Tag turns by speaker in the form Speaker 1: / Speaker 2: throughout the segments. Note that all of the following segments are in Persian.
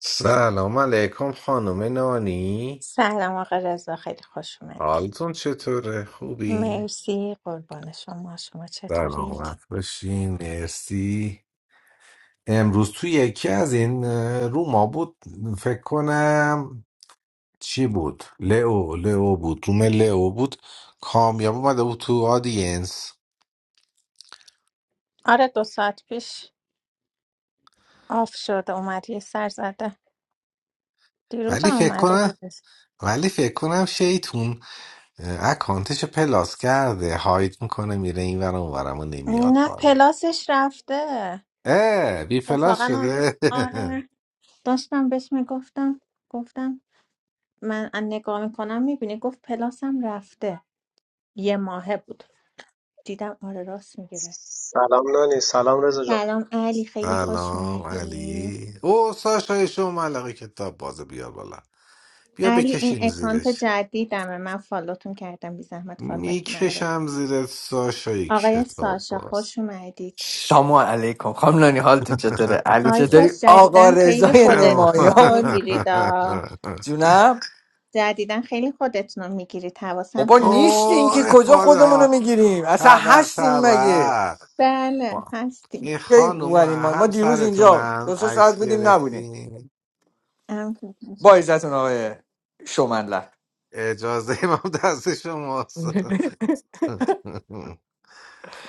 Speaker 1: سلام علیکم خانم نانی
Speaker 2: سلام آقا رضا خیلی خوش اومدی
Speaker 1: حالتون چطوره خوبی
Speaker 2: مرسی قربان شما شما چطورید
Speaker 1: سلامت باشین مرسی امروز تو یکی از این اه، روما بود فکر کنم چی بود لئو لئو بود روم لئو بود کامیاب اومده بود تو آدینس
Speaker 2: آره دو ساعت پیش آف شده اومد یه سر زده دیروز
Speaker 1: ولی
Speaker 2: هم
Speaker 1: فکر
Speaker 2: اومده بود
Speaker 1: کنم ولی فکر کنم شیطون اه، اکانتش رو پلاس کرده هاید میکنه میره این ورم اونورم و نمیاد
Speaker 2: نه
Speaker 1: بالا
Speaker 2: پلاسش رفته
Speaker 1: اه بی پلاس
Speaker 2: اتفاقا اون روز
Speaker 1: شده
Speaker 2: آره داشتم بهش میگفتم گفتم من ان نگاه میکنم میبینی گفت پلاسم رفته یه ماهه بود دیدم آره راست میگیره
Speaker 3: Salam, naani. Salam, reza jo.
Speaker 2: سلام علی خیلی خوش
Speaker 1: سلام
Speaker 2: اومدی
Speaker 1: علی او ساشا شما ملقه کتاب بازه بیار بالا بیا
Speaker 2: علی این
Speaker 1: بکشیم
Speaker 2: اکانت
Speaker 1: زیرش
Speaker 2: جدیدمه من فالوتون کردم بی زحمت فالو بک منو بدید
Speaker 1: میکشم زیر ساشای
Speaker 2: آقای
Speaker 1: کتاب
Speaker 2: ساشا
Speaker 1: باز
Speaker 2: خوش اومدید
Speaker 4: سلام علیکم خانم نانی حالتون چطوره علی
Speaker 2: آقای
Speaker 4: چطوری
Speaker 2: ساش
Speaker 4: آقا
Speaker 2: جدیدن خیلی
Speaker 4: رضای
Speaker 2: خودتون رو
Speaker 4: نمایان
Speaker 2: میگیرید
Speaker 4: جونم
Speaker 2: جدیدن خیلی خودتون رو میگیرید حواسم
Speaker 4: بابا
Speaker 1: او
Speaker 2: هست
Speaker 4: نیستین که کجا
Speaker 1: افاده
Speaker 4: خودمونو
Speaker 1: ها
Speaker 4: میگیریم اصلا
Speaker 1: طبق
Speaker 4: هستین
Speaker 1: طبق
Speaker 4: مگه
Speaker 2: بله هستیم
Speaker 1: این
Speaker 4: کی
Speaker 1: خانوم
Speaker 4: اومدیم ما ما دیروز اینجا
Speaker 1: همسرتونم
Speaker 4: دو سه ساعت
Speaker 1: عکس
Speaker 4: بودیم نبودیم
Speaker 1: گرفتین
Speaker 2: ام که
Speaker 4: با عزتون آقای شومنلر
Speaker 1: اجازه امام دست شماست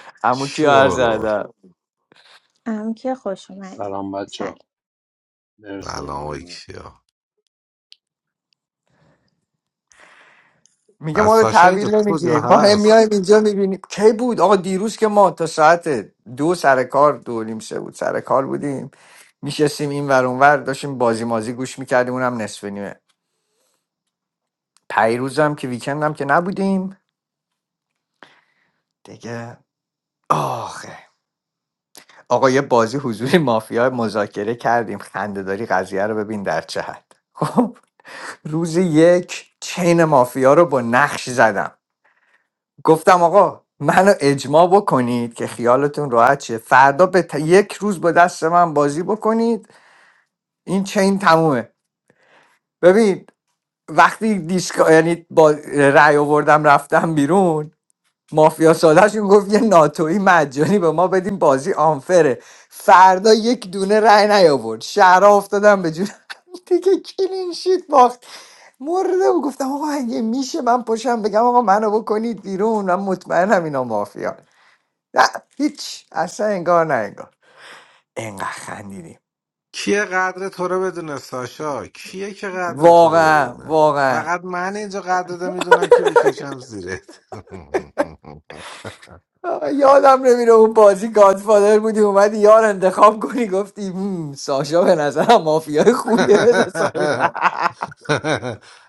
Speaker 4: عمو کیا عرض
Speaker 1: شورو
Speaker 4: ادب
Speaker 2: ام که خوش اومدید
Speaker 5: سلام بچه
Speaker 2: سلام
Speaker 5: مرسی
Speaker 1: سلام
Speaker 5: ممنون
Speaker 1: علیکم
Speaker 4: میگه
Speaker 1: از
Speaker 4: ما رو
Speaker 1: ساشا اینجا
Speaker 4: تحویل
Speaker 1: تو کجا
Speaker 4: نمیگیریم ما هم میایم
Speaker 1: هست
Speaker 4: اینجا میبینیم کی بود آقا دیروز که ما تا ساعت دو سر کار دو و نیم سه بود سر کار بودیم میشستیم این ور اون ور داشتیم بازی مازی گوش میکردیم اونم نصف نیمه پیروزم که ویکندم که نبودیم دیگه آخه آقا یه بازی حضوری مافیا مذاکره کردیم خندهداری داری قضیه رو ببین در چه حد خب روز یک چین مافیا رو با نقش زدم گفتم آقا منو اجماع بکنید که خیالتون راحت شه فردا به ت- یک روز با دست من بازی بکنید این چین تمومه ببین وقتی دیسکا یعنی با رأی آوردم رفتم بیرون مافیا سادهشون گفت یه ناتوی مجانی به ما بدیم بازی آنفره فردا یک دونه رأی نیاورد شهرها افتادم به جون هم دیگه کلین شیت باخت مرده و گفتم آقا اگه میشه من پشم بگم آقا منو بکنید بیرون من مطمئنم اینا مافیا نه هیچ اصلا انگار نه انگار انقدر خندیدیم
Speaker 1: کیه قدر تو رو بدونه ساشا کیه که قدر تو رو
Speaker 4: واقعا
Speaker 1: بدونه
Speaker 4: واقعا
Speaker 1: فقط من اینجا قدر رو میدونم که بکشم زیرت
Speaker 4: آه، یادم نمیره اون بازی گادفادر بودی اومدی یار انتخاب کنی گفتی "هم، ساشا به نظرم مافیای خوبیه بذار ساشا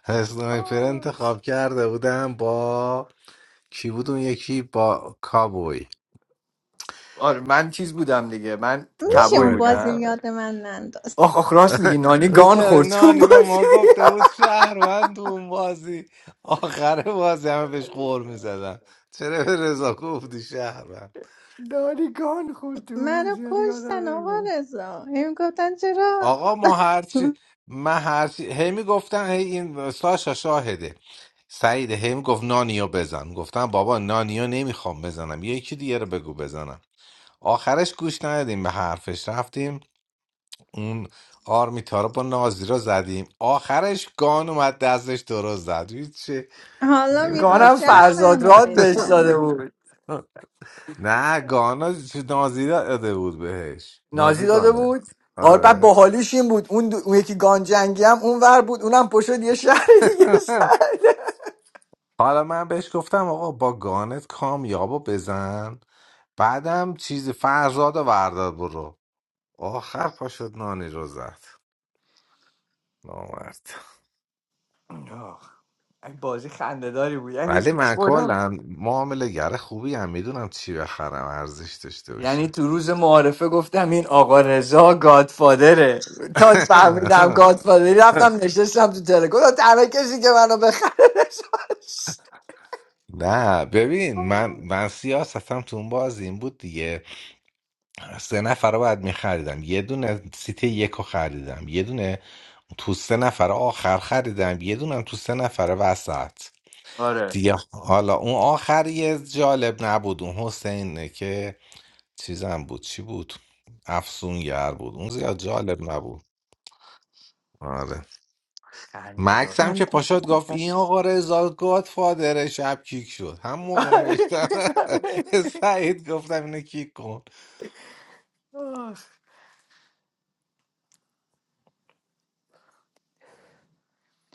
Speaker 1: اسنایپر انتخاب کرده بودم با کی بود اون یکی با کابوی
Speaker 4: آره من چیز بودم دیگه من
Speaker 2: میشه
Speaker 4: کبوی
Speaker 2: اون
Speaker 1: اسنایپر
Speaker 2: بازی رو
Speaker 4: بودم
Speaker 2: یاد من ننداز
Speaker 4: آخ آخ راست میگی نانی گان
Speaker 1: بیچاره
Speaker 4: خورد چون
Speaker 1: نانی به
Speaker 4: بازی
Speaker 1: ما گفته بود شهروند تو اون بازی آخر بازی همه بهش غور میزدم چرا به رضا گفتی شهر.
Speaker 4: نانی گان خورد تو اون
Speaker 2: منو
Speaker 4: بازی آره، یادم
Speaker 2: کشتن آقا
Speaker 4: نمیره
Speaker 2: رضا هی گفتن چرا
Speaker 1: آقا ما هرچی من هرچی هی میگفتن هی این ساشا شاهده سعید هی میگفت نانیو بزن گفتم بابا نانیو نمیخوام بزنم یکی دیگه رو بگو بزنم آخرش گوش ندادیم به حرفش رفتیم اون آرمیتا رو با نازی رو زدیم آخرش گان اومد دستش درست زد چه
Speaker 2: حالا
Speaker 1: نمیدونم
Speaker 2: میخواست
Speaker 4: گانم
Speaker 2: شب
Speaker 1: چش بود
Speaker 4: فرزاد
Speaker 2: منو
Speaker 4: راد بهش
Speaker 2: بزنه
Speaker 4: داده بود
Speaker 1: نه گانا چی- نازی داده بود بهش
Speaker 4: نازی
Speaker 1: نازی
Speaker 4: داده
Speaker 1: گانه
Speaker 4: بود آره بعد
Speaker 1: آره
Speaker 4: باحالیش این بود اون, دو... اون یکی گانجنگی هم اون ور بود اونم پشت یه شهر دیگه شهر
Speaker 1: حالا من بهش گفتم آقا با گانت کامیابو بزن بعدم چیز فرزاد و وردار برو آخر پاشد نانی رو زد نامرد
Speaker 4: آه، این بازی خندهداری بود یعنی
Speaker 1: ولی
Speaker 4: پیش
Speaker 1: من
Speaker 4: خودم
Speaker 1: کلا معامله گر خوبی هم میدونم چی بخرم ارزش داشته باشه
Speaker 4: یعنی تو روز معارفه گفتم این آقا رضا گادفادره تا فهمیدم گادفادری رفتم نشستم تو تلگرام گفتم تنها کسی که منو بخره رضاست.
Speaker 1: نه ببین من من سیاستم تو اون باز این بود دیگه سه نفر رو باید میخریدم یه دونه سیت یک رو خریدم یه دونه تو سه نفر آخر خریدم یه دونم تو سه نفر وسط
Speaker 4: آره
Speaker 1: دیگه حالا اون آخری جالب نبود اون حسینه که چیزم بود چی بود افسونگر بود اون زیاد جالب نبود آره
Speaker 4: خنده
Speaker 1: مکس
Speaker 4: دار
Speaker 1: هم که
Speaker 2: آرمیتا
Speaker 1: پاشد
Speaker 2: عزیزم
Speaker 1: گفت
Speaker 2: باش
Speaker 1: این آقا رضا گاد فادر شب کیک شد هم موقع نوشتم سعید گفتم اینو کیک کن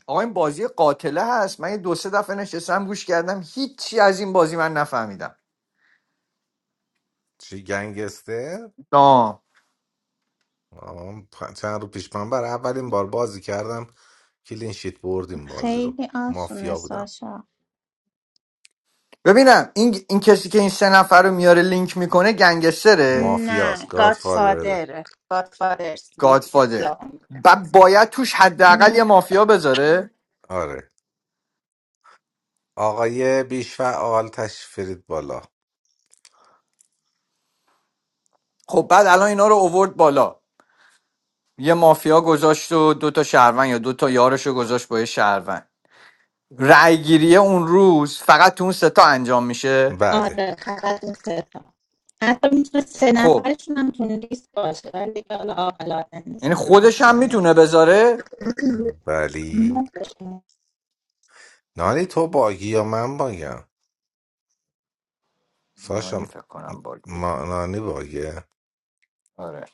Speaker 4: آقا این بازی قاتله هست من یه دو سه دفعه نشستم گوش کردم هیچی از این بازی من نفهمیدم
Speaker 1: چی گنگسته
Speaker 4: آه.
Speaker 1: آه، پ- چند رو پیش من برای اولین بار بازی کردم کلین شیت بردیم بازی رو
Speaker 2: خیلی آسونه
Speaker 1: مافیا بودم
Speaker 2: ساشا
Speaker 4: ببینم این, این کسی که این سه نفر رو میاره لینک میکنه گنگستره
Speaker 2: نه
Speaker 1: مافیاست گاد فادر
Speaker 2: گادفادر گادفادر لیست
Speaker 4: گادفادر
Speaker 2: خیابان بوده.
Speaker 4: و باید توش حداقل یه مافیا بذاره
Speaker 1: آره آقای بیشفعال تشفرید بالا
Speaker 4: خب بعد الان اینا رو اوورد بالا یه مافیا گذاشت و دو تا شهروند یا دو تا یارش رو گذاشت با یه شهروند رأی اون روز فقط تو اون سه تا انجام میشه
Speaker 1: بله
Speaker 2: آره فقط این سه تا حتی میتونه سه
Speaker 4: خب
Speaker 2: نفرشون هم تو لیست باشه ولی دیگه حالا عاقلانه نیست
Speaker 4: یعنی
Speaker 2: کار
Speaker 4: خودش هم
Speaker 2: عاقلانه
Speaker 4: میتونه
Speaker 2: نیست
Speaker 4: بذاره
Speaker 1: بلی نانی تو باگی یا من باگم
Speaker 4: نانی
Speaker 1: ساشا
Speaker 4: فکر کنم باگ بود.
Speaker 1: ما نانی باگه
Speaker 4: آره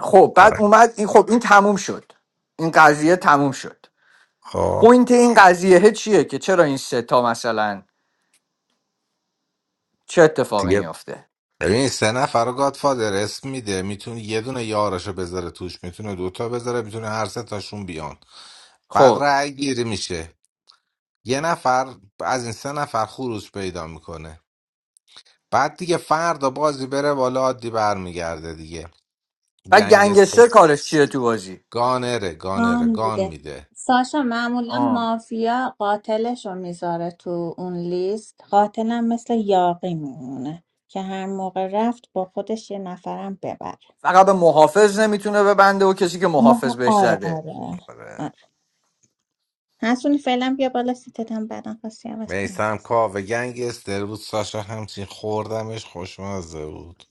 Speaker 4: خب بعد
Speaker 1: آره
Speaker 4: اومد این خب این تموم شد این قضیه تموم شد
Speaker 1: خب
Speaker 4: پوینت این قضیه چیه که چرا این سه تا مثلا چه اتفاقی
Speaker 1: دیگه
Speaker 4: میافته
Speaker 1: ببین سه نفر رو گادفادر اسم میده میتونه یه دونه یارشو بذاره توش میتونه دوتا بذاره میتونه هر سه تاشون بیان بعد
Speaker 4: خب
Speaker 1: رأی گیری میشه یه نفر از این سه نفر خروج پیدا میکنه بعد دیگه فردا بازی بره بالا عادی برمیگرده دیگه
Speaker 4: بعد
Speaker 1: گنگ
Speaker 4: گنگستر کارش چیه تو بازی
Speaker 1: گانره
Speaker 2: نشان
Speaker 1: گانره گان
Speaker 2: میده
Speaker 1: میده
Speaker 2: ساشا معمولا
Speaker 4: آه.
Speaker 2: مافیا قاتلش رو میذاره تو اون لیست قاتلم مثل یاقی میمونه که هر موقع رفت با خودش یه نفرم ببره
Speaker 4: فقط به محافظ نمیتونه ببنده و کسی که محافظ
Speaker 2: ماها
Speaker 4: بهش
Speaker 2: آره
Speaker 4: زده
Speaker 2: آره
Speaker 1: آره
Speaker 2: آره. حسونی فعلا بیا بالا سیتت هم بعدا خواستی عوض کنی
Speaker 1: میسم
Speaker 2: عوض کن.
Speaker 1: کاوه گنگستر بود ساشا همچین خوردمش خوشمزه بود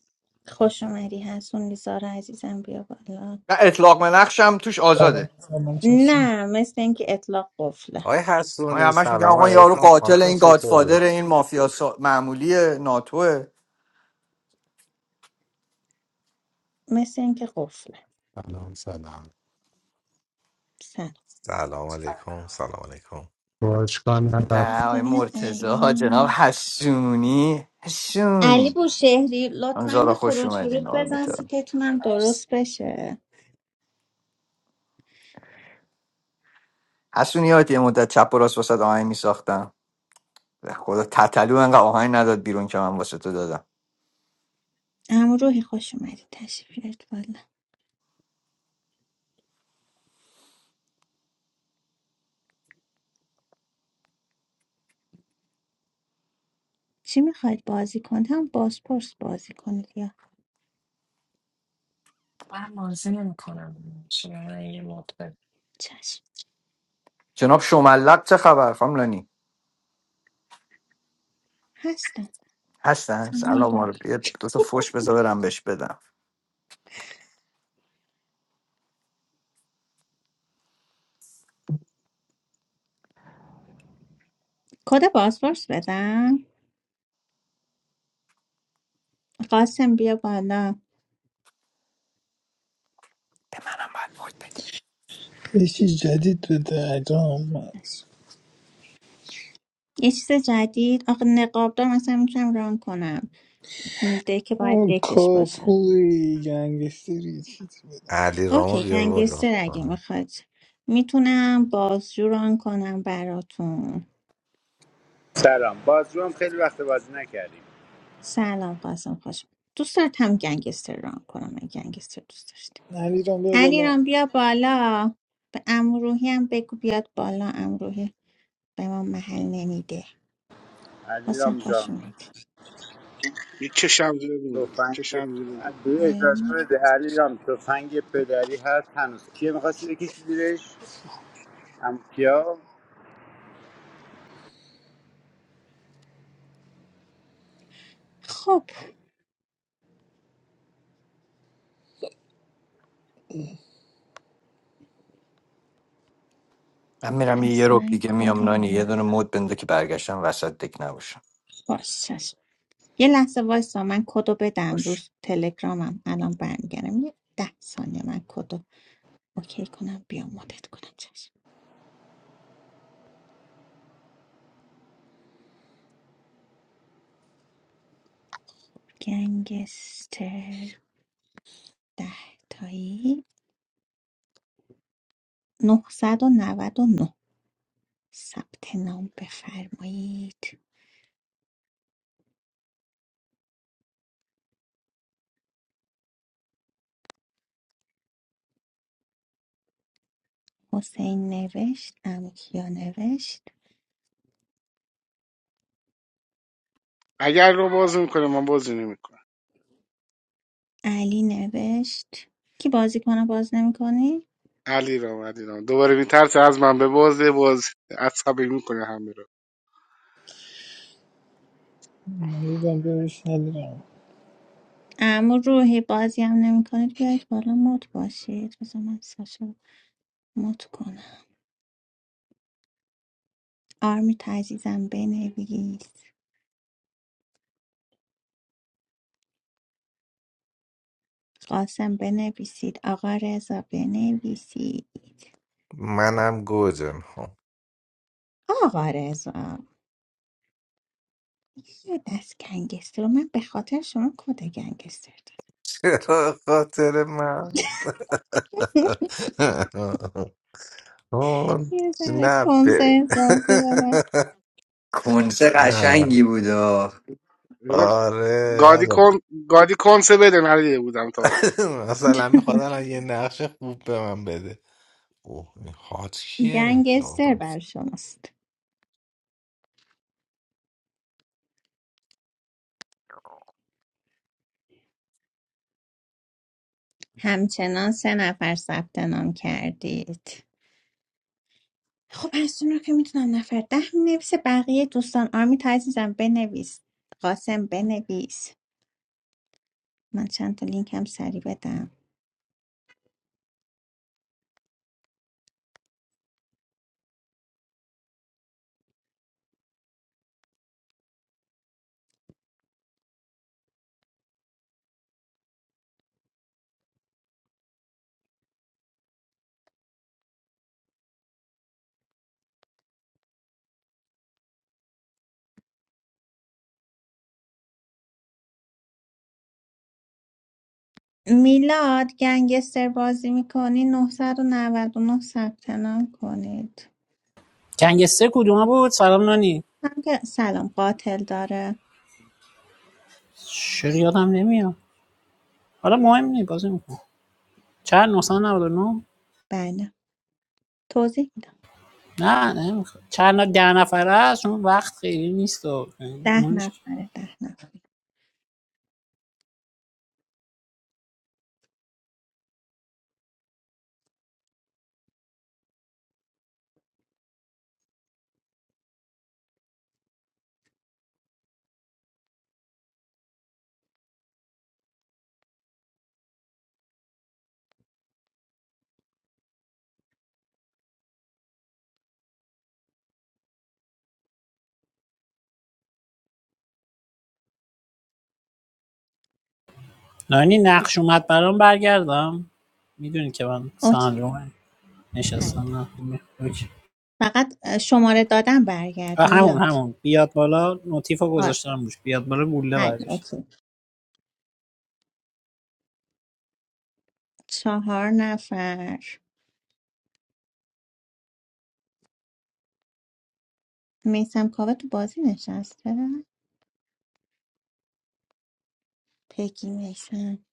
Speaker 2: خوش اومدی حسونی زارا عزیزم بیا بالا
Speaker 4: و اطلاق منخش هم توش
Speaker 6: سلام
Speaker 4: آزاده
Speaker 6: سلام چشم
Speaker 2: نه مثل اینکه اطلاق قفله
Speaker 1: آقای
Speaker 4: پای
Speaker 1: حسونی
Speaker 4: همش میگن
Speaker 1: سلام
Speaker 4: آقا یارو
Speaker 1: علیکم
Speaker 4: قاتل
Speaker 1: حالتون
Speaker 4: این گادفادر
Speaker 1: چطوره؟
Speaker 4: این مافیا سا... معمولی ناتوه
Speaker 2: مثل اینکه قفله
Speaker 7: Allahu
Speaker 2: سلام
Speaker 1: سلام
Speaker 8: سلام
Speaker 1: علیکم سلام علیکم
Speaker 4: ده
Speaker 2: بذار
Speaker 4: آقای
Speaker 2: ببینم
Speaker 4: مرتزا جناب
Speaker 2: علی
Speaker 4: حسونی
Speaker 2: علی
Speaker 4: حسونی
Speaker 2: بوشهری لطفا
Speaker 4: همزارا
Speaker 2: یه
Speaker 4: خوش
Speaker 2: خروج
Speaker 4: اومدین
Speaker 2: ورود بزن
Speaker 4: آرمیتا
Speaker 2: سیتتونم درست
Speaker 8: مرسی
Speaker 2: بشه
Speaker 4: حسونیات یه مدت چپ و راست واسه آهنگ میساختم به خدا تتلو انقدر آهنگ نداد بیرون که من واسه تو دادم
Speaker 2: اما روحی خوش اومدی تشریف بیارید بالا چی میخواید بازی کنید هم بازپرس بازی کنید یا
Speaker 8: من بازی نمی کنم شما یه مدت
Speaker 2: چشم
Speaker 4: جناب شملق چه خبر فاملانی
Speaker 2: هستم
Speaker 4: هستن سلام علیکم. یه دو تا فوش بذار برم بهش بدم
Speaker 2: کد پاسپورت بدم قاسم بیا بالا
Speaker 4: به منم باید مود بدی
Speaker 6: یه چیز جدید به دردام
Speaker 2: باش. یه چیز جدید آقا نقابدار مثلا میتونم ران کنم دک باید
Speaker 6: اون
Speaker 2: دکش باشه
Speaker 6: کاپوی گنگستری چیزی بدم
Speaker 1: علی رامو
Speaker 2: اوکی
Speaker 1: بیار بالا
Speaker 2: گنگستر اگه
Speaker 1: خانم.
Speaker 2: میخواد میتونم بازجو ران کنم براتون
Speaker 9: سلام بازجو هم خیلی وقت بازی نکردیم
Speaker 2: سلام قاسم خوشم دوست دارم گنگستر ران کنم اگه گنگستر دوست داشتی
Speaker 6: نلیرم بیا
Speaker 2: علی
Speaker 6: بالا
Speaker 2: ران بیا بالا به امروحی هم بگو بیاد بالا امروحی به ما محل نمیده
Speaker 9: علیرام
Speaker 2: حسین خوش
Speaker 9: جان
Speaker 2: اومدی
Speaker 10: میکشم زیر بینی
Speaker 9: تفنگ
Speaker 10: میکشم زیر بینی
Speaker 9: به
Speaker 2: علیرام
Speaker 9: اجازه
Speaker 2: اومد.
Speaker 9: بده علیرام تفنگ پدری هست هنوز کیه میخواستی بکشی زیرش هم کیا
Speaker 2: خب
Speaker 4: من میرم یه
Speaker 2: پس
Speaker 4: روب
Speaker 2: من
Speaker 4: دیگه
Speaker 2: کد
Speaker 4: میام نانی یه
Speaker 2: اگه-
Speaker 4: دونه مود بنده که برگشتم وسط دک نباشم
Speaker 2: باش چشم یه لحظه وایسا من کدو بدم
Speaker 4: باش
Speaker 2: روز تلگرامم الان برمیگردم یه ده ثانیه من کدو اوکی کنم بیام مدت کنم چشم گنگستر ده تایی نه صد و نود و نه. ثبت نام بفرمایید حسین نوشت امکیا نوشت
Speaker 10: اگر رو باز میکنه من بازی نمیکنم
Speaker 2: علی نوشت کی بازی کنه باز نمیکنی
Speaker 10: علی رام علی رام دوباره میترسه از من به بازه باز عصبی میکنه همه رو
Speaker 6: نلیرم بیا بش نلیرم
Speaker 2: اما روحی بازی هم نمی کنید بیاید بالا مد باشید بذار من ساشا رو مد کنم آرمی تعزیزم بنویس قاسم بنویسید آقا رضا بنویسید
Speaker 1: منم گوجم خب.
Speaker 2: آقا رضا یه دست گنگستر رو من به خاطر شما کد گنگستر
Speaker 1: چرا خاطر من
Speaker 2: دادم
Speaker 1: آن،
Speaker 2: یه ذره
Speaker 1: نه ب-
Speaker 2: کنسه احساسی دارم
Speaker 4: کنسه
Speaker 1: نه
Speaker 4: قشنگی بود آه.
Speaker 10: رضا، گادی
Speaker 1: آره
Speaker 10: کن گادی کنسه بده ندیده بودم تا حالا
Speaker 1: مثلا میخواد الان یه نقش خوب به من بده اوه این خاط کیه یا
Speaker 2: گنگستر بر
Speaker 1: بس
Speaker 2: شماست همچنان سه نفر ثبت نام کردید خب هستون رو که میتونم نفر ده مینویسه بقیه دوستان آرمی تا عزیزم بنویس قاسم بنویس من چند تا لینک هم سریع بدم میلاد گنگستر بازی میکنی 999 ثبت نام کنید
Speaker 11: گنگستر کدوم بود سلام نانی
Speaker 2: هم که سلام قاتل داره
Speaker 11: چرا یادم نمیاد حالا مهم نی بازی میکنم چند 999
Speaker 2: بله توضیح میدم
Speaker 11: نه نه نمیخواد چند ن- ده نفره است اون وقت خیلی نیست و
Speaker 2: ده
Speaker 11: اون
Speaker 2: نفره ده نفر
Speaker 11: نانی نقش اومد برام برگردم میدونی که من
Speaker 2: اوکی
Speaker 11: سندروم
Speaker 2: حل
Speaker 11: نشستم نه می- اوکی.
Speaker 2: فقط اه، شماره دادم برگرد
Speaker 11: آه، همون
Speaker 2: میلاد
Speaker 11: همون بیاد بالا نوتیف رو
Speaker 2: آره.
Speaker 11: گذاشتم روش بیاد بالا گوله
Speaker 2: های
Speaker 11: برگشت
Speaker 2: اوکی چهار نفر میسم کاوه تو بازی نشسته پگی میسم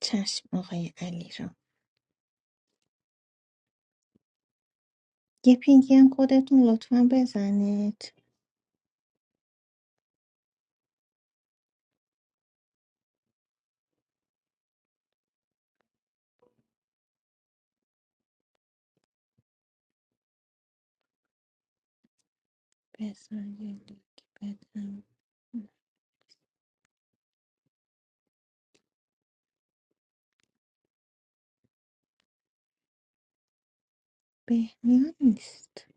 Speaker 2: چشم آقای علی را یه پینگی هم خودتون لطفا بزنید بزن یه لینک بدم بهنیا نیست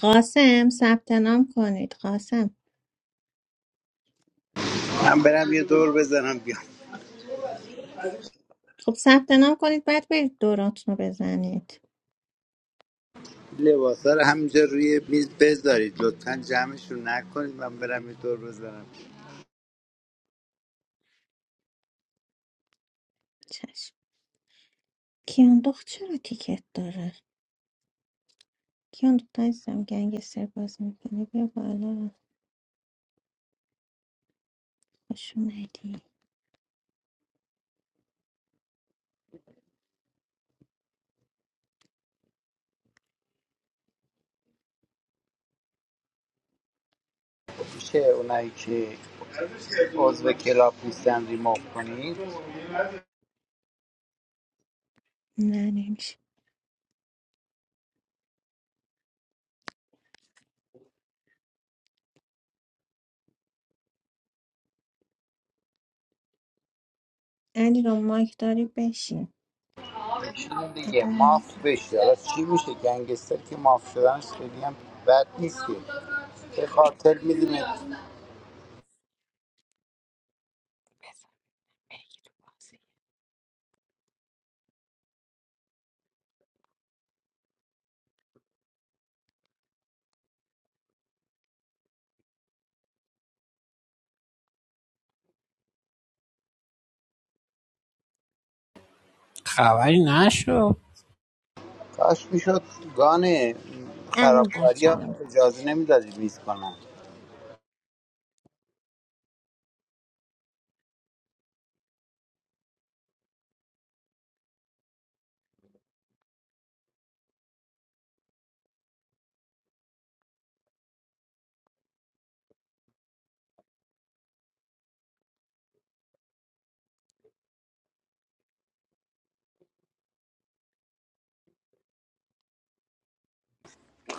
Speaker 2: قاسم ثبت نام کنید قاسم
Speaker 9: هم برم یه دور بزنم بیام
Speaker 2: خب ثبت نام کنید بعد برید دوراتون رو بزنید
Speaker 9: لباسا رو همینجا روی میز بذارید لطفا جمعشون نکنید من برم یه دور بزنم
Speaker 2: چشم کیاندخت چرا تیکت داره کیاندخت عزیزم گنگ سر باز میکنه بیا بالا خوش اومدی
Speaker 9: میشه اونایی که عضو کلاب نیستن ریموو کنید
Speaker 2: نه نمیشه علی رو مایک داری بشین
Speaker 9: میشینه دیگه
Speaker 2: ادا
Speaker 9: ماف
Speaker 2: نمی‌تونی.
Speaker 9: بشه حالا چی میشه گنگستر که ماف شدنش خیلی هم بد نیست که به قاتل میدونه
Speaker 2: بزن بگی تو بازی
Speaker 11: خبری نشو
Speaker 9: کاش میشد گانه
Speaker 2: الان
Speaker 9: خرابکاری
Speaker 2: بچه
Speaker 9: ها
Speaker 2: همون
Speaker 9: اجازه نمیدادید میز کنن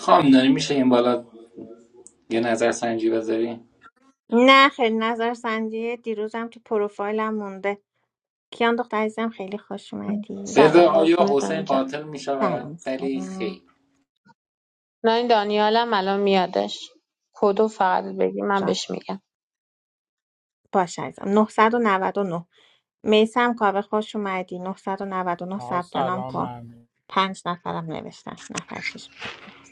Speaker 12: خام داری میشه این بالا یه نظر سنجی بذاری
Speaker 2: نه خیلی نظر سنجی دیروزم تو پروفایلم مونده کیان دختر عزیزم خیلی خوش اومدی
Speaker 12: رضا
Speaker 13: سلام
Speaker 12: آیا
Speaker 13: قربونت
Speaker 12: حسین
Speaker 13: برم جان
Speaker 12: قاتل میشود
Speaker 2: سلام
Speaker 12: ولی
Speaker 2: سلام
Speaker 12: خیر
Speaker 13: نه این دانیالم الان میادش کدو فقط بگی من
Speaker 2: جان
Speaker 13: بهش میگم
Speaker 2: باش عزیزم 999 میسم کاوه خوش اومدی نهصد و نود و نه
Speaker 14: آقا
Speaker 2: ثبت نام
Speaker 14: سلام به
Speaker 2: کن
Speaker 14: همه
Speaker 2: پنج نفرم نوشتن نفر شیش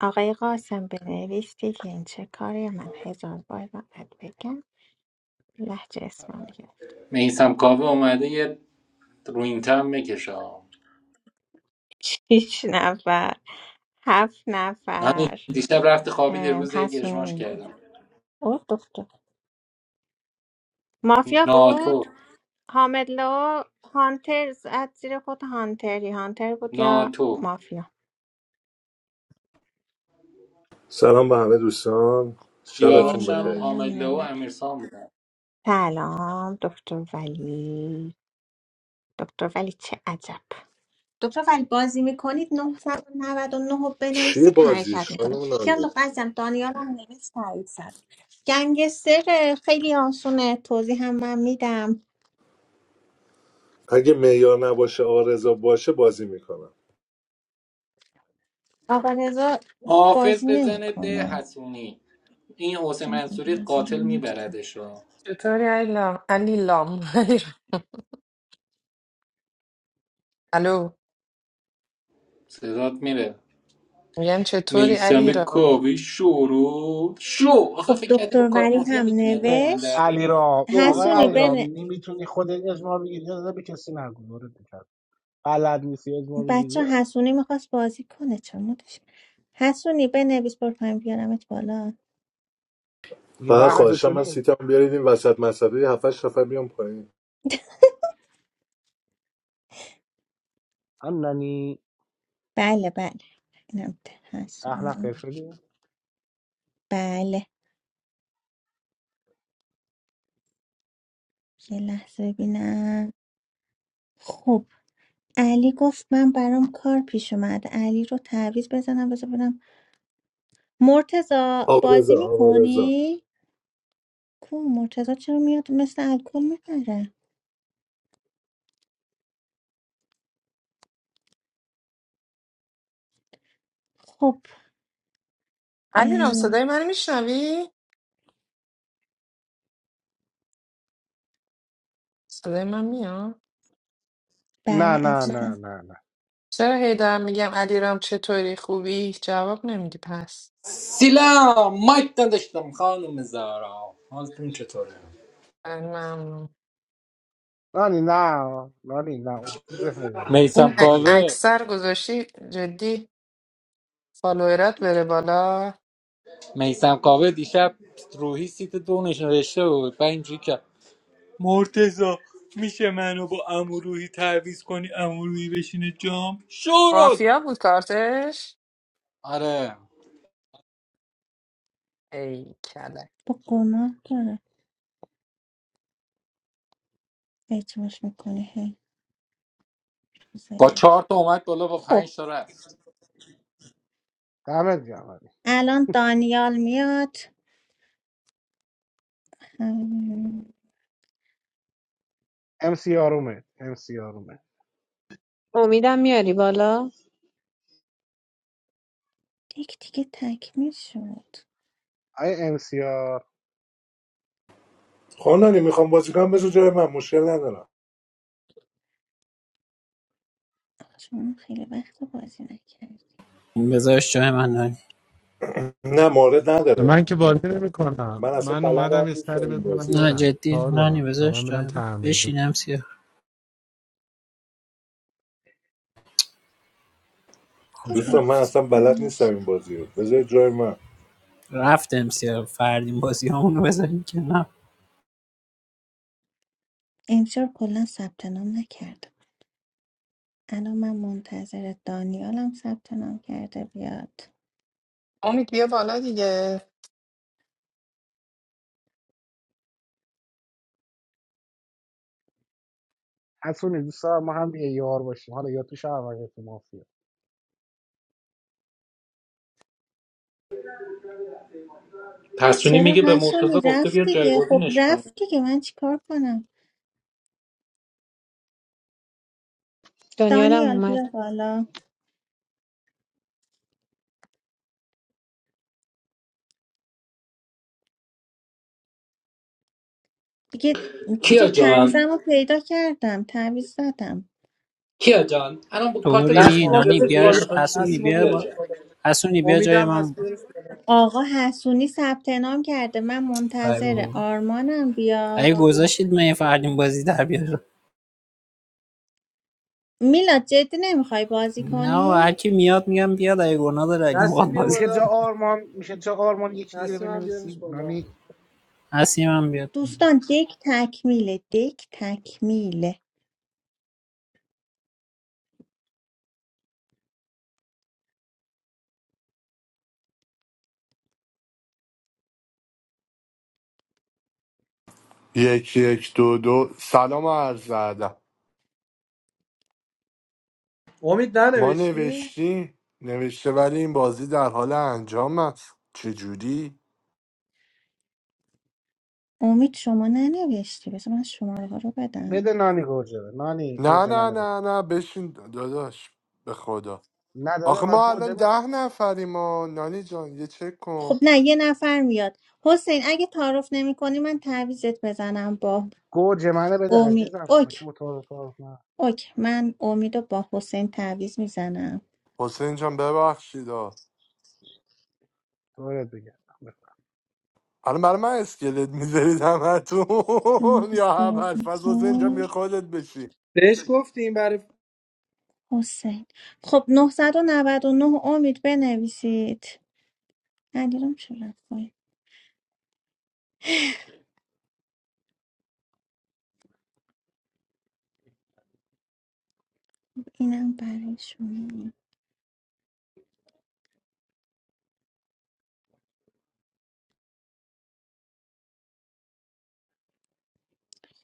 Speaker 2: آقای قاسم بنویستی که این چه کاری من هزار بار باید بگم لحجه اسمانی گرفت
Speaker 12: میسم کاوه اومده یه رو این تم بکشم
Speaker 2: شیش نفر هفت
Speaker 12: همین
Speaker 2: نفر
Speaker 12: دیشب رفت خوابید یه
Speaker 2: ام،
Speaker 12: روز یک
Speaker 2: حسونی
Speaker 12: اجماش
Speaker 2: میگه
Speaker 12: کردم
Speaker 2: اوه دختر مافیا
Speaker 12: ناتو
Speaker 2: بود حامد لو هانتر زد زیر خود هانتری هانتر بود یا
Speaker 12: ناتو
Speaker 2: مافیا
Speaker 12: دیاراشم
Speaker 2: دانیال هم
Speaker 12: حامله و
Speaker 2: نوه
Speaker 12: امیرسان بودن
Speaker 2: سلام دکتر ولی دکتر ولی چه عجب دکتر ولی بازی میکنید نه صد و نود و نه رو بنویسید حرکت میکنه کیان دختر عزیزم دانیال هم نویس تایید زد گنگستر خیلی آسونه توضیح هم من میدم آقا رضا
Speaker 12: حافظ
Speaker 2: بازی
Speaker 12: بزنه به
Speaker 2: نمیکنه
Speaker 12: حسونی این حسین منصوری قاتل میبردش رو
Speaker 8: چطوری علیرام علیرام علیرام. الو
Speaker 12: صدات میره
Speaker 8: میگم چطوری
Speaker 12: میسم
Speaker 8: علیرام
Speaker 12: کاوه شورو شو آخه
Speaker 2: خب
Speaker 12: فکر کردی با
Speaker 2: دکتر
Speaker 12: کارت
Speaker 2: ولی
Speaker 12: مافیا
Speaker 2: هم
Speaker 12: میتونی از دست من
Speaker 2: نوشت
Speaker 10: علی
Speaker 12: دردی
Speaker 10: رام
Speaker 12: شورو
Speaker 10: آقای
Speaker 2: حسونی
Speaker 10: علی
Speaker 12: کاوه
Speaker 2: بن
Speaker 10: نمیتونی خودت اجماع بگیری یا نه به کسی نگو دورت بکرد بلد نیستی اجماع بگیری
Speaker 2: بچه حسونی میخواست بازی کنه چون مدش حسونی بنویس برو پایین بیارمت بالا
Speaker 10: میگه ده نفر شدیم هم نانی
Speaker 2: بله بله اینم ده.
Speaker 10: ده نفر
Speaker 2: حسونی
Speaker 10: شدیم
Speaker 2: بله یه لحظه ببینم خب علی گفت من برام کار پیش اومد علی رو تعویض بزنم بذار ببینم مرتزا بازی میکنی؟ کو مرتزا چرا میاد مثل الکل میپره خب
Speaker 8: علیرام
Speaker 2: اه،
Speaker 8: صدای من میشنوی صدای من میاد
Speaker 10: نه
Speaker 2: بله
Speaker 10: نه
Speaker 8: چرا
Speaker 10: نه
Speaker 2: عزیزم
Speaker 10: نه نه
Speaker 8: چرا هی دارم میگم علیرام چطوری خوبی جواب نمیدی پس
Speaker 12: سلام مایک نداشتم خانم زارا حالتون چطوره
Speaker 8: من ممنون
Speaker 10: نانی نه نانی نه اون که تو ذهن نه
Speaker 12: میسم
Speaker 8: این
Speaker 10: نانی
Speaker 8: ا-
Speaker 10: نه
Speaker 12: کاوه
Speaker 8: اکثر گذاشتی جدی فالوورات بره بالا
Speaker 12: میسم کاوه دیشب روحی سیت دو نشنوشته بود و اینجوری که مرتزا میشه منو با اموروهی تعویز کنی اموروهی بشینه جام شورو
Speaker 8: مافیا بود کارتش
Speaker 12: آره
Speaker 8: ای کله
Speaker 2: با گناه داره اعتماش میکنه هی روز
Speaker 12: با چهار
Speaker 2: یک
Speaker 12: تا اومد بالا با
Speaker 2: خب
Speaker 12: پنج تا رفت
Speaker 10: دمت گرم
Speaker 2: الان دانیال میاد هم،
Speaker 10: امسیار اومد امسیار اومد
Speaker 13: امیدم میاری بالا
Speaker 2: یک دیگه تکمیل شد
Speaker 10: آیا امسیار
Speaker 2: آخه شما خیلی وقت بازی
Speaker 11: بذارش جای من نانی نه جدی نانی بذارش جای من
Speaker 7: Akbar.
Speaker 11: بشینم سیاه کجا رفت
Speaker 2: نکرد
Speaker 11: رفت امسیار فردین بازی همونو بذاریم که نه
Speaker 2: امسیار کلا ثبت نام نکرده الان من منتظر دانیالم ثبت نام کرده بیاد
Speaker 8: امید بیا بالا دیگه
Speaker 10: حسونی دوست دارم ما هم یه یار باشیم حالا یا تو شهر یا تو مافیا
Speaker 12: پسونی
Speaker 2: چرا
Speaker 12: میگه به
Speaker 2: حسونی
Speaker 12: مرتضی گفته
Speaker 2: رفت
Speaker 12: بیا
Speaker 2: دیگه خب
Speaker 12: جایگزینش کنه
Speaker 2: رفت دیگه من چیکار کنم
Speaker 13: دانیالم
Speaker 2: دانیال
Speaker 13: اومد
Speaker 2: بیا بالا دیگه
Speaker 12: کیا
Speaker 2: چیزو
Speaker 12: جان
Speaker 2: تعویزم رو پیدا کردم تعویز زدم
Speaker 12: کیا جان الان با کارت
Speaker 11: طوری
Speaker 12: رئیس
Speaker 11: نی
Speaker 15: نسیما
Speaker 12: مافیا
Speaker 11: نانی
Speaker 15: بیارش
Speaker 12: سیت یک
Speaker 11: بیارش
Speaker 15: بالا
Speaker 12: میخواد چی
Speaker 11: حسونی
Speaker 12: بگی
Speaker 15: نسیما
Speaker 11: بیا
Speaker 15: بیارش
Speaker 12: کیا
Speaker 11: با
Speaker 12: جان
Speaker 15: بالا
Speaker 11: حسونی بیا جای
Speaker 15: امیدم
Speaker 11: من
Speaker 15: هست بیارش بالا
Speaker 2: آقا حسونی ثبت نام کرده من
Speaker 11: ای
Speaker 2: منتظر
Speaker 11: بابا.
Speaker 2: آرمانم
Speaker 11: اگه
Speaker 2: بیاد
Speaker 11: گذاشتید من یه فردین بازی در بیارم
Speaker 2: میلاد جدی نمیخوای بازی
Speaker 11: نه و هر
Speaker 2: کنی
Speaker 11: میاد میگم بیاد اگه گناه داره اگه میخواد
Speaker 15: نسیم بیا
Speaker 11: بازی
Speaker 10: میشه
Speaker 11: کن.
Speaker 10: جا
Speaker 15: بالا
Speaker 10: آرمان میشه جا آرمان یکی دیگه رو
Speaker 15: نسیم هم بیارش
Speaker 10: بنویسیم
Speaker 15: بالا
Speaker 10: نانی
Speaker 11: هستی من بیاد
Speaker 2: دوستان دک تکمیله دک تکمیله
Speaker 16: یک یک دو دو سلام عرض ادب
Speaker 15: امید
Speaker 16: ما
Speaker 15: ننوشتی؟
Speaker 16: نوشتیم نوشته ولی این بازی در حال انجام است چجوری
Speaker 2: امید شما ننوشتی بذار من شماره ها رو بدم
Speaker 10: بده نانی گوجه بده. نانی
Speaker 16: نه
Speaker 10: گوجه
Speaker 16: نه
Speaker 10: منه بده
Speaker 16: نه نه بشین داداش به خدا
Speaker 10: نداده
Speaker 16: آخه
Speaker 10: من
Speaker 16: ما
Speaker 10: گوجه
Speaker 16: الان ده
Speaker 10: میخوام
Speaker 16: نفریم ما نانی جان یه چک کن
Speaker 2: خب نه یه نفر میاد حسین اگه تعارف نمی کنی من تعویزت بزنم با
Speaker 10: گوجه منه بده
Speaker 2: امید
Speaker 10: عزیزم ما که
Speaker 2: اوک
Speaker 10: متعارف تعارف نه
Speaker 2: اوک من امید رو با حسین تعویز میزنم
Speaker 16: حسین جان ببخشید آ.
Speaker 10: دورت بگردم بفرمایید.
Speaker 16: الان برای من اسکلت میذارید همتون
Speaker 2: تعویض
Speaker 16: یا هم
Speaker 2: بازی
Speaker 16: الفاظ حسین جان
Speaker 2: کن
Speaker 16: بیا خودت بشی
Speaker 15: بهش گفتیم برای
Speaker 2: حسین خب نه صد و نود و نه امید بنویسید علیرام چه رفت پایین؟ اینم برای شما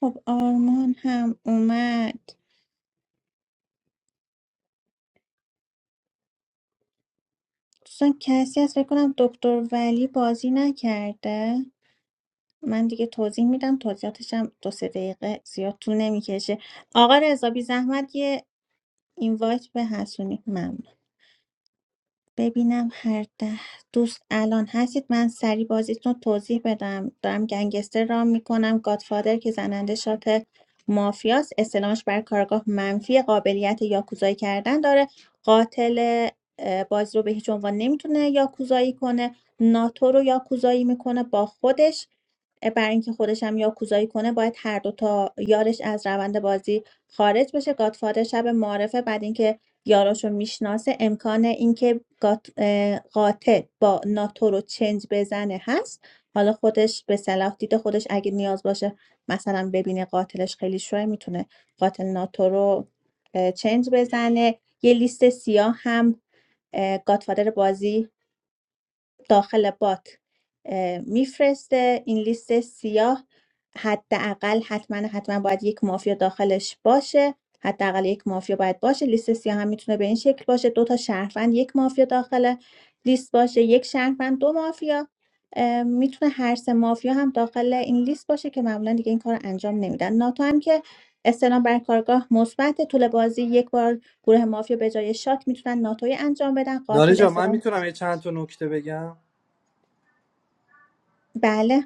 Speaker 2: خب آرمان هم اومد دوستان کسی هست فکر کنم دکتر ولی بازی نکرده من دیگه توضیح میدم توضیحاتش هم دو سه دقیقه زیاد طول نمیکشه آقا رضا بی زحمت یه اینوایت به حسونی ممنون ببینم هر ده دوست الان هستید من سریع بازیتون رو توضیح بدم دارم گنگستر رام میکنم گادفادر که زننده شات مافیاس استلامش بر کارگاه منفی قابلیت یاکوزایی کردن داره قاتل اه، بازی رو به هیچ عنوان نمیتونه یاکوزایی کنه ناتو رو یاکوزایی میکنه با خودش اه، برای اینکه خودش هم یاکوزایی کنه باید هر دو تا یارش از روند بازی خارج بشه گادفادر شب معرفه بعد اینکه یاراشو میشناسه امکان اینکه گات- قاتل با ناتو رو چنج بزنه هست حالا خودش به صلاح دیده خودش اگه نیاز باشه مثلا ببینه قاتلش خیلی شوه میتونه قاتل ناتو رو چنج بزنه یه لیست سیاه هم اه، گاتفادر بازی داخل بات میفرسته این لیست سیاه حداقل حتما حتما باید یک مافیا داخلش باشه حداقل یک مافیا باید باشه لیست سیاه هم میتونه به این شکل باشه دو تا شهروند یک مافیا داخل لیست باشه یک شهروند دو مافیا اه، میتونه هر سه مافیا هم داخل این لیست باشه که معمولا دیگه این کار رو انجام نمیدن ناتو هم که استلام بر کارگاه مثبت طول بازی یک بار گروه مافیا به جای شات میتونن ناتوی انجام بدن
Speaker 15: نانی
Speaker 2: قاتل
Speaker 15: جان من
Speaker 2: استلام
Speaker 15: میتونم یه چند تا نکته بگم
Speaker 2: بله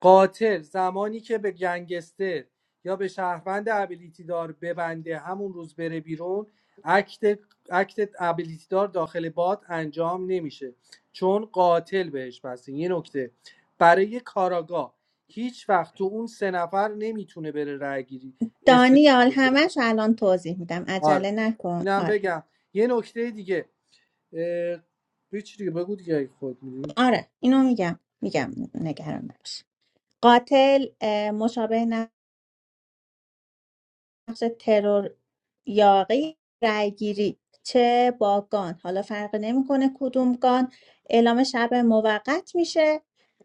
Speaker 15: قاتل زمانی که به گنگستر یا به شهروند ابیلیتی دار ببنده همون روز بره بیرون اکت اکت ابیلیتی دار داخل بات انجام نمیشه چون قاتل بهش بسته یه نکته برای کاراگاه هیچ وقت تو اون سه نفر نمیتونه بره رای گیری است
Speaker 2: دانیال همش الان توضیح میدم عجله
Speaker 15: آره
Speaker 2: نکن
Speaker 15: اینم
Speaker 2: آره
Speaker 15: بگم یه نکته دیگه اه... بگو چی دیگه بگو دیگه اگه خود می‌دونی.
Speaker 2: آره اینو میگم میگم نگران نباش قاتل اه، مشابه نقش یاقی رأیگیری چه با گان حالا فرق نمیکنه کدوم گان اعلام شب موقت میشه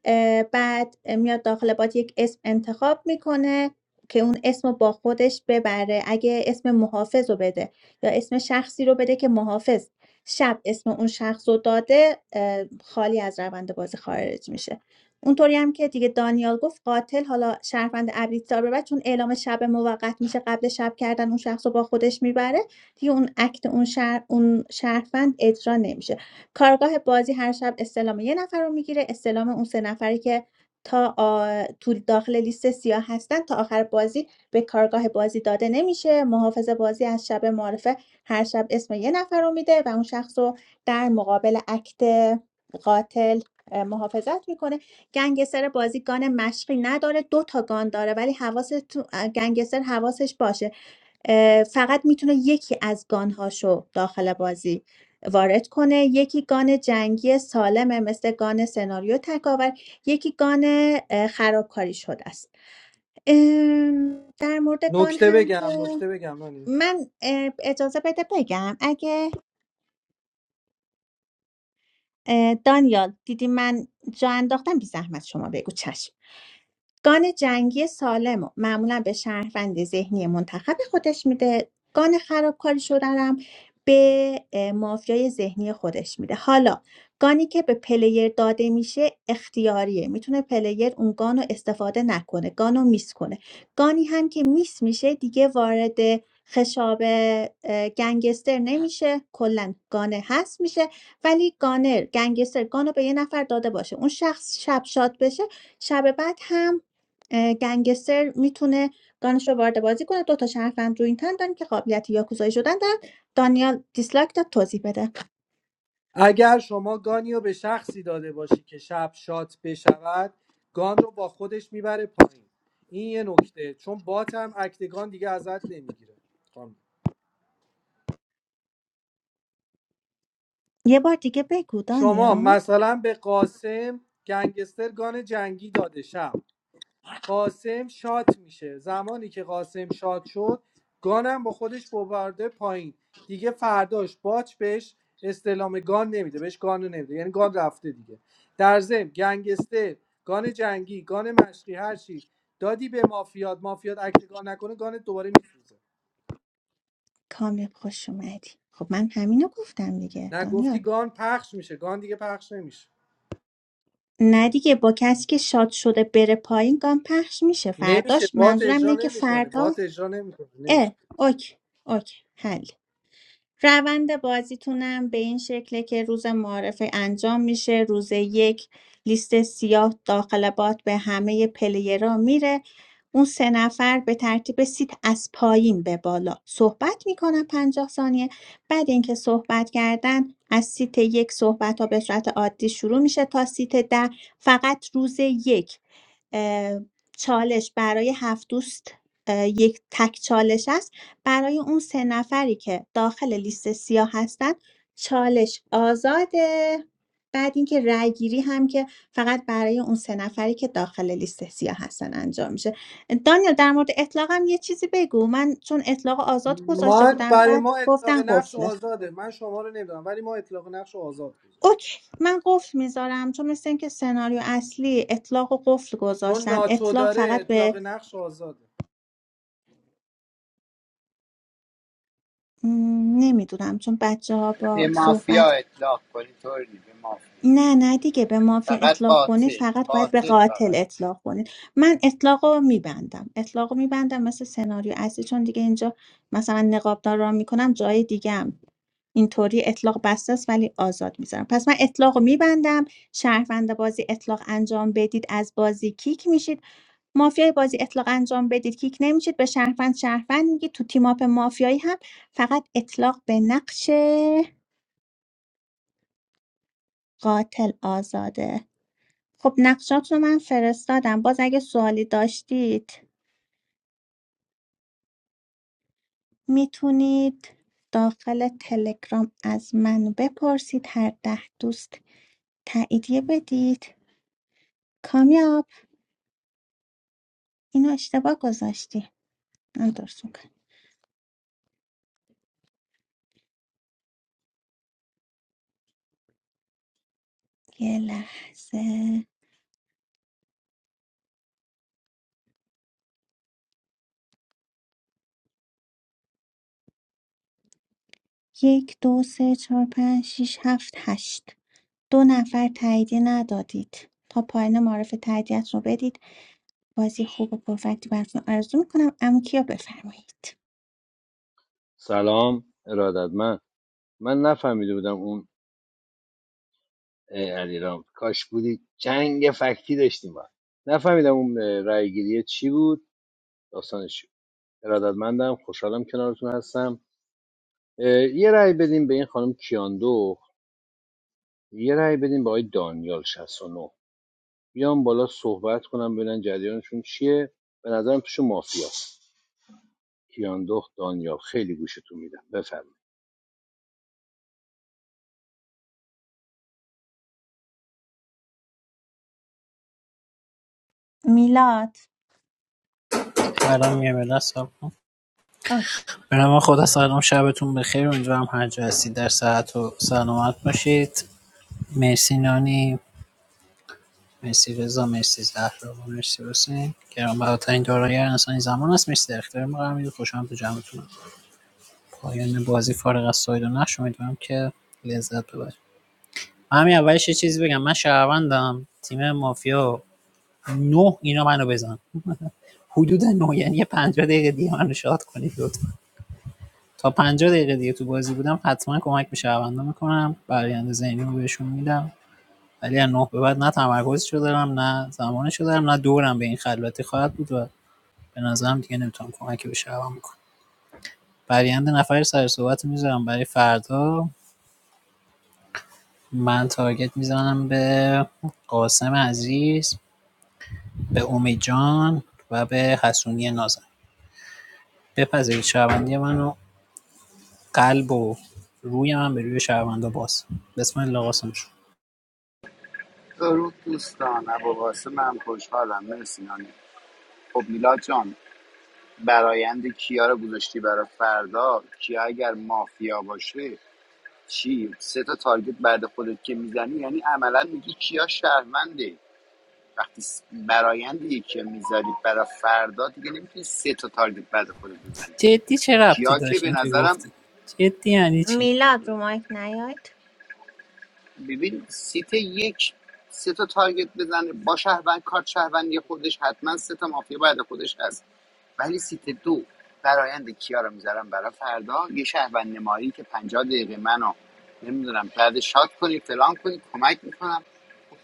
Speaker 2: اه، بعد میاد داخل باد یک اسم انتخاب میکنه که اون اسم رو با خودش ببره اگه اسم محافظ رو بده یا اسم شخصی رو بده که محافظ شب اسم اون شخص رو داده اه، خالی از روند بازی خارج میشه اونطوری هم که دیگه دانیال گفت قاتل حالا شهروند ابریتسا به بعد چون اعلام شب موقت میشه قبل شب کردن اون شخص رو با خودش میبره دیگه اون اکت اون شهر اون شهروند اجرا نمیشه کارگاه بازی هر شب استلام یه نفر رو میگیره استلام اون سه نفری که تا آ... تو داخل لیست سیاه هستن تا آخر بازی به کارگاه بازی داده نمیشه محافظ بازی از شب معرفه هر شب اسم یه نفر رو میده و اون شخص رو در مقابل اکت قاتل محافظت میکنه گنگستر بازی گان مشقی نداره دو تا گان داره ولی حواس گنگستر حواسش باشه اه، فقط میتونه یکی از گانهاشو داخل بازی وارد کنه یکی گان جنگی سالمه مثل گان سناریو تکاور یکی گان اه، خرابکاری شده است ام، در مورد گان
Speaker 15: نکته
Speaker 2: هم
Speaker 15: بگم
Speaker 2: که
Speaker 15: نکته بگم نانی
Speaker 2: من اه، اجازه بده بگم اگه اه، دانیال دیدی من جا انداختم بی زحمت شما بگو چشم گان جنگی سالم و معمولا به شهروند ذهنی منتخب خودش میده گان خرابکاری شدنم به اه، مافیای ذهنی خودش میده حالا گانی که به پلیر داده میشه اختیاریه میتونه پلیر اون گان رو استفاده نکنه گان رو میس کنه گانی هم که میس میشه دیگه وارد خشاب اه، گنگستر نمیشه کلا گانه هست میشه ولی گانر گنگستر گانو به یه نفر داده باشه اون شخص شب شاد بشه شب بعد هم اه، گنگستر میتونه گانش رو وارد بازی کنه دو تا شرفند رو این تن داریم که قابلیت یاکوزایی شدن دارن دانیال دیسلایک داد توضیح بده
Speaker 15: اگر شما گانی رو به شخصی داده باشی که شب شات بشود گان رو با خودش میبره پایین این یه نکته چون بات هم اکتگان دیگه ازت نمیگیره
Speaker 2: یه بار دیگه بگو
Speaker 15: شما
Speaker 2: دانیال
Speaker 15: مثلا به قاسم گنگستر گان جنگی داده شب قاسم شات میشه زمانی که قاسم شات شد گانم با خودش ببرده پایین دیگه فرداش باچ بهش استلام گان نمیده بهش گان نمیده یعنی گان رفته دیگه در ضمن گنگستر گان جنگی گان مشقی هر چی دادی به مافیات مافیات اکت گان نکنه گان دوباره میسوزه
Speaker 2: کامیاب خوش اومدی خب من همینو گفتم دیگه
Speaker 15: نه گفتی
Speaker 2: دانیال
Speaker 15: گان پخش میشه گان دیگه پخش نمیشه
Speaker 2: نه دیگه با کسی که شاد شده بره پایین گام پخش میشه
Speaker 15: نمیشه
Speaker 2: فرداش
Speaker 15: بات
Speaker 2: منظورم
Speaker 15: اجرا
Speaker 2: اینه که
Speaker 15: نمیکنه
Speaker 2: فردا
Speaker 15: بات اجرا نمیکنه نمیشه
Speaker 2: اه اوکی اوکی حل روند بازیتونم به این شکله که روز معارفه انجام میشه روز یک لیست سیاه داخل بات به همه پلیرها میره. اون سه نفر به ترتیب سیت از پایین به بالا صحبت میکنن پنجاه ثانیه بعد اینکه صحبت کردن از سیت یک صحبت‌ها به صورت عادی شروع میشه تا سیت ۱۰ فقط روز یک اه، چالش برای هفت دوست اه، یک تک چالش است برای اون سه نفری که داخل لیست سیاه هستن چالش آزاده بعد اینکه رأیگیری هم که فقط برای اون سه نفری که داخل لیست سیاه هستن انجام میشه دانیال در مورد اطلاقم یه چیزی بگو من چون اطلاق آزاد گذاشته
Speaker 15: من
Speaker 2: بودم
Speaker 15: برای
Speaker 2: بعد
Speaker 15: ما اطلاق
Speaker 2: گفتن
Speaker 15: نقش
Speaker 2: قفله
Speaker 15: آزاده من شما رو نمیدونم ولی ما اطلاق نقش رو آزاد گذاشتیم
Speaker 2: اوکی من قفل میذارم چون مثل اینکه سناریو اصلی اطلاق و قفل
Speaker 15: چون
Speaker 2: گذاشتن
Speaker 15: ناتو
Speaker 2: اطلاق
Speaker 15: داره
Speaker 2: فقط
Speaker 15: اطلاق
Speaker 2: به
Speaker 15: نقش آزاده
Speaker 2: نمیدونم چون بچه ها
Speaker 9: به
Speaker 2: با صحبت
Speaker 9: مافیا اطلاق کنی طوری نیست، به مافیا
Speaker 2: نه نه دیگه به مافیا
Speaker 9: فقط
Speaker 2: اطلاق کنید
Speaker 9: قاتل
Speaker 2: فقط باید به
Speaker 9: قاتل
Speaker 2: قاتل
Speaker 9: فقط
Speaker 2: اطلاق کنید من اطلاق رو میبندم اطلاق رو میبندم مثل سناریو اصلی چون دیگه اینجا مثلا نقابدار را میکنم جای دیگه هم اینطوری اطلاق بسته است ولی آزاد میذارم پس من اطلاق رو میبندم شهروند بازی اطلاق انجام بدید از بازی کیک میشید مافیای بازی اطلاق انجام بدید کیک نمیشید به شهروند شهروند میگید تو تیماپ مافیایی هم فقط اطلاق به نقش قاتل آزاده خب نقشات رو من فرستادم باز اگه سوالی داشتید میتونید داخل تلگرام از من بپرسید هر ده دوست تاییدیه بدید کامیاب اینو اشتباه گذاشتی من درست میکنم یه لحظه یک دو سه چهار پنج شیش هفت هشت دو نفر تاییدیه ندادید تا پایان معرف تاییدیت رو بدید بازی خوب و پرفکتی براتون آرزو میکنم اما کیا بفرمایید
Speaker 5: سلام ارادت من من نفهمیده بودم اون اه، علیرام کاش بودی جنگ فکتی داشتیم با هم. نفهمیدم اون اه، رای گیری چی بود داستانش چی بود ارادتمندم خوشحالم کنارتون هستم اه، یه رای بدیم به این خانم کیاندو یه رای بدیم به آقای دانیال 69 بیام بالا صحبت کنم ببینن جریانشون چیه به نظرم توشون مافیاست کیاندو دانیال خیلی گوشتون میدم بفرمایید
Speaker 2: میلاد
Speaker 11: الان میام بالا سب کن
Speaker 2: اوکی
Speaker 11: به نام خدا سلام شبتون بخیر امیدوارم هر جا هستید در ساعت و سلامت باشید مرسی نانی مرسی رضا مرسی زهرا مرسی حسین گرانبهاترین دارایی هر انسانی زمان است مرسی در اختیار ما قرار میدید خوشحالم تو جمعتون پایان بازی فارغ از ساید و نقش امیدوارم که لذت ببرید من همین اولش یه چیزی بگم من شهروندم تیم مافیا نه اینا منو بزن حدود نه یعنی پنجاه دقیقه دیگه منو شاد کنید لطفا تا پنجاه دقیقه دیگه تو بازی بودم حتما کمک به شهروندان میکنم برآینده ذهنی رو بهشون میدم ولی از ۹ به بعد نه تمرکزشو دارم نه زمانشو دارم نه دورم به این خلوتی خواهد بود و به نظرم دیگه نمیتونم کمکی به شبم بکنم برایند نفر سر صحبت رو میذارم برای فردا من تارگت میزنم به قاسم عزیز به امید جان و به حسونی نازن بپذیرید شهروندی منو قلب و روی من به روی شهروندا باز بسم الله قاسم شد
Speaker 9: درود دوستان ابو قاسم هم خوشحالم مرسی نانی خب میلاد جان برایند کیا رو گذاشتی برای فردا کیا اگر مافیا باشه چی سه تا تارگت بعد خودت که میزنی یعنی عملا میگی کیا شهرونده وقتی س- برایند یکی میذاری برای فردا دیگه نمیتونی سه تا تارگت بعد خودت بزنی
Speaker 11: جدی چه ربطی
Speaker 9: کیا که
Speaker 11: داشت
Speaker 9: به
Speaker 11: این که
Speaker 9: نظرم
Speaker 11: گفتی جدی یعنی چی
Speaker 2: میلاد رو مایک نیاید
Speaker 9: ببین سیت یک سه تا تارگت بزنه با شهروند کارت شهروندی خودش حتما سه تا مافیا بعد خودش هست ولی سیت دو برایند کیا رو میذارم برای فردا یه شهروند نمایی که 50 دقیقه منو نمیدونم بعد شاد کنی فلان کنی کمک میکنم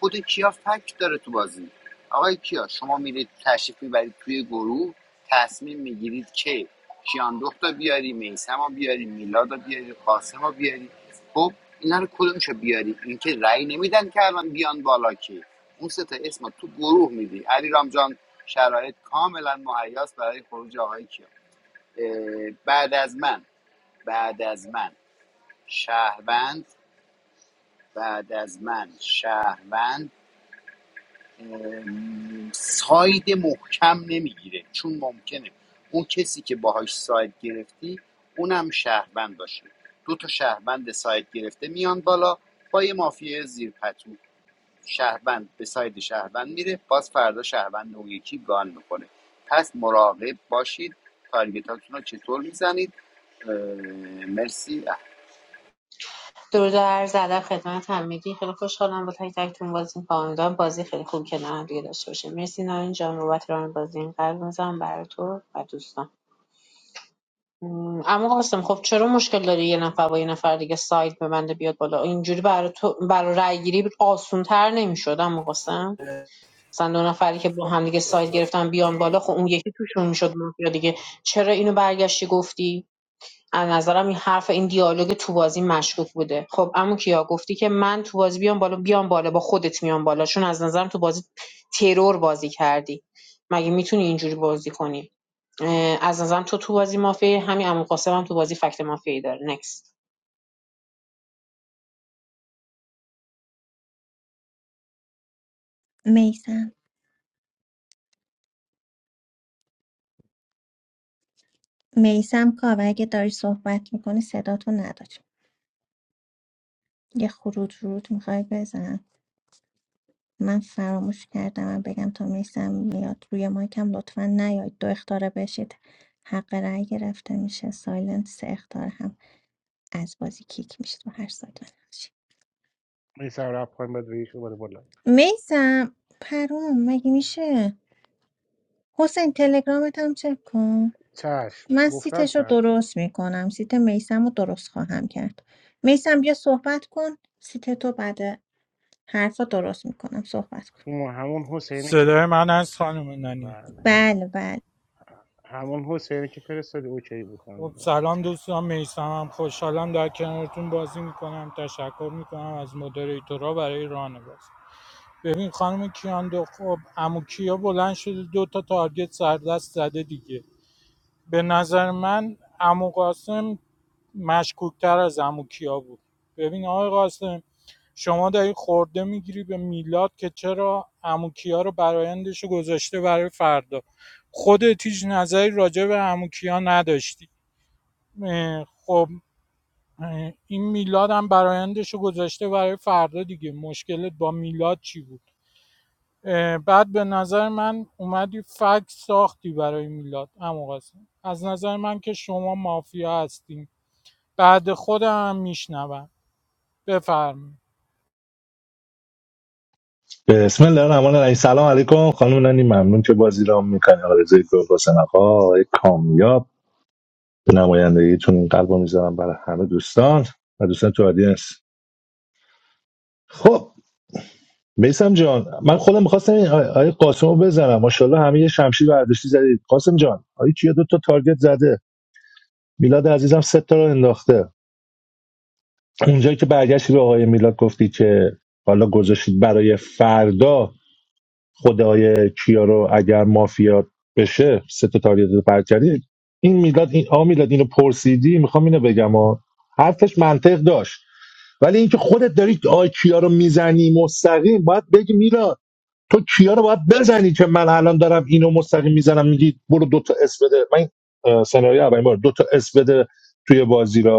Speaker 9: خود کیا فکت داره تو بازی آقای کیا شما میرید تشریف میبرید توی گروه تصمیم میگیرید که کیان دختر بیاری میسم رو بیاری میلاد رو بیاری قاسم رو بیاری خب اینا رو کدومشو بیاری اینکه رأی نمیدن که الان بیان بالا که اون سه تا اسم تو گروه میدی علی رامجان شرایط کاملا مهیاس برای خروج آقای کیا اه، بعد از من بعد از من شهروند بعد از من شهروند ساید محکم نمیگیره چون ممکنه اون کسی که باهاش ساید گرفتی اونم شهروند باشه دو تا شهروند ساید گرفته میان بالا با یه مافیه زیر پتو شهروند به ساید شهروند میره باز فردا شهروند اون یکی گان میکنه پس مراقب باشید تارگتاتون رو چطور میزنید اه، مرسی اه،
Speaker 13: درود و عرض ادب خدمت همگی خیلی خوشحالم با تک تکتون بازی می‌کنم امیدوارم بازی خیلی خوب که کنار هم دیگه داشته باشیم مرسی نارین جان بابت ران بازی این قلب می‌زنم برای تو و دوستان م، اما قاسم خب چرا مشکل داری یه نفر با یه نفر دیگه سایت ببنده بیاد بالا اینجوری برای تو برای رأی گیری آسان‌تر نمی‌شد اما قاسم مثلا دو نفری که با هم دیگه سایت گرفتن بیان بالا خب اون یکی توشون میشد مافیا دیگه چرا اینو برگشتی گفتی از نظرم این حرف این دیالوگ تو بازی مشکوک بوده خب اما کیا گفتی که من تو بازی بیام بالا بیام بالا با خودت میام بالا چون از نظرم تو بازی ترور بازی کردی مگه میتونی اینجوری بازی کنی اه، از نظرم تو تو بازی مافیا همین عمو قاسم هم تو بازی فکت مافیایی داره نکست
Speaker 2: میسم میسم کاوه اگه داری صحبت میکنی صداتو نداری یه خروج ورود میخوای بزن من فراموش کردم من بگم تا میسم میاد روی مایکم لطفا نیاید دو اختاره بشید حق رأی گرفته میشه سایلنت سه اختاره هم از بازی کیک میشه تو هر سایت بنفشه.
Speaker 10: این سر رفت پایین باید بگیش بده بالا
Speaker 2: میسم پروم مگه میشه حسین تلگرامت هم چک کن
Speaker 10: چشم
Speaker 2: من
Speaker 10: گفتم
Speaker 2: سیتش رو
Speaker 10: چشم
Speaker 2: درست میکنم سیت میسم رو درست خواهم کرد میسم بیا صحبت کن سیت تو بعد حرفا درست میکنم صحبت کن
Speaker 10: چون همون حسینه که
Speaker 14: صدای من از خانم نانی
Speaker 10: بله
Speaker 2: بله بله
Speaker 10: همون حسینه که فرستادی اوکی
Speaker 14: خب
Speaker 10: بود
Speaker 14: سلام دوستان میسمم خوشحالم در کنارتون بازی میکنم تشکر میکنم از مدریتورا برای ران بازی ببین خانم کیاندو خب امو کیا بلند شده دو تا تارگت سردست زده دیگه به نظر من امو قاسم مشکوکتر از عمو کیا بود ببین آقای قاسم شما داری خورده میگیری به میلاد که چرا عمو کیا رو برایندش گذاشته برای فردا خودت هیچ نظری راجع به عمو کیا نداشتی اه، خب اه، این میلاد هم برایندش گذاشته برای فردا دیگه مشکلت با میلاد چی بود بعد به نظر من اومدی فکت ساختی برای میلاد عمو قاسم از نظر من که شما مافیا هستین بعد خودم هم میشنوم بفرم
Speaker 17: قاسمجان. Aijchiyaduhta targetzade. Milad azizam sehtaran dakhte. Unjai ke bagheshi vahe Milad kofti ke vala gozeshid baraye farda khodaye kiyar. Agar mafia peše sehta targetu parkeari. In Milad, in am Milad ino policydi. Makhame ne begamad. Har tej malteq dast. Vali in ke khoda darid aijchiyaram mizani mostaqim. Bad begh Milad. To kiyar va boru dota SVD. Main senarya beimor. Dota SVD tuye baazira.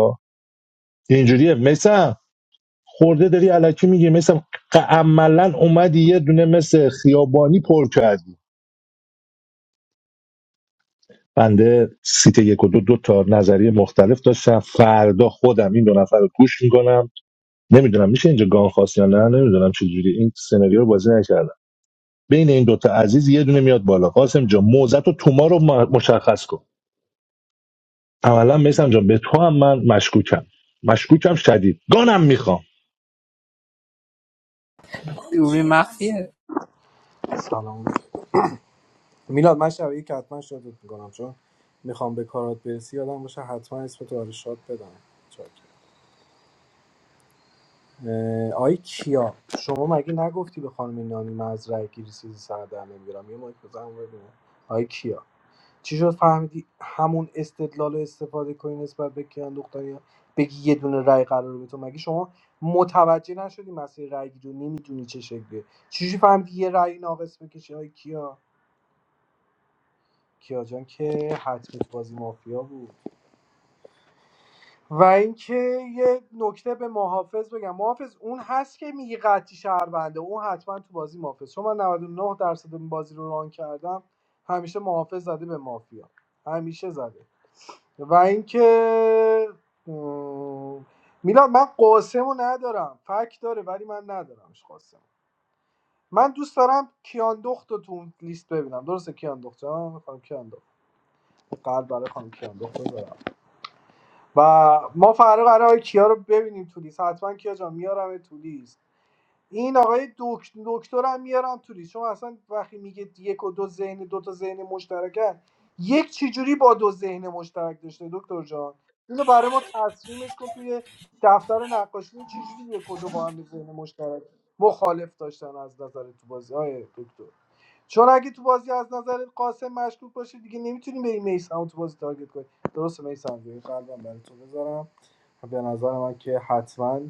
Speaker 17: بین این دوتا عزیز یه دونه میاد بالا قاسم جان موزت و توما رو ماس کن عملا جان به تو هم من مشکوکم مشکوکم شدید گانم میخوام
Speaker 11: دوبی مخفیه
Speaker 15: سلام میلاد من شب که حتما شادت میکنم چون میخوام به کارات برسی یادم باشه حتما اسم تو آره شاد بدم چاکر. اه، آی کیا شما مگه نگفتی به خانم نانی من از رای گیری چیزی سر در نمیارم یه مایک بزنم ببینم آی کیا چی شد فهمیدی همون استدلال رو استفاده کنی نسبت به کیان دختریان بگی یه دونه رای قرار به تو مگه شما متوجه نشدی مسیر رای رو نمیدونی چه شکلیه چجوری فهمیدی یه رای ناقص بکشی های کیا کیا جان که حتمی تو بازی مافیا بود و اینکه یه نکته به محافظ بگم محافظ اون هست که میگه قطعی شهربنده اون حتما تو بازی محافظ چون من نود و نه درصد بازی رو ران کردم همیشه محافظ زده به مافیا همیشه زده و اینکه ام، میلاد من قاسمو ندارم فک داره ولی من ندارمش قاسم من دوست دارم کیان دخت رو تو لیست ببینم درسته کیان دخت جان خانم کیان دخت قلب برای خانم کیان دخت بذارم و ما فرق قرار کیا رو ببینیم تو لیست حتما کیا جان میارم تو لیست این آقای دکت- دکتر هم میارم توری چون اصلا وقتی میگه یک و دو ذهن دو تا ذهن مشترکن یک چجوری با دو ذهن مشترک داشته دکتر جان اینو برای ما تصمیمش کن توی دفتر نقاشی این چجوری یک و دو با هم ذهن مشترک مخالف داشتن از نظر تو بازی های دکتر چون اگه تو بازی از نظر قاسم مشکوک باشه دیگه نمیتونیم به این میسم تو بازی تارگت کنیم درسته میسم قلبم برای تو بذارم به نظر من که حتما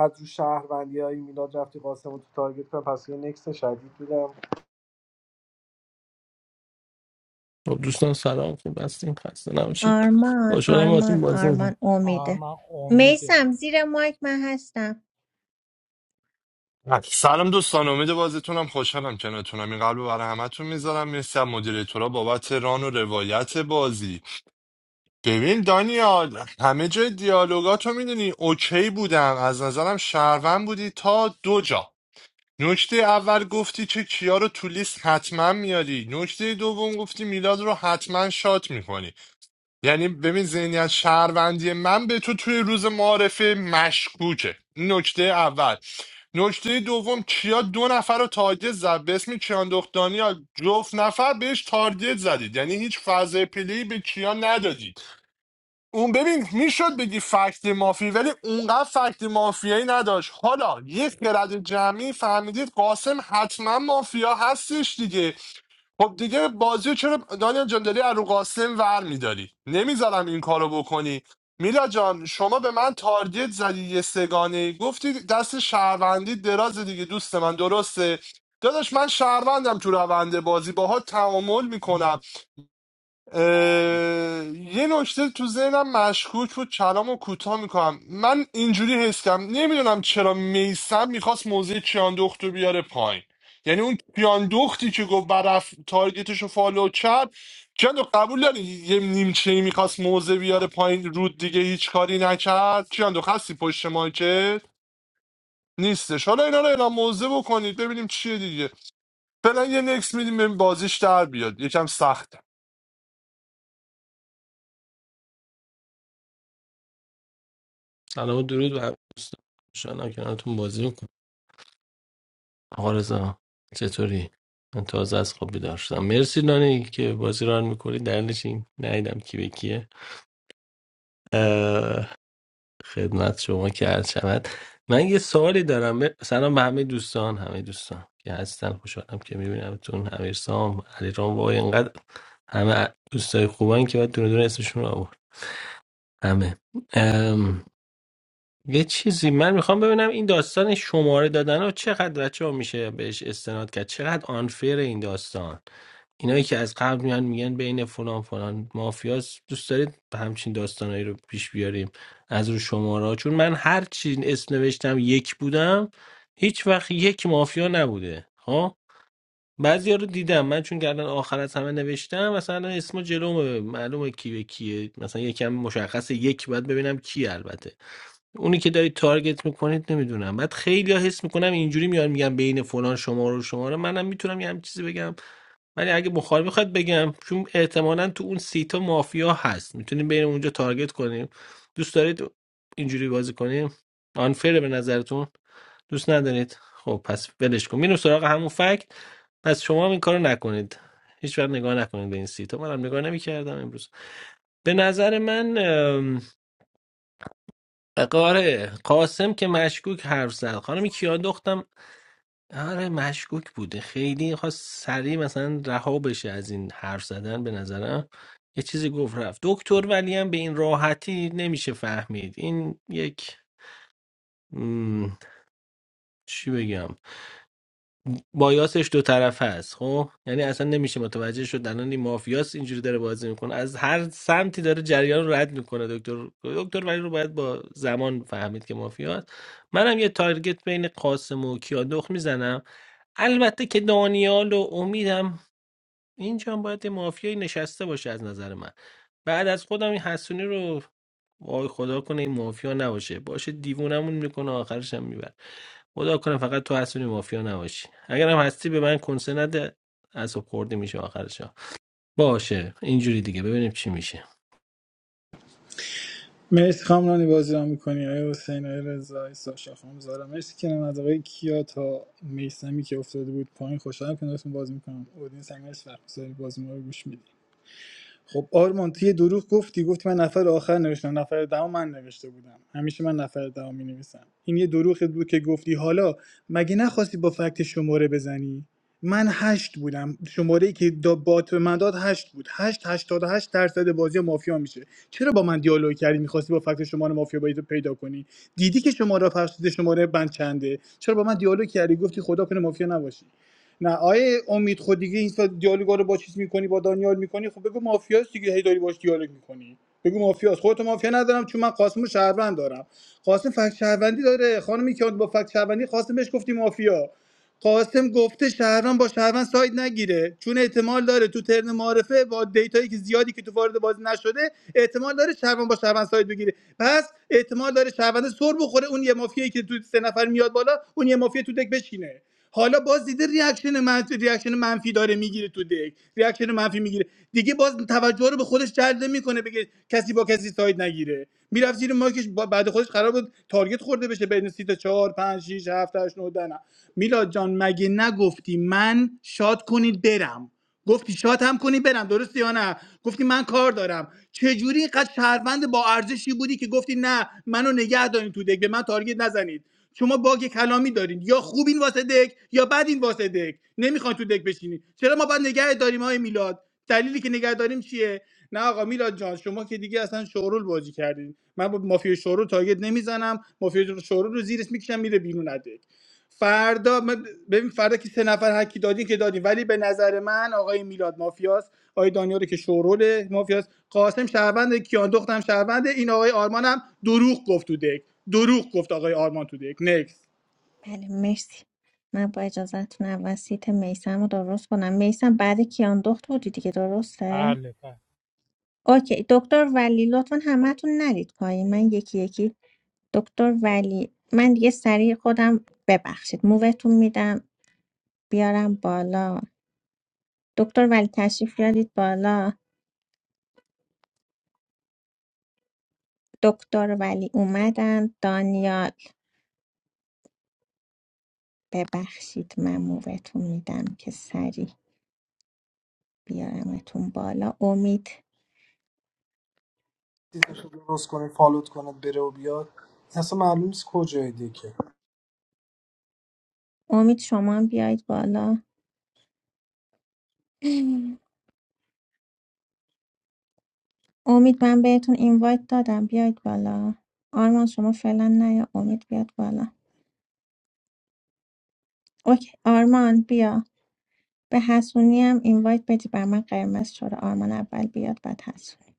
Speaker 15: از رو شهروندی های میلاد رفتی قاسم رو تو تارگت کنم پس یه نکست شدید بودم
Speaker 18: خب دوستان سلام خوب هستین خسته نباشید
Speaker 2: آرمان
Speaker 18: خوشحالم باهاتون
Speaker 2: آرمان
Speaker 18: بازی می‌کنم
Speaker 2: آرمان
Speaker 14: آره
Speaker 2: امیده
Speaker 14: من امیده
Speaker 2: میسم زیر مایک من هستم
Speaker 16: سلام دوستان امید بازیتونم خوشحالم کنارتونم این قلب رو برای همتون میذارم مرسی از مدیریتورا بابت ران و روایت بازی ببین دانیال همه جای دیالوگاتو میدونی اوکی بودم از نظرم شهروند بودی تا دو جا نکته اول گفتی که کیا رو تو لیست حتما میاری نکته دوم گفتی میلاد رو حتما شات میکنی یعنی ببین ذهنیت شهروندی من به تو توی روز معارفه مشکوکه این نکته اول نکته دوم کیا دو نفر رو تارگت زد به اسم کیاندوخت دانیال جفت نفر بهش تارگت زدید یعنی هیچ فاز پلی به کیا ندادید اون ببین میشد بگی فکت مافی ولی اونقدر فکت مافیایی نداشت حالا یک خرد جمعی فهمیدید قاسم حتما مافیا هستش دیگه خب دیگه بازی رو چرا دانیال جان داری از رو قاسم ور میداری نمیذارم این کارو بکنی میلا جان شما به من تارگت زدی یه سگانه گفتی دست شهروندی دراز دیگه دوست من درسته داداش من شهروندم تو روند بازی باها تعامل میکنم اه، یه نکته تو ذهنم مشکوک بود کلامو کوتاه میکنم من اینجوری هستم نمیدونم چرا میسم میخواست موزه کیاندخت رو بیاره پایین یعنی اون کیاندختی که گفت برف تارگتش رو فالو کرد کیاندخت قبول داری یه نیمچهی میخواست موزه بیاره پایین رود دیگه هیچ کاری نکرد کیاندخت هستی پشت مایکت نیستش حالا اینا رو اعلام موزه بکنید ببینیم چیه دیگه فعلا یه نکس میدیم ببین بازیش در بیاد یکم سخت
Speaker 18: سلام و درود به همه دوستان خوشحالم کنارتون بازی می‌کنم آقا رضا چطوری من تازه از خواب بیدار شدم مرسی نانی که بازی ران می‌کنی دلیلش این ندیدم کی به کیه اه، خدمت شما که عرض شود من یه سوالی دارم ب- سلام به همه دوستان همه دوستان که هستن خوشحالم که میبینمتون امیرسام علیرام وای اینقدر همه دوستای خوبن که باید دونه دونه اسمشون رو آورد همه یه چیزی من میخوام ببینم این داستان شماره دادن رو چقدر بچه میشه بهش استناد کرد چقدر آنفیر این داستان اینایی که از قبل میان میگن بین فلان فلان مافیاس دوست دارید به همچین داستانایی رو پیش بیاریم از رو شماره ها. چون من هر چی اسم نوشتم یک بودم هیچ وقت یک مافیا نبوده ها بعضیا رو دیدم من چون گردن آخر از همه نوشتم مثلا اسم جلومه معلومه کی به کیه مثلا یکم مشخص یک بعد ببینم کی البته اونی که دارید تارگت میکنید نمیدونم بعد خیلی حس میکنم اینجوری میان میگم بین فلان شما رو شما رو منم میتونم یه همچین چیزی بگم ولی اگه بخار بخواد بگم چون احتمالا تو اون سیتا مافیا هست میتونیم بین اونجا تارگت کنیم دوست دارید اینجوری بازی کنیم آنفره به نظرتون دوست ندارید خب پس ولش کن میریم سراغ همون فکت پس شما هم این کارو نکنید هیچ وقت نگاه نکنید به این سیتا منم نگاه نمیکردم امروز به نظر من آره قاسم که مشکوک حرف زد خانم کیا دختم آره مشکوک بوده خیلی خواست سریع مثلا رها بشه از این حرف زدن به نظرم یه چیزی گفت رفت دکتر ولی هم به این راحتی نمیشه فهمید این یک م، چی بگم بایاسش دو طرفه است خب یعنی اصلا نمیشه متوجه شد الان این مافیاس اینجوری داره بازی میکنه از هر سمتی داره جریان رو رد میکنه دکتر دکتر ولی رو باید با زمان فهمید که مافیاست منم یه تارگت بین قاسم و کیادخ میزنم البته که دانیال و امیدم اینجا هم باید مافیایی نشسته باشه از نظر من بعد از خودم این حسونی رو وای خدا کنه این مافیا نباشه باشه دیوونمون میکنه آخرش هم میبره خدا کنه فقط تو حسونی مافیا نباشی اگرم هستی به من کنسه نده اصاب خورده میشه آخرش ها. باشه اینجوری دیگه ببینیم چی میشه
Speaker 6: مرسی خام رانی بازی را میکنی آیا حسین آیا رضا آیا ساشا خام زارا مرسی که از آقای کیا تا میسمی که افتاده بود پایین خوشحالم که نارتون بازی میکنم اودین هم مرسی وقت بذاری بازی ما رو گوش میدی خب آرمان تو دروغ گفتی گفتی من نفر آخر نوشتم نفر دهم من نوشته بودم همیشه من نفر دهم می نویسم این یه دروغ بود که گفتی حالا مگه نخواستی با فکت شماره بزنی من هشت بودم شماره که دا بات به من داد هشت بود هشت هشتاد و هشت درصد بازی مافیا میشه چرا با من دیالوگ کردی میخواستی با فکت شماره مافیا باید پیدا کنی دیدی که شماره فرشته شماره بند چنده چرا با من دیالوگ کردی گفتی خدا کنه مافیا نباشی نه آیه امید خود دیگه این سال دیالوگا رو با چیز میکنی با دانیال میکنی خب بگو مافیاست دیگه هی داری باش دیالوگ میکنی بگو مافیاست خودت مافیا ندارم چون من قاسم رو شهروند دارم قاسم فکت شهروندی داره خانمی که با فکت شهروندی قاسم بهش گفتی مافیا قاسم گفته شهروند با شهروند ساید نگیره چون احتمال داره تو ترن معارفه با دیتایی که زیادی که تو وارد بازی نشده احتمال داره شهروند با شهروند ساید بگیره پس احتمال داره شهروند سر بخوره اون یه مافیایی که تو سه نفر میاد بالا اون یه مافیا تو دک بشینه حالا باز دیده ریاکشن منفی ریاکشن منفی داره میگیره تو دک ریاکشن منفی میگیره دیگه باز توجه رو به خودش جلب میکنه بگه کسی با کسی ساید نگیره میرفت زیر ماکش بعد خودش قرار بود تارگت خورده بشه بین سیت 4 5 6 7 8 9 میلاد جان مگه نگفتی من شاد کنید برم گفتی شاد هم کنی برم درسته یا نه گفتی من کار دارم چجوری اینقدر شهروند با ارزشی بودی که گفتی نه منو نگه دارین تو دک به من تارگت نزنید شما باگ کلامی دارین یا خوبین واسه دک یا بدین واسه دک نمیخواین تو دک بشینی چرا ما باید نگه داریم های میلاد دلیلی که نگه داریم چیه نه آقا میلاد جان شما که دیگه اصلا شورول بازی کردین من با مافیا شورول تارگت نمیزنم مافیا شورول رو زیرش میکشم میره بیرون از دک. فردا من- ببین فردا که سه نفر هکی دادین که دادین ولی به نظر من آقای میلاد مافیاس آقای دانیال که شورول مافیاس قاسم شهروند کیان دختم شهروند این آقای آرمان هم دروغ گفت تو دک دروغ گفت آقای آرمان تو دک نکس
Speaker 2: بله مرسی من با اجازتون اول سیت میسم رو درست کنم میسم بعد کیان دخت بودی دیگه درسته؟
Speaker 14: بله بله
Speaker 2: اوکی دکتر ولی لطفا همه‌تون نرید پایین من یکی یکی دکتر ولی من دیگه سریع خودم ببخشید مووتون میدم بیارم بالا دکتر ولی تشریف بیارید بالا دکتر ولی اومدن دانیال ببخشید من مووتون میدم که سریع بیارمتون بالا امید
Speaker 15: چیزش رو درست کنه فالوت کنه بره و بیاد این اصلا معلوم نیست کجای دیگه
Speaker 2: امید شما هم بیاید بالا امید من بهتون اینوایت دادم بیاید بالا آرمان شما فعلا نیا امید بیاد بالا اوکی آرمان بیا به حسونی هم اینوایت بدی بر من قرمز چرا آرمان اول بیاد بعد حسونی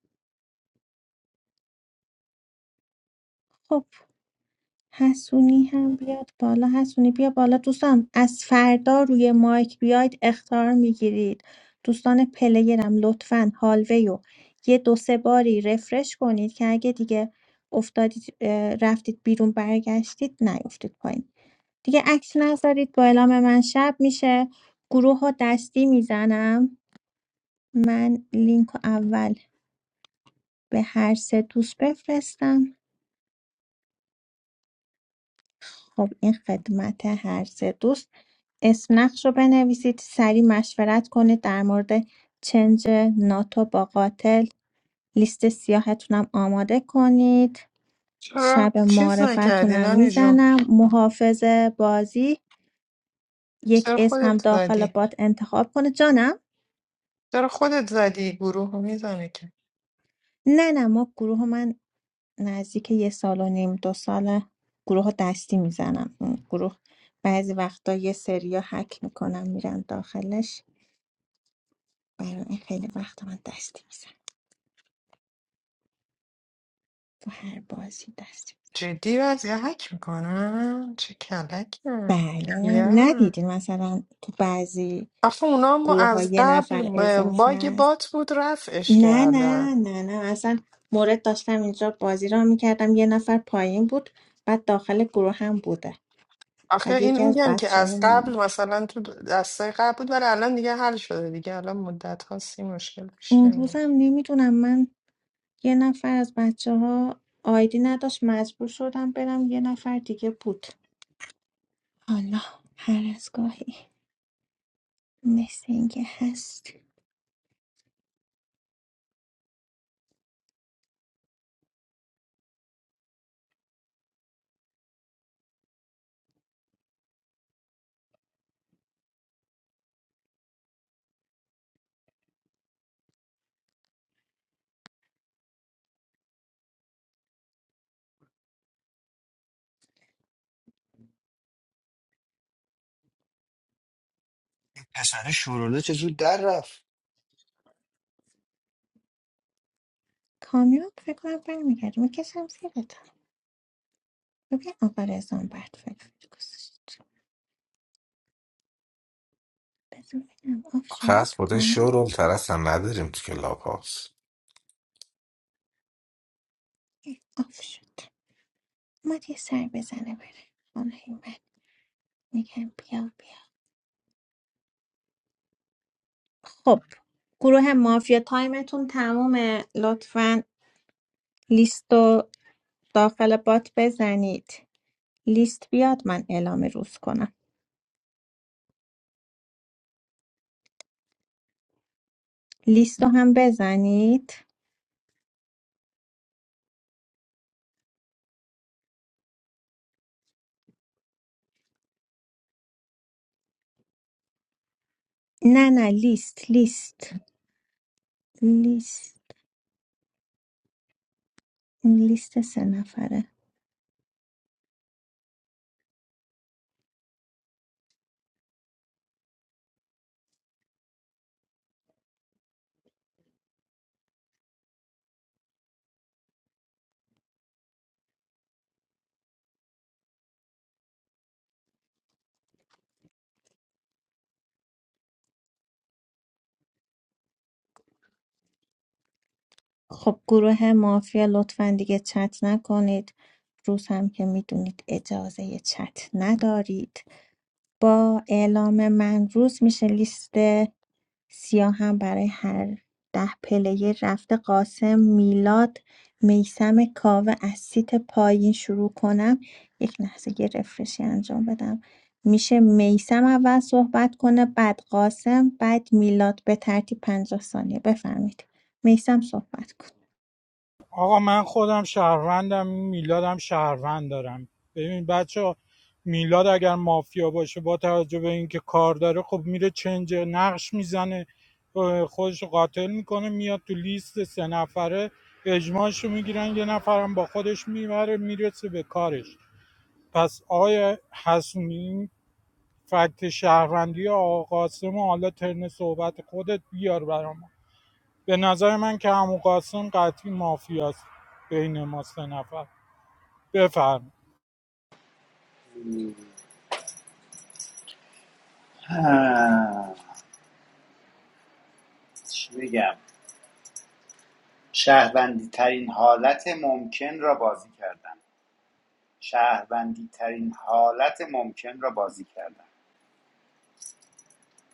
Speaker 2: خب حسونی هم بیاد بالا حسونی بیا بالا دوستان از فردا روی مایک بیاید اختار میگیرید دوستان پلیرم لطفا هالوی رو یه دو سه باری رفرش کنید که اگه دیگه افتادید اه، رفتید بیرون برگشتید نیفتید پایین دیگه عکس نذارید با اعلام من شب میشه گروه ها دستی میزنم من لینک رو اول به هر سه دوست بفرستم خب این خدمت هر سه دوست اسم نقش رو بنویسید سریع مشورت کنید در مورد چنج ناتو با قاتل لیست سیاهتون هم آماده کنید
Speaker 8: چرا
Speaker 2: شب
Speaker 8: چیز
Speaker 2: معرفتون
Speaker 8: نکردی
Speaker 2: هم
Speaker 8: نانی جون
Speaker 2: میزنم محافظ بازی یک
Speaker 8: چرا
Speaker 2: اسم هم
Speaker 8: خودت
Speaker 2: داخل
Speaker 8: زدی
Speaker 2: بات انتخاب کنه جانم
Speaker 8: چرا خودت زدی گروه رو میزنه که
Speaker 2: نه نه ما گروه من نزدیک یه سال و نیم دو سال گروه دستی میزنم گروه بعضی وقتا یه سریا حک میکنم میرم داخلش برای این خیلی وقتا من دستی میزنم تو هر بازی دستی
Speaker 8: جدی وضعی هک میکنن چه کلکه
Speaker 2: بله
Speaker 8: یا
Speaker 2: ندیدین مثلا تو بعضی
Speaker 8: آخه اونا هم
Speaker 2: گروه ها
Speaker 8: از
Speaker 2: یه
Speaker 8: قبل
Speaker 2: نفر
Speaker 8: ب-
Speaker 2: اضافه
Speaker 8: باگ
Speaker 2: است
Speaker 8: بات بود رفعش
Speaker 2: نه نه
Speaker 8: کردن
Speaker 2: نه نه اصلا مورد داشتم اینجا بازی را میکردم یه نفر پایین بود بعد داخل گروه هم بوده
Speaker 8: آخه
Speaker 2: بعد
Speaker 8: این
Speaker 2: یکی از
Speaker 8: میگم که
Speaker 2: بچه های
Speaker 8: از
Speaker 2: ما
Speaker 8: قبل
Speaker 2: بود.
Speaker 8: مثلا تو دسته قبل بود ولی الان دیگه حل شده دیگه الان مدت هاست این مشکل پیش
Speaker 2: اون
Speaker 8: نمیاد
Speaker 2: روزم نمیدونم من یه نفر از بچه ها آیدی نداشت مجبور شدم برم یه نفر دیگه بود حالا هر از گاهی مثل اینکه هست
Speaker 4: پسر شوروله چه زود در رفت
Speaker 2: کامیاب فکر کنم برمیگردیم میکشم زیرت ببین آقا رزان برد فکر گذاشت بذار ببینم آف شد
Speaker 1: خاص بوده
Speaker 2: کامیاب
Speaker 1: شورول ترسم نداریم تو کلاب هاست
Speaker 2: اه، آف شد ما یه سر بزنه بره خانه من میگم بیا بیا خب گروه مافیا تایمتون تمومه لطفا لیست رو داخل بات بزنید لیست بیاد من اعلام روز کنم لیست رو هم بزنید نه نه لیست لیست لیست این لیست سه نفره خب گروه مافیا لطفا دیگه چت نکنید روز هم که میدونید اجازه چت ندارید با اعلام من روز میشه لیست سیاهم برای هر ده پلیر رفته قاسم میلاد میسم کاوه از سیت پایین شروع کنم یک لحظه یه رفرشی انجام بدم میشه میسم اول صحبت کنه بعد قاسم بعد میلاد به ترتیب پنجاه ثانیه بفرمید میسم صحبت کن
Speaker 14: آقا من خودم شهروندم میلادم شهروند دارم ببین بچه میلاد اگر مافیا باشه با توجه به اینکه کار داره خب میره چنج نقش میزنه خودش قاتل میکنه میاد تو لیست سه نفره اجماعشو میگیرن یه نفرم با خودش میبره میرسه به کارش پس آقای حسونی این فکت شهروندی آقا قاسم حالا ترن صحبت خودت بیار برام به نظر من که عمو قاسم قطعی مافیاست بین ما سه نفر بفرم
Speaker 9: آه، چی بگم شهروندی ترین حالت ممکن را بازی کردن شهروندی ترین حالت ممکن را بازی کردم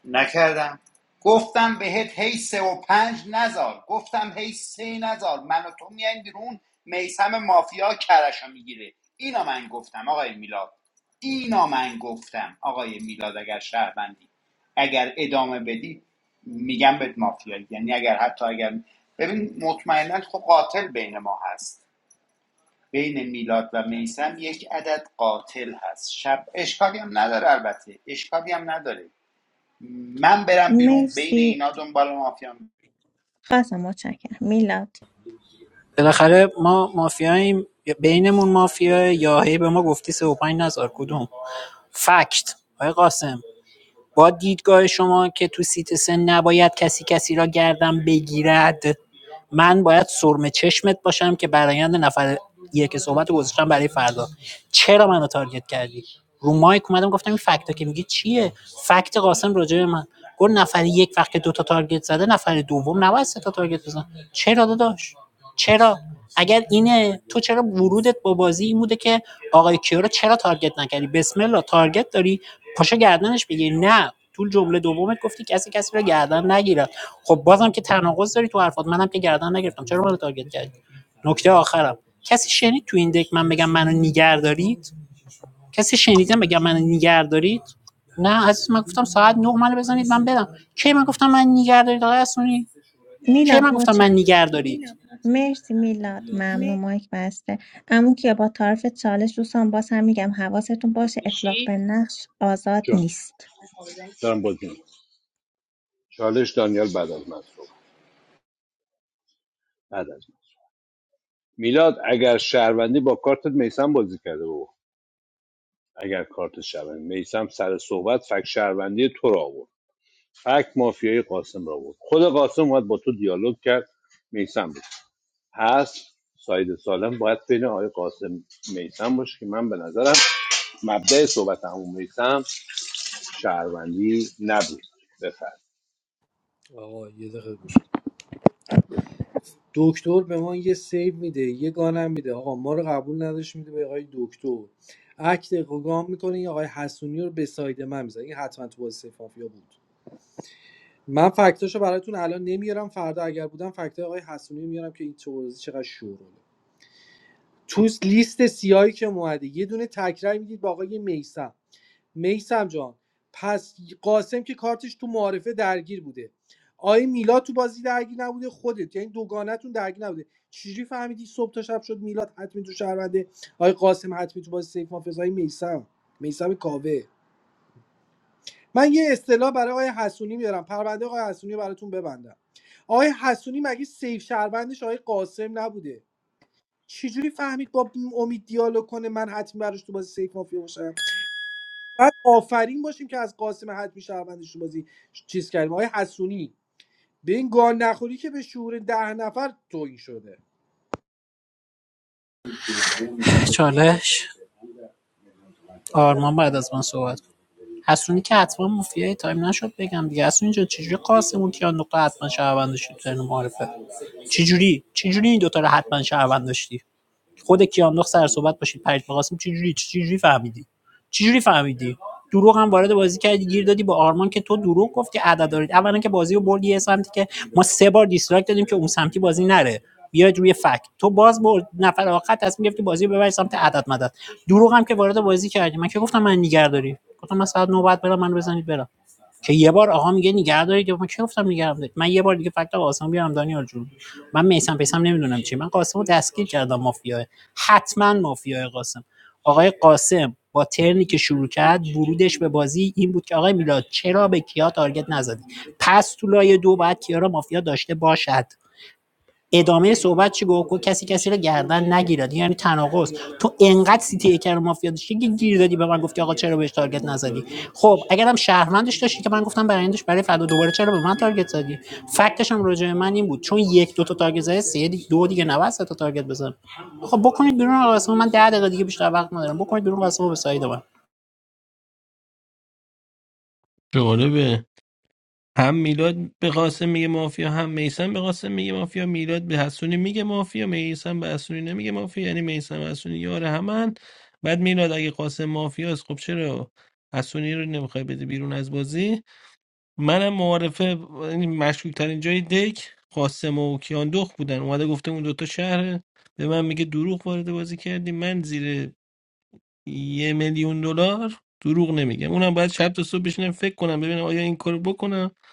Speaker 9: نکردم گفتم بهت هی سه و پنج نزار گفتم هی سه نزار من و تو میایم بیرون میسم مافیا کرشو میگیره اینا من گفتم آقای میلاد اینا من گفتم آقای میلاد اگر شهروندی اگر ادامه بدی میگم بهت مافیا یعنی اگر حتی اگر ببین مطمئنا خب قاتل بین ما هست بین میلاد و میسم یک عدد قاتل هست شب اشکالی هم نداره البته اشکالی هم نداره من برم بیرون بین
Speaker 2: مرسی
Speaker 9: اینا دنبال مافیام
Speaker 2: قاسم متشکرم میلاد
Speaker 11: بالاخره ما مافیاییم بینمون مافیاه یا هی به ما گفتی 35 نزار کدوم فکت آقای قاسم با دیدگاه شما که تو سیت سن نباید کسی کسی را گردن بگیرد من باید سرم چشمت باشم که برایند نفر یک صحبت رو گذاشتم برای فردا چرا منو تارگت کردی رو مایک اومدم گفتم این فکتا که میگی چیه فکت قاسم راجع به من گفت نفر یک وقت که دو تا تارگت زده نفر دوم نباید سه تا تارگت بزن چرا داداش چرا؟ اگر اینه تو چرا ورودت با بازی این بوده که آقای کیا رو چرا تارگت نکردی بسم الله تارگت داری پاشو گردنش بگیر نه تو جمله دومت گفتی کسی کسی رو گردن نگیره خب بازم که تناقض داری تو حرفات منم که گردن نگرفتم چرا منو تارگت کردی نکته آخرم کسی شنید تو این دک من بگم منو نیگر دارید کسی شنیدم بگم منو نیگر دارید نه عزیز من گفتم ساعت 9 منو بزنید من بدم کی من گفتم من نیگر دارید آقای اسونی کی من
Speaker 2: میلاد
Speaker 11: گفتم من نیگر دارید
Speaker 2: مرسی میلاد ممنون مایک بسته عمو کیا با طرف چالش دوستان باز هم میگم حواستون باشه اطلاق
Speaker 5: میشی
Speaker 2: به نقش آزاد
Speaker 5: جان
Speaker 2: نیست
Speaker 5: دارم بازی می‌کنم. چالش دانیال بعد از من صحبت بعد از من میلاد اگر شهروندی با کارت میسم بازی کرده بابا اگر کارت شهروندی میسم سر صحبت فک شهروندی تو را آورد فک مافیای قاسم را آورد خود قاسم اومد با تو دیالوگ کرد میسم بود هست ساید سالم باید بین آقای قاسم میسم باشه که من به نظرم مبدأ صحبت همون میسم شهروندی نبود بفرد
Speaker 15: آقا یه دقیقه گوش کن. دکتر به ما یه سیو میده یه گانم میده آقا ما رو قبول نداشت میده به آقای دکتر اکت گام میکنه این آقای حسونی رو به ساید من میزنه این حتما تو بازی سیف مافیا بود من فکتاشو براتون الان نمیارم فردا اگر بودم فکتای آقای حسونی میارم که این تو بازی چقدر شوره تو لیست سیاهی که اومده یه دونه تکرار میدید با آقای میسم میسم جان پس قاسم که کارتش تو معارفه درگیر بوده آقای میلاد تو بازی درگیر نبوده خودت یعنی دوگانتون درگیر نبوده چجوری فهمیدی صبح تا شب شد میلاد حتمی تو شهرونده آقای قاسم حتمی تو بازی سیف مافز آقای میسم میسم کاوه من یه اصطلاح برای آقای حسونی میارم پرونده آقای حسونی رو براتون ببندم آقای حسونی مگه سیف شهروندش آقای قاسم نبوده چجوری فهمید با امید دیالوگ کنه من حتمی براش تو بازی سیف مافیا باشم بعد آفرین باشیم که از قاسم حتمی شهروندش تو بازی چیز کردیم آقای حسونی به این گال نخوری که به شعور ده نفر توهین شده
Speaker 11: چالش آرمان بعد از من صحبت کن حسونی که حتما مافیای تایم نشد بگم دیگه حسونی جان چجوری قاسمون کیان نقطه حتما شهروند داشتی تو ترن معارفه چجوری چجوری این دوتا رو حتما شهروند داشتی خود کیامنخ سر صحبت باشید پرج قاسم چجوری چجوری فهمیدی چجوری فهمیدی دروغ هم وارد بازی کردی گیر دادی با آرمان که تو دروغ گفتی عدد دارید اولا که بازی رو بردی یه سمتی که ما سه بار دیسلایک دادیم که اون سمتی بازی نره بیاید روی فکت تو باز برد نفر آخر تصمیم گرفتی بازی رو ببری سمت عدد مدد دروغ هم که وارد بازی کردی من که گفتم من نیگر داری گفتم من ساعت نوبت برم من بزنید برم که یه بار آقا میگه نگه دارید من چه گفتم نگه دارید من یه بار دیگه فقط قاسم بیارم دانیال جون من میسم پیسم نمیدونم چی من قاسمو رو دستگیر کردم مافیا حتما مافیا قاسم آقای قاسم با ترنی که شروع کرد ورودش به بازی این بود که آقای میلاد چرا به کیا تارگت نزدی پس تو لایه دو باید کیا را مافیا داشته باشد ادامه صحبت چی گفت گفت کسی کسی رو گردن نگیرد یعنی تناقض تو انقدر سیتی یک رو مافیا داشتی که گیر دادی به من گفتی آقا چرا بهش تارگت نزدی خب اگرم شهروندش داشتی که من گفتم برندش برای فردا دوباره چرا به من تارگت زدی فکتش هم راجع به من این بود چون یک دو تا تارگت زدی سه دی- دو دیگه نباید سه تا تارگت بزن خب بکنید بیرون آقا قاسم. من 10 دقیقه دیگه بیشتر وقت ندارم بکنید بیرون قسمو به سایه من
Speaker 18: جالبه هم میلاد به قاسم میگه مافیا هم میسم به قاسم میگه مافیا میلاد به حسونی میگه مافیا میسم به حسونی نمیگه مافیا یعنی میسم و حسونی یار همن بعد میلاد اگه قاسم مافیاست خب چرا حسونی رو نمیخوای بده بیرون از بازی منم معارفه مشکوک ترین جای دک قاسم و کیاندخت بودن اومده گفته اون دوتا شهره به من میگه دروغ وارد بازی کردی من زیر یه میلیون دلار دروغ نمیگم اونم باید شب تا صبح بشینم فکر کنم ببینم آیا این کارو بکنم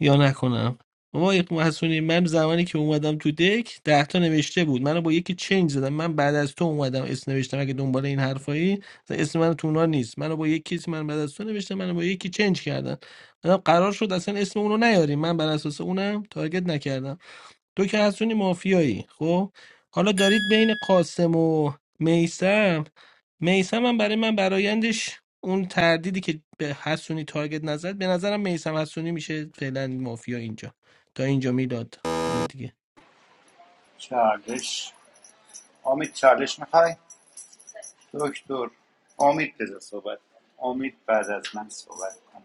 Speaker 18: یا نکنم بابا حسونی من زمانی که اومدم تو دک ده تا نوشته بود منو با یکی چنج زدم من بعد از تو اومدم اسم نوشتم اگه دنبال این حرفایی مثلا اسم من تو اونا نیست منو با یکی کسی من بعد از تو نوشتم منو با یکی چنج کردن منم قرار شد اصلا اسم اونو نیاریم من بر اساس اونم تارگت نکردم تو که از اون مافیایی خب حالا دارید بین قاسم و میسم میسم هم برای من برایندش اون تردیدی که به حسونی تارگت نزد به نظرم میسم حسونی میشه فعلا مافیا اینجا تا اینجا میداد حالا دیگه
Speaker 9: چالش امید چالش میخوای دکتر امید بذار صحبت امید بعد از من صحبت کنه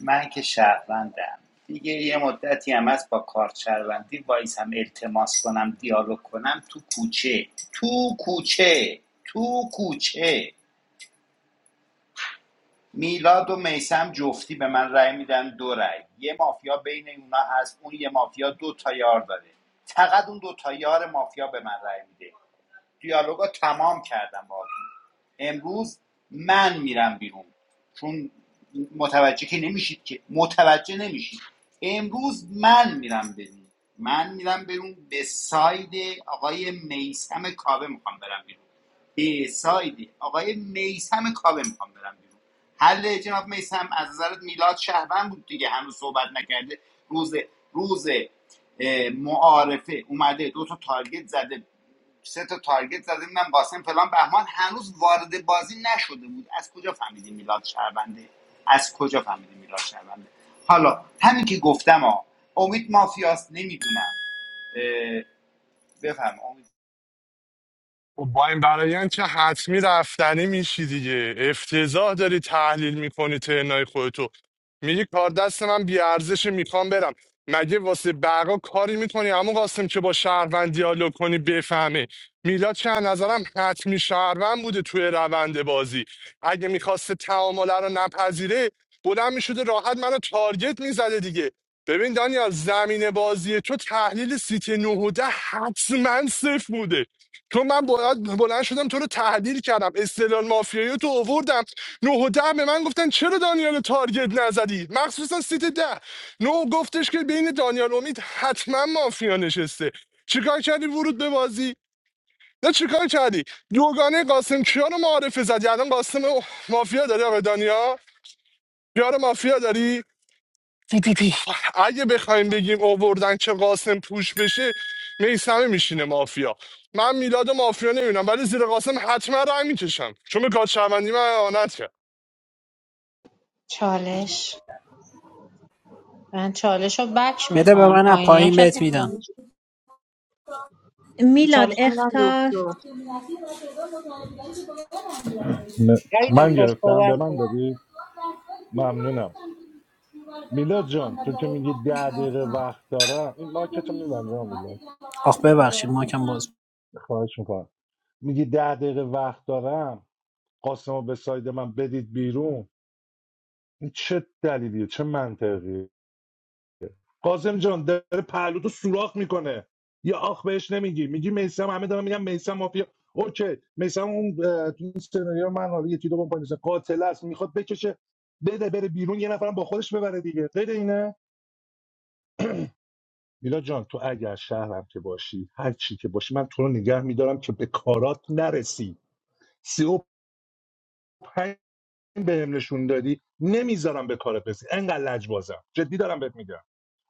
Speaker 9: من که شهروندم دیگه یه مدتی هم از با کارت شهروندی وایس هم التماس کنم دیالوگ کنم تو کوچه تو کوچه تو کوچه میلاد و میسم جفتی به من رأی میدن دو رأی یه مافیا بین اونا هست اون یه مافیا دو تا یار داره فقط اون دو تا یار مافیا به من رأی میده دیالوگا تمام کردم باهاتون امروز من میرم بیرون چون متوجه که نمیشید که متوجه نمیشید امروز من میرم بیرون من میرم بیرون به ساید آقای میسم کابه میخوام برم بیرون به ساید آقای میسم کابه میخوام برم بیرون حل جناب میسم از نظرت میلاد شهروند بود دیگه هنوز صحبت نکرده روز روز اه، معارفه اومده دو تا تارگت زده سه تا تارگت زده بودن قاسم فلان بهمان هنوز وارد بازی نشده بود از کجا فهمیدیم میلاد شهرونده از کجا فهمیدیم میلاد شهرونده حالا همین که گفتم ها امید مافیاست نمیدونم بفهم امید
Speaker 16: خب با این برایان که حتمی رفتنی میشی دیگه افتضاح داری تحلیل میکنی ترنای خودتو میگی کار دست من بیارزش میخوام برم مگه واسه بقا کاری میکنی اما قاسم که با شهروند دیالوگ کنی بفهمه میلاد چه از نظرم حتمی شهروند بوده توی روند بازی اگه میخواسته تعامله رو نپذیره بلند میشده راحت منو تارگت میزده دیگه ببین دانیال زمین بازی تو تحلیل سیت 9 و ده حتما صفر بوده چون من باید بلند شدم تو رو تحلیل کردم استدلال مافیایی تو اووردم نه و ده به من گفتن چرا دانیال رو تارگت نزدی مخصوصا سیت ده نو گفتش که بین دانیال و امید حتما مافیا نشسته چیکار کردی ورود به بازی نه چیکار کردی دوگانه قاسم کیا رو معارفه زدی الان قاسم مافیا داری آقا دانیال کیا رو مافیا داری پی پی پی اگه بخوایم بگیم اووردن که قاسم پوش بشه میسمه میشینه مافیا من میلاد مافیا نمیبینم ولی زیر قاسم حتما رای میکشم چون به کار شهروندی من اعانت کرد
Speaker 13: چالش من چالش رو بک
Speaker 11: بده به
Speaker 13: میخوام
Speaker 11: من از
Speaker 13: پایینیا
Speaker 11: پایین
Speaker 13: کسی
Speaker 11: بهت میدم
Speaker 13: چالش
Speaker 2: میلاد
Speaker 13: چالش رو میدم
Speaker 2: اختار
Speaker 13: دکتر. ولی دکتر صحبت کن
Speaker 11: آخ ببخشید ما کم باز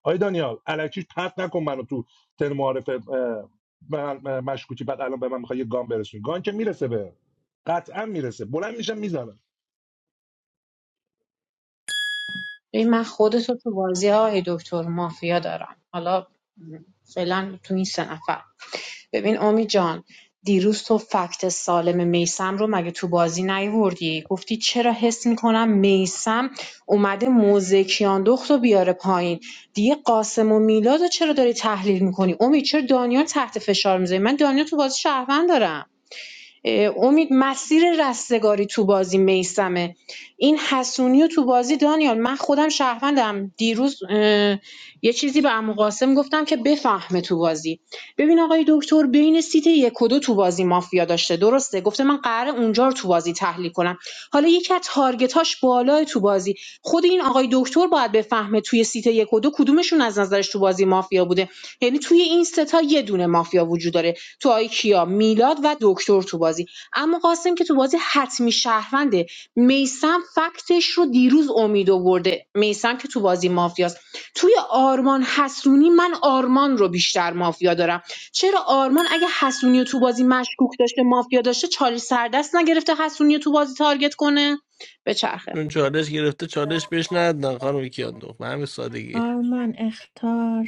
Speaker 17: Aid Daniel, a little bit, perhaps not so much of your thermography.
Speaker 13: من خودت رو تو بازی های دکتر مافیا دارم حالا فعلا تو این سه نفر ببین اومی جان دیروز تو فکت سالم میسم رو مگه تو بازی نیوردی گفتی چرا حس میکنم میسم اومده موزه کیاندخت رو بیاره پایین دیگه قاسم و میلاد رو چرا داری تحلیل میکنی امید چرا دانیال تحت فشار میذاری من دانیال تو بازی شهروند دارم امید مسیر رستگاری تو بازی میسمه این حسونی و تو بازی دانیال من خودم شهروندم دیروز اه، یه چیزی به عمو قاسم گفتم که بفهمه تو بازی ببین آقای دکتر بین سیت یک و دو تو بازی مافیا داشته درسته گفته من قراره اونجا رو تو بازی تحلیل کنم حالا یکی از تارگتاش بالای تو بازی خود این آقای دکتر باید بفهمه توی سیت یک و دو کدومشون از نظرش تو بازی مافیا بوده یعنی توی این سه تا یه دونه مافیا وجود داره تو آیکیا میلاد و دکتر تو بازی اما قاسم که تو بازی حتمی شهرونده میسم فکتش رو دیروز امید آورده میسم که تو بازی مافیاست توی آرمان حسونی من آرمان رو بیشتر مافیا دارم چرا آرمان اگه حسونی رو تو بازی مشکوک داشته مافیا داشته چالی سردست نگرفته حسونی رو تو بازی تارگت کنه به چرخه
Speaker 18: چون چالش گرفته چالش بهش ندادن خانم کیاندو به همین سادگی
Speaker 2: آرمان اختار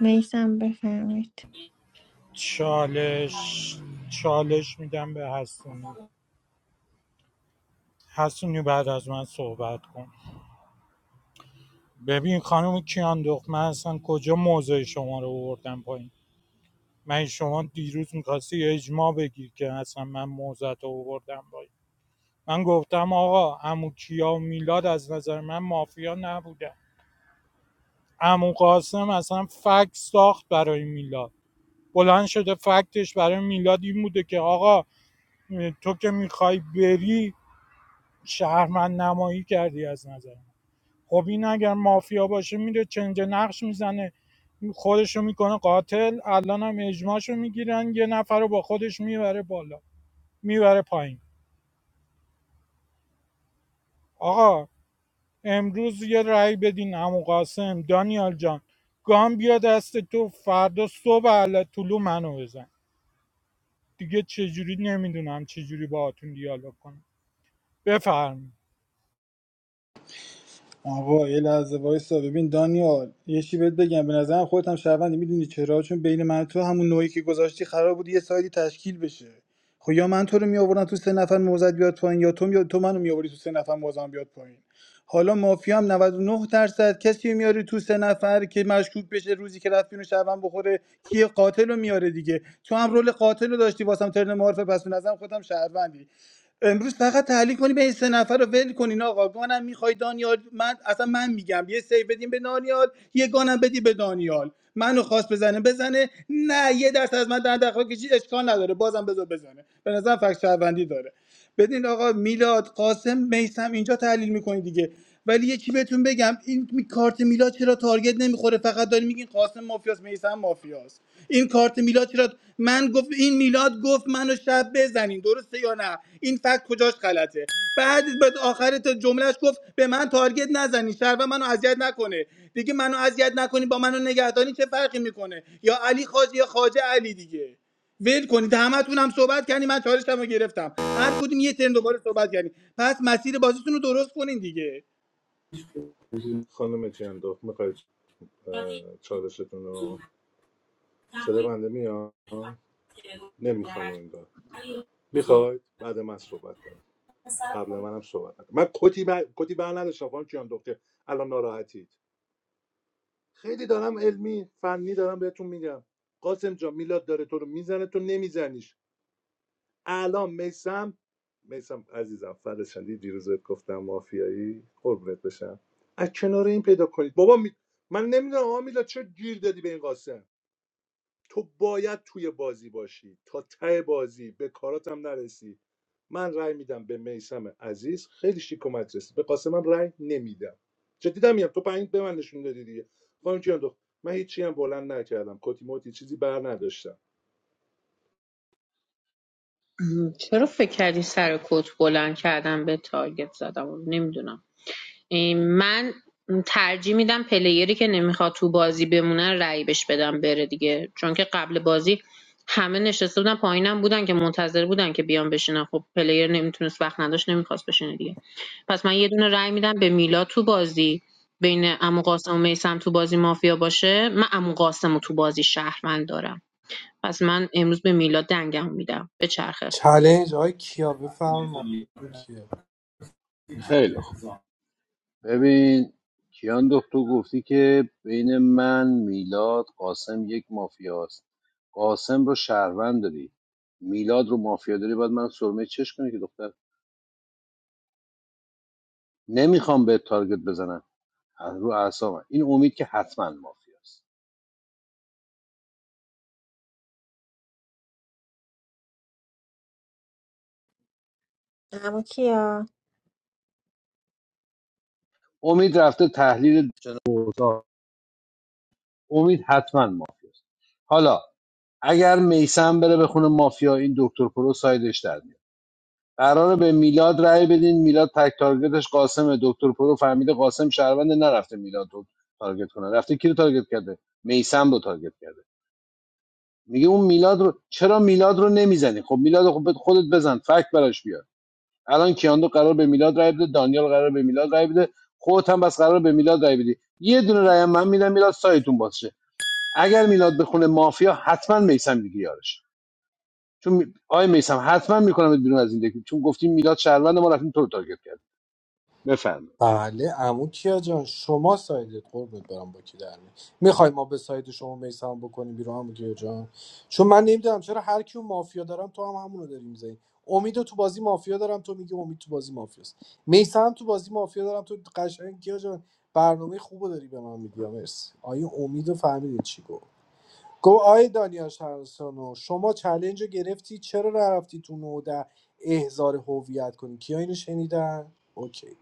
Speaker 2: میسم بفرمایید
Speaker 14: چالش چالش میدم به حسونی حسونی بعد از من صحبت کن ببین خانم کیان دخت من اصلا کجا موضع شما رو آوردم پایین من شما دیروز میخواستی اجماع بگیر که اصلا من موضعت رو آوردم پایین من گفتم آقا عمو کیا و میلاد از نظر من مافیا نبودن عمو قاسم اصلا فکس ساخت برای میلاد بلند شده فکتش برای میلاد این بوده که آقا تو که میخوای بری شهرمند نمایی کردی از نظر من. خب این اگر مافیا باشه میره چنج نقش میزنه خودشو میکنه قاتل الان هم اجماعشو میگیرن یه نفر رو با خودش میبره بالا میبره پایین آقا امروز یه رأی بدین عمو قاسم دانیال جان گام بیا دست تو فردا صبح علت طلو منو بزن دیگه چجوری نمیدونم چجوری باهاتون دیالوگ کنم بفرم
Speaker 6: آقا یه لحظه وایسا ببین دانیال یه چی بهت بگم به نظرم خودت هم شهروندی میدونی چرا چون بین من و تو همون نوعی که گذاشتی قرار بود یه سایدی تشکیل بشه خب یا من تو رو میآوردم تو سه نفر موزد بیاد پایین یا تو یا تو منو میآوردی تو سه نفر موزم بیاد پایین حالا مافیا هم نود و نه درصد کسی رو میاره تو سه نفر که مشکوک بشه روزی که رفت بیرون شبم بخوره کیه قاتل رو میاره دیگه تو هم رول قاتل رو داشتی واسم ترن معارفه پس به نظرم خودم شهروندی امروز فقط تحلیل کنی به این سه نفر رو ول کنین آقا گانم میخوای دانیال من اصلا من میگم یه سیو بدیم به دانیال یه گانم بدی به دانیال منو خواست بزنه بزنه نه یه درصد از من در دخواه کشی اشکال نداره بازم بذار بزنه به نظر فکر شهروندی داره بدین آقا میلاد قاسم میسم اینجا تحلیل میکنی دیگه ولی یکی بهتون بگم این کارت میلاد چرا تارگت نمیخوره فقط داری میگین قاسم مافیاس میسم مافیاس این کارت میلاد چرا من گفت این میلاد گفت منو شب بزنین درسته یا نه این فکت کجاش غلطه بعد بعد آخر تا جملهش گفت به من تارگت نزنین شهر منو اذیت نکنه دیگه منو اذیت نکنین با منو نگهداری چه فرقی میکنه یا علی خواجه یا خواجه علی دیگه ول کنید همتون هم صحبت کردین من چالشتم رو گرفتم هر کدوم یه ترن دوباره صحبت کردین پس مسیر بازیتون رو درست کنین دیگه
Speaker 13: م، چرا فکر کردی سر کت بلند کردم به تارگت زدم نمیدونم من ترجیح میدم پلیری که نمیخواد تو بازی بمونه رو رأی بهش بدم بره دیگه چون که قبل بازی همه نشسته بودن پایینم بودن که منتظر بودن که بیان بشینن خب پلیر نمیتونست وقت نداشت نمیخواست بشینه دیگه پس من یه دونه رأی میدم به میلا تو بازی بین عمو قاسم و میسم تو بازی مافیا باشه من عمو قاسم رو تو بازی شهروند دارم پس من امروز به میلا دنگم میدم به چرخه
Speaker 15: چلنج آقای کیا بفرما کیا
Speaker 5: خیلی خوب. ببین کیان دکتر تو گفتی که بین من میلاد قاسم یک مافیاست قاسم رو شهروند داری میلاد رو مافیا داری باید من سرمه چش کنی که دختر نمیخوام به تارگت بزنم از رو اعصابم این امید که حتما مافیاست
Speaker 2: اما کیا
Speaker 5: امید رفته تحلیل اوضاع امید حتما مافیا حالا اگر میسم بره به خونه مافیا این دکتر پرو سایدش در میاد. قراره به میلاد رأی بدین میلاد تک تارگتش قاسمه دکتر پرو فهمیده قاسم شهروند نرفته میلاد رو تارگت کنه رفته کی رو تارگت کرده میسم رو تارگت کرده میگه اون میلاد رو چرا میلاد رو نمیزنی خب میلاد خب خودت بزن فکت براش بیار الان کیاندو قرار به میلاد رأی بده دانیال قرار به میلاد رأی بده خودت هم بس قرار به میلاد رأی بدی یه دونه رأی من میدم میلاد سایتون باشه اگر میلاد بخونه مافیا حتما میسم دیگه یارش چون آی میسم حتما میکنم بیرون از این دکی چون گفتیم میلاد شهروند ما رفتیم تو رو تارگت کردیم. بفرمایید
Speaker 15: بله عمو کیا جان شما سایدت قربت برم با کی در می میخوای ما به ساید شما میسم بکنیم بیرون عمو کیا جان چون من نمیدونم چرا هر کیو مافیا دارم تو هم همونو داری میزنی امیدو تو بازی مافیا دارم تو میگی امید تو بازی مافیاست میسم تو بازی مافیا دارم تو قشنگ کیا جان برنامه خوبو داری به من میگی مرسی آیه امیدو فهمیدی چی گفت گفت آی دانیاش هرسانو شما چلنج رو گرفتی چرا نرفتی تو نوده احزار هویت کنی کیا اینو شنیدن اوکی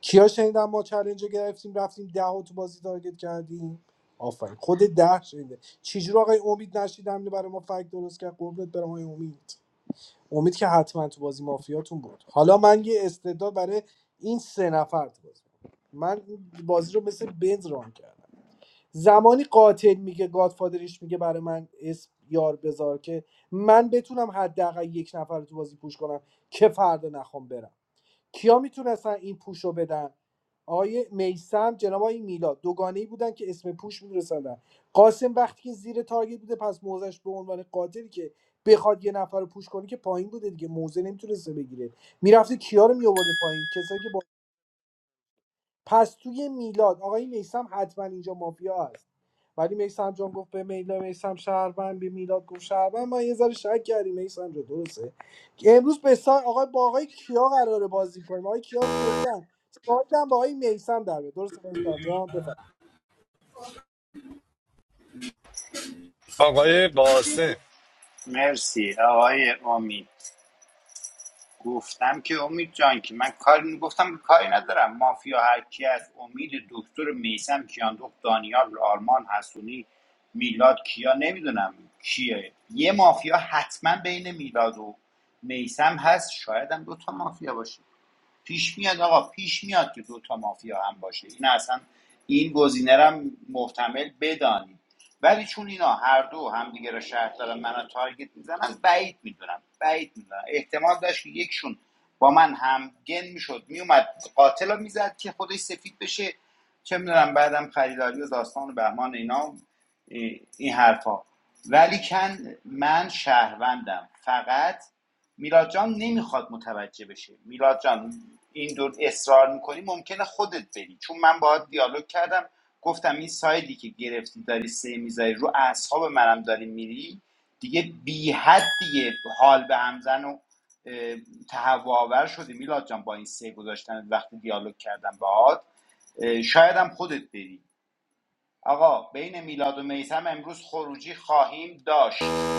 Speaker 15: کیا شنیدن ما چلنج رو گرفتیم رفتیم ده رو تو بازی تارگت کردیم آفرین خود ده شنیده چجور آقای امید نشیدم اینو برای ما فکت درست کرد قربونت برم آقای امید امید که حتما تو بازی مافیاتون بود حالا من یه استعداد برای این سه نفر تو بازی من این بازی رو مثل بنز ران کردم زمانی قاتل میگه گادفادرش میگه برای من اسم یار بذار که من بتونم حداقل یک نفر رو تو بازی پوش کنم که فردا نخوام برم کیا میتونستن این پوش رو بدن آقای میسم جناب آقای میلاد دوگانه ای بودن که اسم پوش میرسندن قاسم وقتی که زیر تارگت بوده پس موزش به عنوان قاتلی که بخواد یه نفر رو پوش کنه که پایین بوده دیگه موزه نمیتونسته بگیره میرفته کیا رو میآورده پایین کسایی که پس توی میلاد آقای میسم حتما اینجا مافیا هست ولی میسم جان گفت به میلاد میسم شهروند به میلاد گفت شهروند ما یه ذره شک کردیم میسم جان درسته که امروز به سا... آقای با آقای کیا قراره بازی کنیم آقای کیا گفتن سایدم با آقای میسم در بیاد. درسته میسم جان بفرمایید
Speaker 16: آقای قاسم
Speaker 9: مرسی آقای امید گفتم که امید جان که من کاری گفتم کاری ندارم مافیا هر کی از امید دکتر میسم کیاندخت دانیال آرمان حسونی میلاد کیا نمیدونم کیه یه مافیا حتما بین میلاد و میسم هست شاید هم دو تا مافیا باشه پیش میاد آقا پیش میاد که دو تا مافیا هم باشه این اصلا این گزینه رو هم محتمل بدانید ولی چون اینا هر دو همدیگه رو شرط دارن منو تارگت میزنن بعید میدونم بعید میدونم احتمال داشت که یکشون با من هم گن میشد میومد قاتل رو میزد که خودش سفید بشه چه میدونم بعدم خریداری و داستان و بهمان اینا این حرفا ولی کن من شهروندم فقط میلاد جان نمیخواد متوجه بشه میلاد جان اینجور اصرار میکنی ممکنه خودت بری چون من باهات دیالوگ کردم گفتم این سایدی که گرفتی داری سه میذاری رو اعصاب منم داری میری دیگه بی حد دیگه حال به همزن و اه، تهوع آور شدی میلاد جان با این سه گذاشتن وقتی دیالوگ کردم باهات اه، شاید هم خودت بری آقا بین میلاد و میسم امروز خروجی خواهیم داشت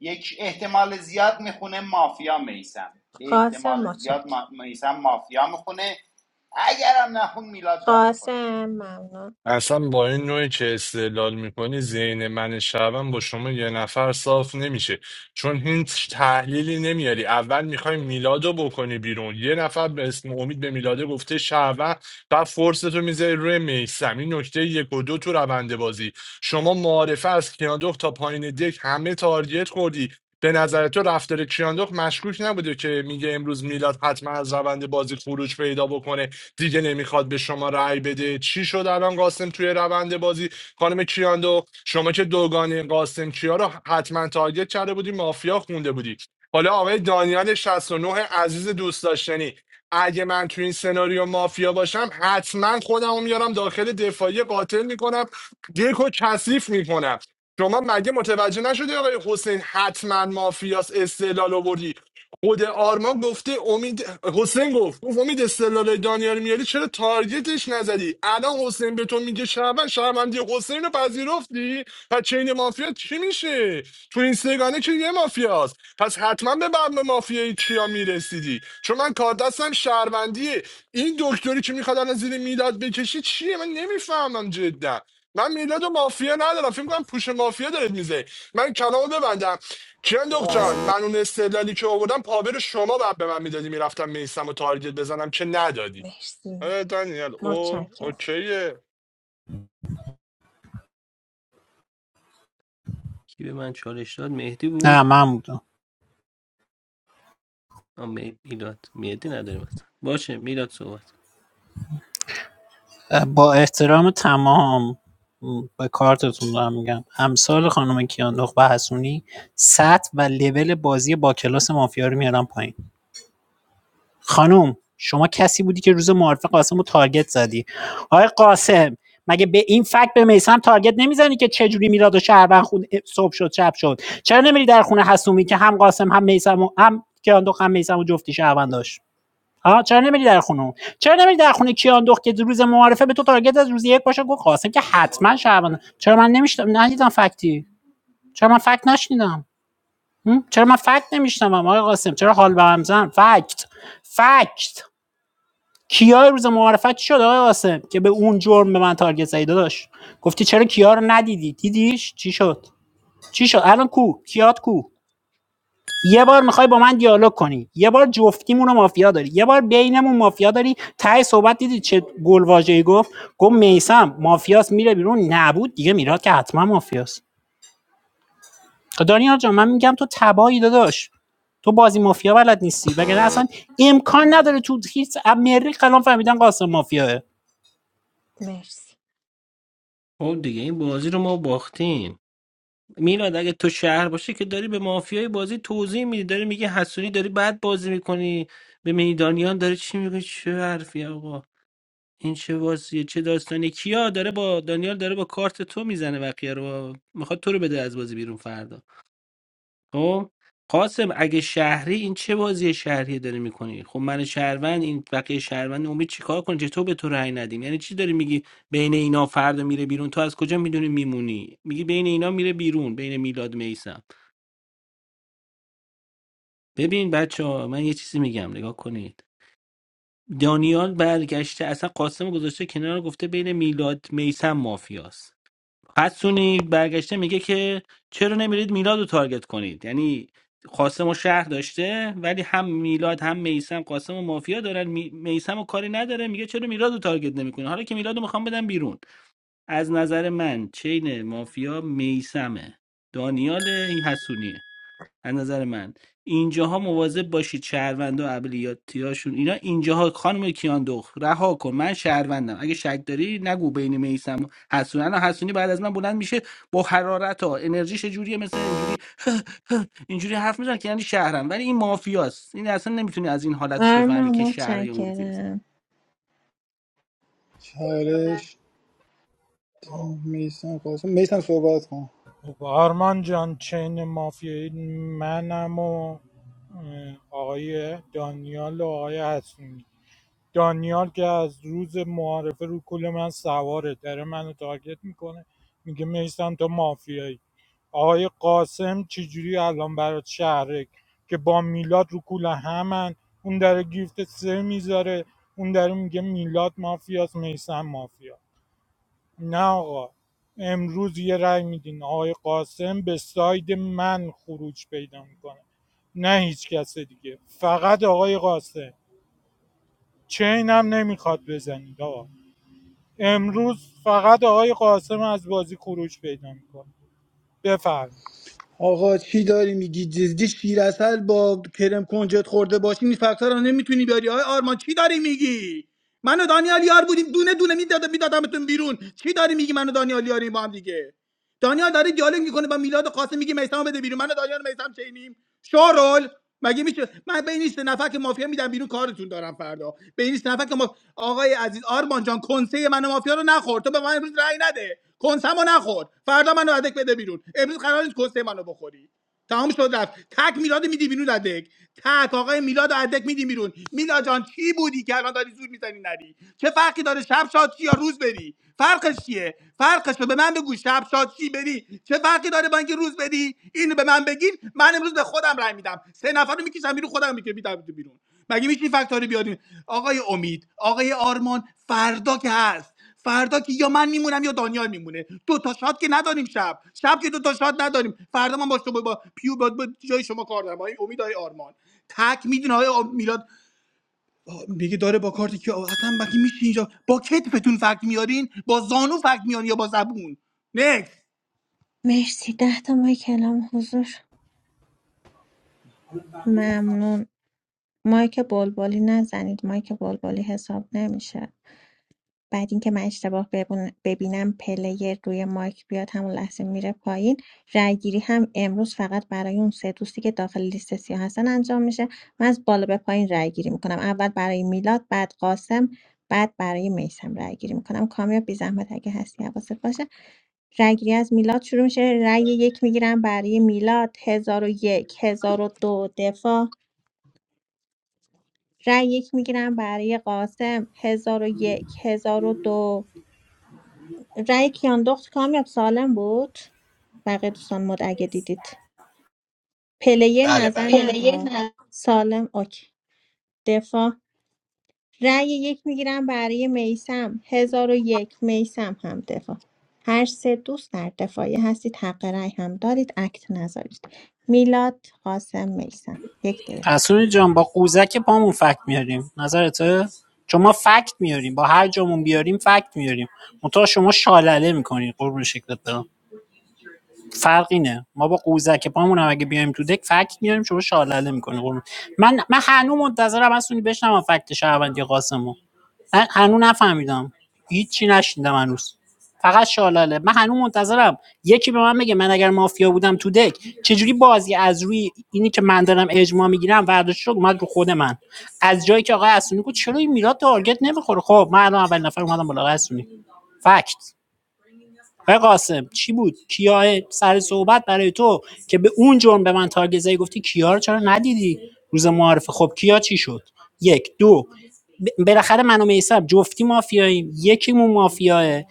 Speaker 9: یک احتمال زیاد میخونه مافیا میسم به
Speaker 2: قاسم
Speaker 9: احتمال زیاد
Speaker 2: متشکرم
Speaker 9: ما... میسم مافیا میخونه اگرم نخون میلاد گان میخوره
Speaker 2: قاسم ممنون
Speaker 16: اصلا با این نوعی که استدلال میکنی ذهن من شبم با شما یه نفر صاف نمیشه چون هیچ تحلیلی نمیاری اول میخوای میلادو بکنی بیرون یه نفر به اسم امید به میلاده گفته شهروند بعد فرصتو میذاری روی میسم این نکته یک و دو تو روند بازی شما معارفه از کیاندخت تا پایین دک همه تارگت خوردی به نظر تو رفتار کیاندخت مشکوک نبوده که میگه امروز میلاد حتما از روند بازی خروج پیدا بکنه دیگه نمیخواد به شما رأی بده چی شد الان قاسم توی روند بازی خانم کیاندو شما که دوگانه قاسم کیا رو حتما تارگت کرده بودی مافیا خونده بودی حالا آقای دانیال 69 عزیز دوست داشتنی اگه من تو این سناریو مافیا باشم حتما خودمو میارم داخل دفاعی قاتل میکنم دیکو کثیف میکنم شما مگه متوجه نشدی آقای حسین حتما مافیاس استدلال آوردی خود آرمان گفته امید حسین گفت گفت امید استدلال دانیال میاری چرا تارگتش نزدی الان حسین به تو میگه شهروند شهروندی حسین رو پذیرفتی پس چین مافیا چی میشه تو این سگانه که یه مافیاست پس حتما به بعد مافیای کیا میرسیدی چون من کار دستم شهروندیه این دکتری که میخواد الان زیر میلاد بکشی چیه من نمیفهمم جدا من میلاد و مافیا ندارم فکر کنم پوش مافیا داره میزه من کلامو ببندم کیان جان من اون استدلالی که آوردم پاور شما بعد به من میدادی میرفتم میستم و تارگت بزنم که ندادی
Speaker 2: مرسی
Speaker 16: آره دانیل او
Speaker 2: متشکرم
Speaker 16: اوکیه
Speaker 18: کی به من چالش داد مهدی
Speaker 11: نه
Speaker 18: بود
Speaker 11: من بودم
Speaker 18: آه، می- میلاد مهدی نداریم اصلا باشه میلاد صحبت کن.
Speaker 11: با احترام تمام به کارتتون دارم میگم امثال خانم کیان نخبه حسونی سطح و لول بازی با کلاس مافیا رو میارم پایین خانم شما کسی بودی که روز معارفه قاسم رو تارگت زدی آقای قاسم مگه به این فکت به میسم تارگت نمیزنی که چجوری میلاد و شهروند خون صبح شد شب شد چرا نمیری در خونه حسومی که هم قاسم هم میسم هم کیان دو هم میسم و جفتی شهروند داشت آها چرا نمیری در خونه چرا نمیری در خونه کیان دخت که روز معارفه به تو تارگت از روز یک باشه گفت قاسم که حتما شعبان چرا من نمیشتم ندیدم فکتی چرا من فکت نشنیدم چرا من فکت نمیشنوم آقای قاسم چرا حال به هم زن فکت فکت کیا روز معارفت چی شد آقای قاسم که به اون جرم به من تارگت زدی داشت گفتی چرا کیا رو ندیدی دیدیش چی شد چی شد الان کو کیات کو یه بار میخوای با من دیالوگ کنی یه بار جفتیمون رو مافیا داری یه بار بینمون مافیا داری ته صحبت دیدی چه گلواژه‌ای گفت گفت میسم مافیاست میره بیرون نبود دیگه میراد که حتما مافیاست خب دانیال جان من میگم تو تبایی داداش تو بازی مافیا بلد نیستی وگرنه اصلا امکان نداره تو هیچ امری الان فهمیدن قاسم مافیاه
Speaker 2: مرسی
Speaker 18: خب دیگه این بازی رو ما باختیم میلاد اگه تو شهر باشه که داری به مافیای بازی توضیح میدی داری میگه حسونی داری بد بازی میکنی به میدانیان داری چی میگه چه حرفی آقا این چه بازیه چه داستانی کیا داره با دانیال داره با کارت تو میزنه وقیه رو میخواد تو رو بده از بازی بیرون فردا خب قاسم اگه شهری این چه بازی شهری داری میکنی خب من شهروند این بقیه شهروند امید چیکار کنه چطور به تو رأی ندیم یعنی چی داری میگی بین اینا فردا میره بیرون تو از کجا میدونی میمونی میگی بین اینا میره بیرون بین میلاد میسم ببین بچه ها، من یه چیزی میگم نگاه کنید دانیال برگشته اصلا قاسم رو گذاشته کنار گفته بین میلاد میسم مافیاست حسونی برگشته میگه که چرا نمیرید میلاد رو تارگت کنید یعنی قاسم و شهر داشته ولی هم میلاد هم میسم قاسم و مافیا دارن میسم و کاری نداره میگه چرا میلاد رو تارگت نمیکنه حالا که میلاد رو میخوام بدم بیرون از نظر من چین مافیا میسمه دانیال این حسونیه از نظر من اینجاها مواظب باشید شهروند و ابلیاتیاشون اینا اینجاها خانم کیاندخت رها کن من شهروندم اگه شک داری نگو بین میسم و حسونی الان حسونی بعد از من بلند میشه با حرارت ها انرژیش جوریه مثل اینجوری اینجوری حرف میزنه که یعنی شهرم ولی این مافیاست این اصلا نمیتونی از این حالتش بفهمی
Speaker 2: آرمان
Speaker 18: که شهر یا مافیاست
Speaker 2: متشکرم
Speaker 6: چالش میسم قاسم میسم صحبت کن
Speaker 14: خب آرمان جان چین مافیایی منم و اه، آقای دانیال و آقای حسونی دانیال که از روز معارفه رو کل من سواره داره منو تارگت میکنه میگه میسم تو مافیایی آقای قاسم چجوری الان برات شهره که با میلاد رو کل همن اون داره گیفت سه میذاره اون داره میگه میلاد مافیاست میسم مافیا نه آقا امروز یه رأی میدین آقای قاسم به ساید من خروج پیدا میکنه نه هیچ کس دیگه فقط آقای قاسم چینم نمیخواد بزنید آقا امروز فقط آقای قاسم از بازی خروج پیدا میکنه بفرم
Speaker 6: آقا چی داری میگی جزدی شیر اصل با کرم کنجد خورده باشی این فکت‌ها رو نمیتونی بیاری آقا آرمان چی داری میگی من و دانیال یار بودیم دونه دونه میدادم میدادمتون بیرون چی داری میگی من و دانیال یاریم با هم دیگه دانیال داره دیالوگ میکنه با میلاد قاسم میگه میثم بده بیرون من و دانیال میثم چینیم شورول مگه میشه من به این سه نفر که مافیا میدم بیرون کارتون دارم فردا به این سه نفر که ما آقای عزیز آرمان جان کنسه من مافیا رو نخورد. تو به من امروز رأی نده کنسمو نخورد. فردا منو ادک بده بیرون امروز قرار نیست کنسه منو بخوری تمام شد رفت تک میلاد میدی بیرون از دک تک آقای میلاد از میدی بیرون میلاد جان کی بودی که الان داری زور میزنی نری چه فرقی داره شب شاد چی یا روز بری فرقش چیه فرقش رو به من بگو شب شاد چی بری چه فرقی داره با اینکه روز بری اینو به من بگین من امروز به خودم رای میدم سه نفر رو میکشم بیرون خودم میکشم بیرون مگه میشه فکتاری بیارین آقای امید آقای آرمان فردا که هست فردا که یا من میمونم یا دانیال میمونه دو تا شات که نداریم شب شب که دو تا شات نداریم فردا من با شما با پیو با, با جای شما کار دارم آقای امید آقای آرمان تک میدونه آقای میلاد آه، میگه داره با کارتی که آه، اصلا مگه میشه اینجا با کتفتون فکت میارین با زانو فکت میارین یا با زبون نکس
Speaker 2: مرسی ده تا مایک کلام حضور ممنون مایک بلبلی نزنید مایک بلبلی حساب نمیشه بعد اینکه من اشتباه ببون- ببینم پلیر روی مایک بیاد همون لحظه میره پایین رای گیری هم امروز فقط برای اون سه دوستی که داخل لیست سیاه هستن انجام میشه من از بالا به پایین رای گیری میکنم اول برای میلاد بعد قاسم بعد برای میسم رای گیری میکنم کامیاب بی زحمت اگه هستی حواست باشه رای گیری از میلاد شروع میشه رای یک میگیرم برای میلاد هزار و یک هزار و دو دفاع رای یک میگیرم برای قاسم 1001 1002 رأی که انداخت کامیاب سالم بود بقیه دوستان مد اگه دیدید پلیر
Speaker 4: بله بله
Speaker 2: نظر
Speaker 4: پلیه
Speaker 2: نداد سالم اوکی دفاع رای یک میگیرم برای میسم هزار و یک میسم هم دفاع هر سه دوست در دفاعی هستید حق رای هم دارید اکت نذارید میلاد قاسم میسم یک دقیقه
Speaker 11: حسونی جان با قوزک پامون فکت میاریم نظرته چون ما فکت میاریم با هر جامون بیاریم فکت میاریم منتها شما شالله میکنی قربون شکلت برم فرق اینه ما با قوزک پامون هم اگه بیایم تو دک فکت میاریم شما شالله میکنه من من هنوز منتظرم هستونی بشنوم فکت شهروندی قاسمو من هنوز نفهمیدم هیچی نشیندم هنوز فقط شالله من هنوز منتظرم یکی به من بگه من اگر مافیا بودم تو دک چجوری بازی از روی اینی که من دارم اجماع میگیرم ورداشت شد اومد رو خود من از جایی که آقای اسونی گفت چرا این میلاد تارگت نمیخوره خب من الان اول نفر اومدم بالا آقای اسونی فکت آقای قاسم چی بود کیا سر صحبت برای تو که به اون جرم به من تارگت زدی گفتی کیا رو چرا ندیدی روز معارفه خب کیا چی شد یک دو ب- بالاخره من و میسم جفتی مافیاییم یکیمون مافیاه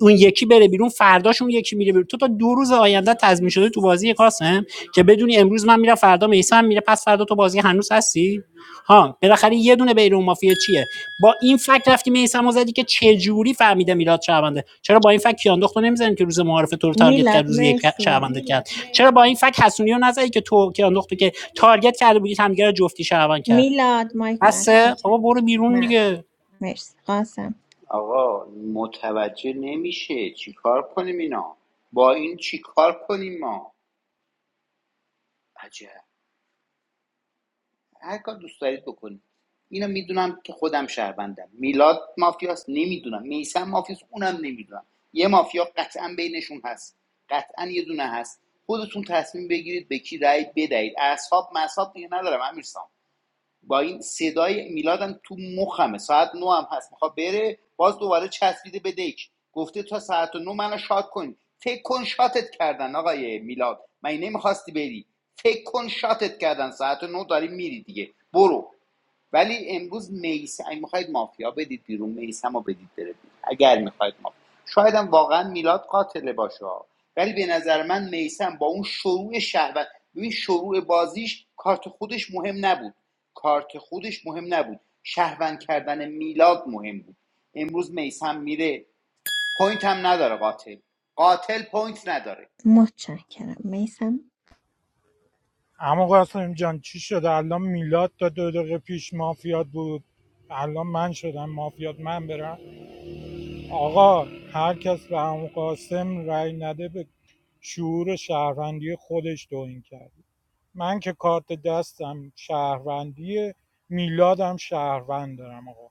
Speaker 11: اون یکی بره بیرون فرداش اون یکی میره بیرون تو تا دو روز آینده تضمین شده تو بازی قاسم که بدونی امروز من میرم فردا میسم میره پس فردا تو بازی هنوز هستی ها بالاخره یه دونه بیرون مافیا چیه با این فکت رفتی میسم زدی که چه جوری فهمیده میلاد شعبنده چرا با این فکت کیاندخت رو نمیزنی که روز معارف تو رو تارگت
Speaker 2: میلاد
Speaker 11: کرد روز یک
Speaker 2: مرسی
Speaker 11: شعبنده کرد چرا با این فکت حسونیو رو نزدی که تو کیاندخت رو که تارگت کرده بودی همدیگه رو جفتی شعبان کرد
Speaker 2: میلاد مایک
Speaker 11: هسته
Speaker 2: بسته
Speaker 11: بابا برو بیرون
Speaker 2: ممنون.
Speaker 11: دیگه
Speaker 2: مرسی قاسم
Speaker 9: آقا متوجه نمیشه چیکار کنیم اینا با این چیکار کنیم ما عجب هر کار دوست دارید بکنید اینو میدونم که خودم شهروندم میلاد مافیاست نمیدونم میسم مافیاست اونم نمیدونم یه مافیا قطعا بینشون هست قطعا یه دونه هست خودتون تصمیم بگیرید به کی رأی بدهید اصحاب مصاب دیگه ندارم امیر با این صدای میلادم تو مخمه ساعت نو هم هست میخواد بره باز دوباره چسبیده به دک گفته تا ساعت نه منو شاد کن فکر کن شاتت کردن آقای میلاد من نمیخواستی بری فکر کن شاتت کردن ساعت نه داری میری دیگه برو ولی امروز میس اگه میخواید مافیا بدید بیرون میسم رو بدید بره بیرون اگر میخواید مافیا شاید هم واقعا میلاد قاتل باشه ولی به نظر من میسم با اون شروع شهوت ببین شروع بازیش کارت خودش مهم نبود کارت خودش مهم نبود شهروند کردن میلاد مهم بود امروز میسم میره پوینت هم نداره قاتل قاتل پوینت نداره
Speaker 2: متشکرم میسم
Speaker 14: اما قاسم جان چی شده الان میلاد تا دو دقیقه پیش مافیات بود الان من شدم مافیات من برم آقا هر کس به عمو قاسم رأی نده به شعور شهروندی خودش توهین کرد من که کارت دستم شهروندیه میلادم شهروند دارم آقا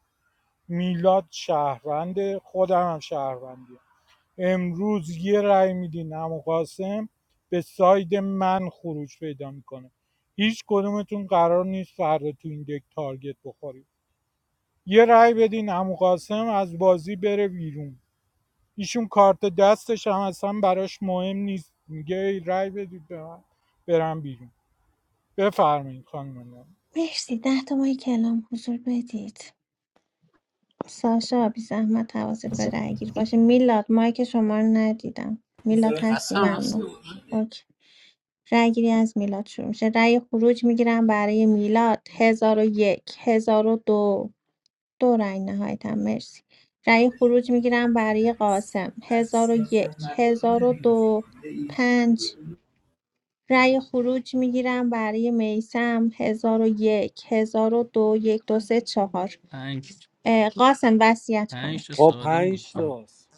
Speaker 14: میلاد شهرونده خودم هم شهروندیه امروز یه رأی میدین عمو قاسم به ساید من خروج پیدا میکنه هیچ کدومتون قرار نیست فردا تو این دک تارگت بخورید یه رأی بدین عمو قاسم از بازی بره بیرون ایشون کارت دستش هم اصلا براش مهم نیست میگه ای رای بدید به من برم بیرون بفرمایید خانم نعمت.
Speaker 2: مرسی ده تا مایک کلام حضور بدید ساشا بی زحمت حواست به
Speaker 4: نزد
Speaker 2: رای باشه میلاد مایک شما رو ندیدم میلاد هستی
Speaker 11: هستم هستم
Speaker 2: ممنون اوکی رای گیری از میلاد شروع میشه رای خروج میگیرم برای میلاد هزار و یک هزار و دو دو رای نهایتا مرسی رای خروج میگیرم برای قاسم هزار و یک هزار و دو پنج رأی خروج میگیرم برای میسم 1001 1002 1 2 3 4
Speaker 18: پنج
Speaker 2: قاسم وصیت
Speaker 18: پنج تا
Speaker 15: با
Speaker 2: کنید
Speaker 18: سالم بود
Speaker 15: پنج
Speaker 18: خانم
Speaker 15: تاست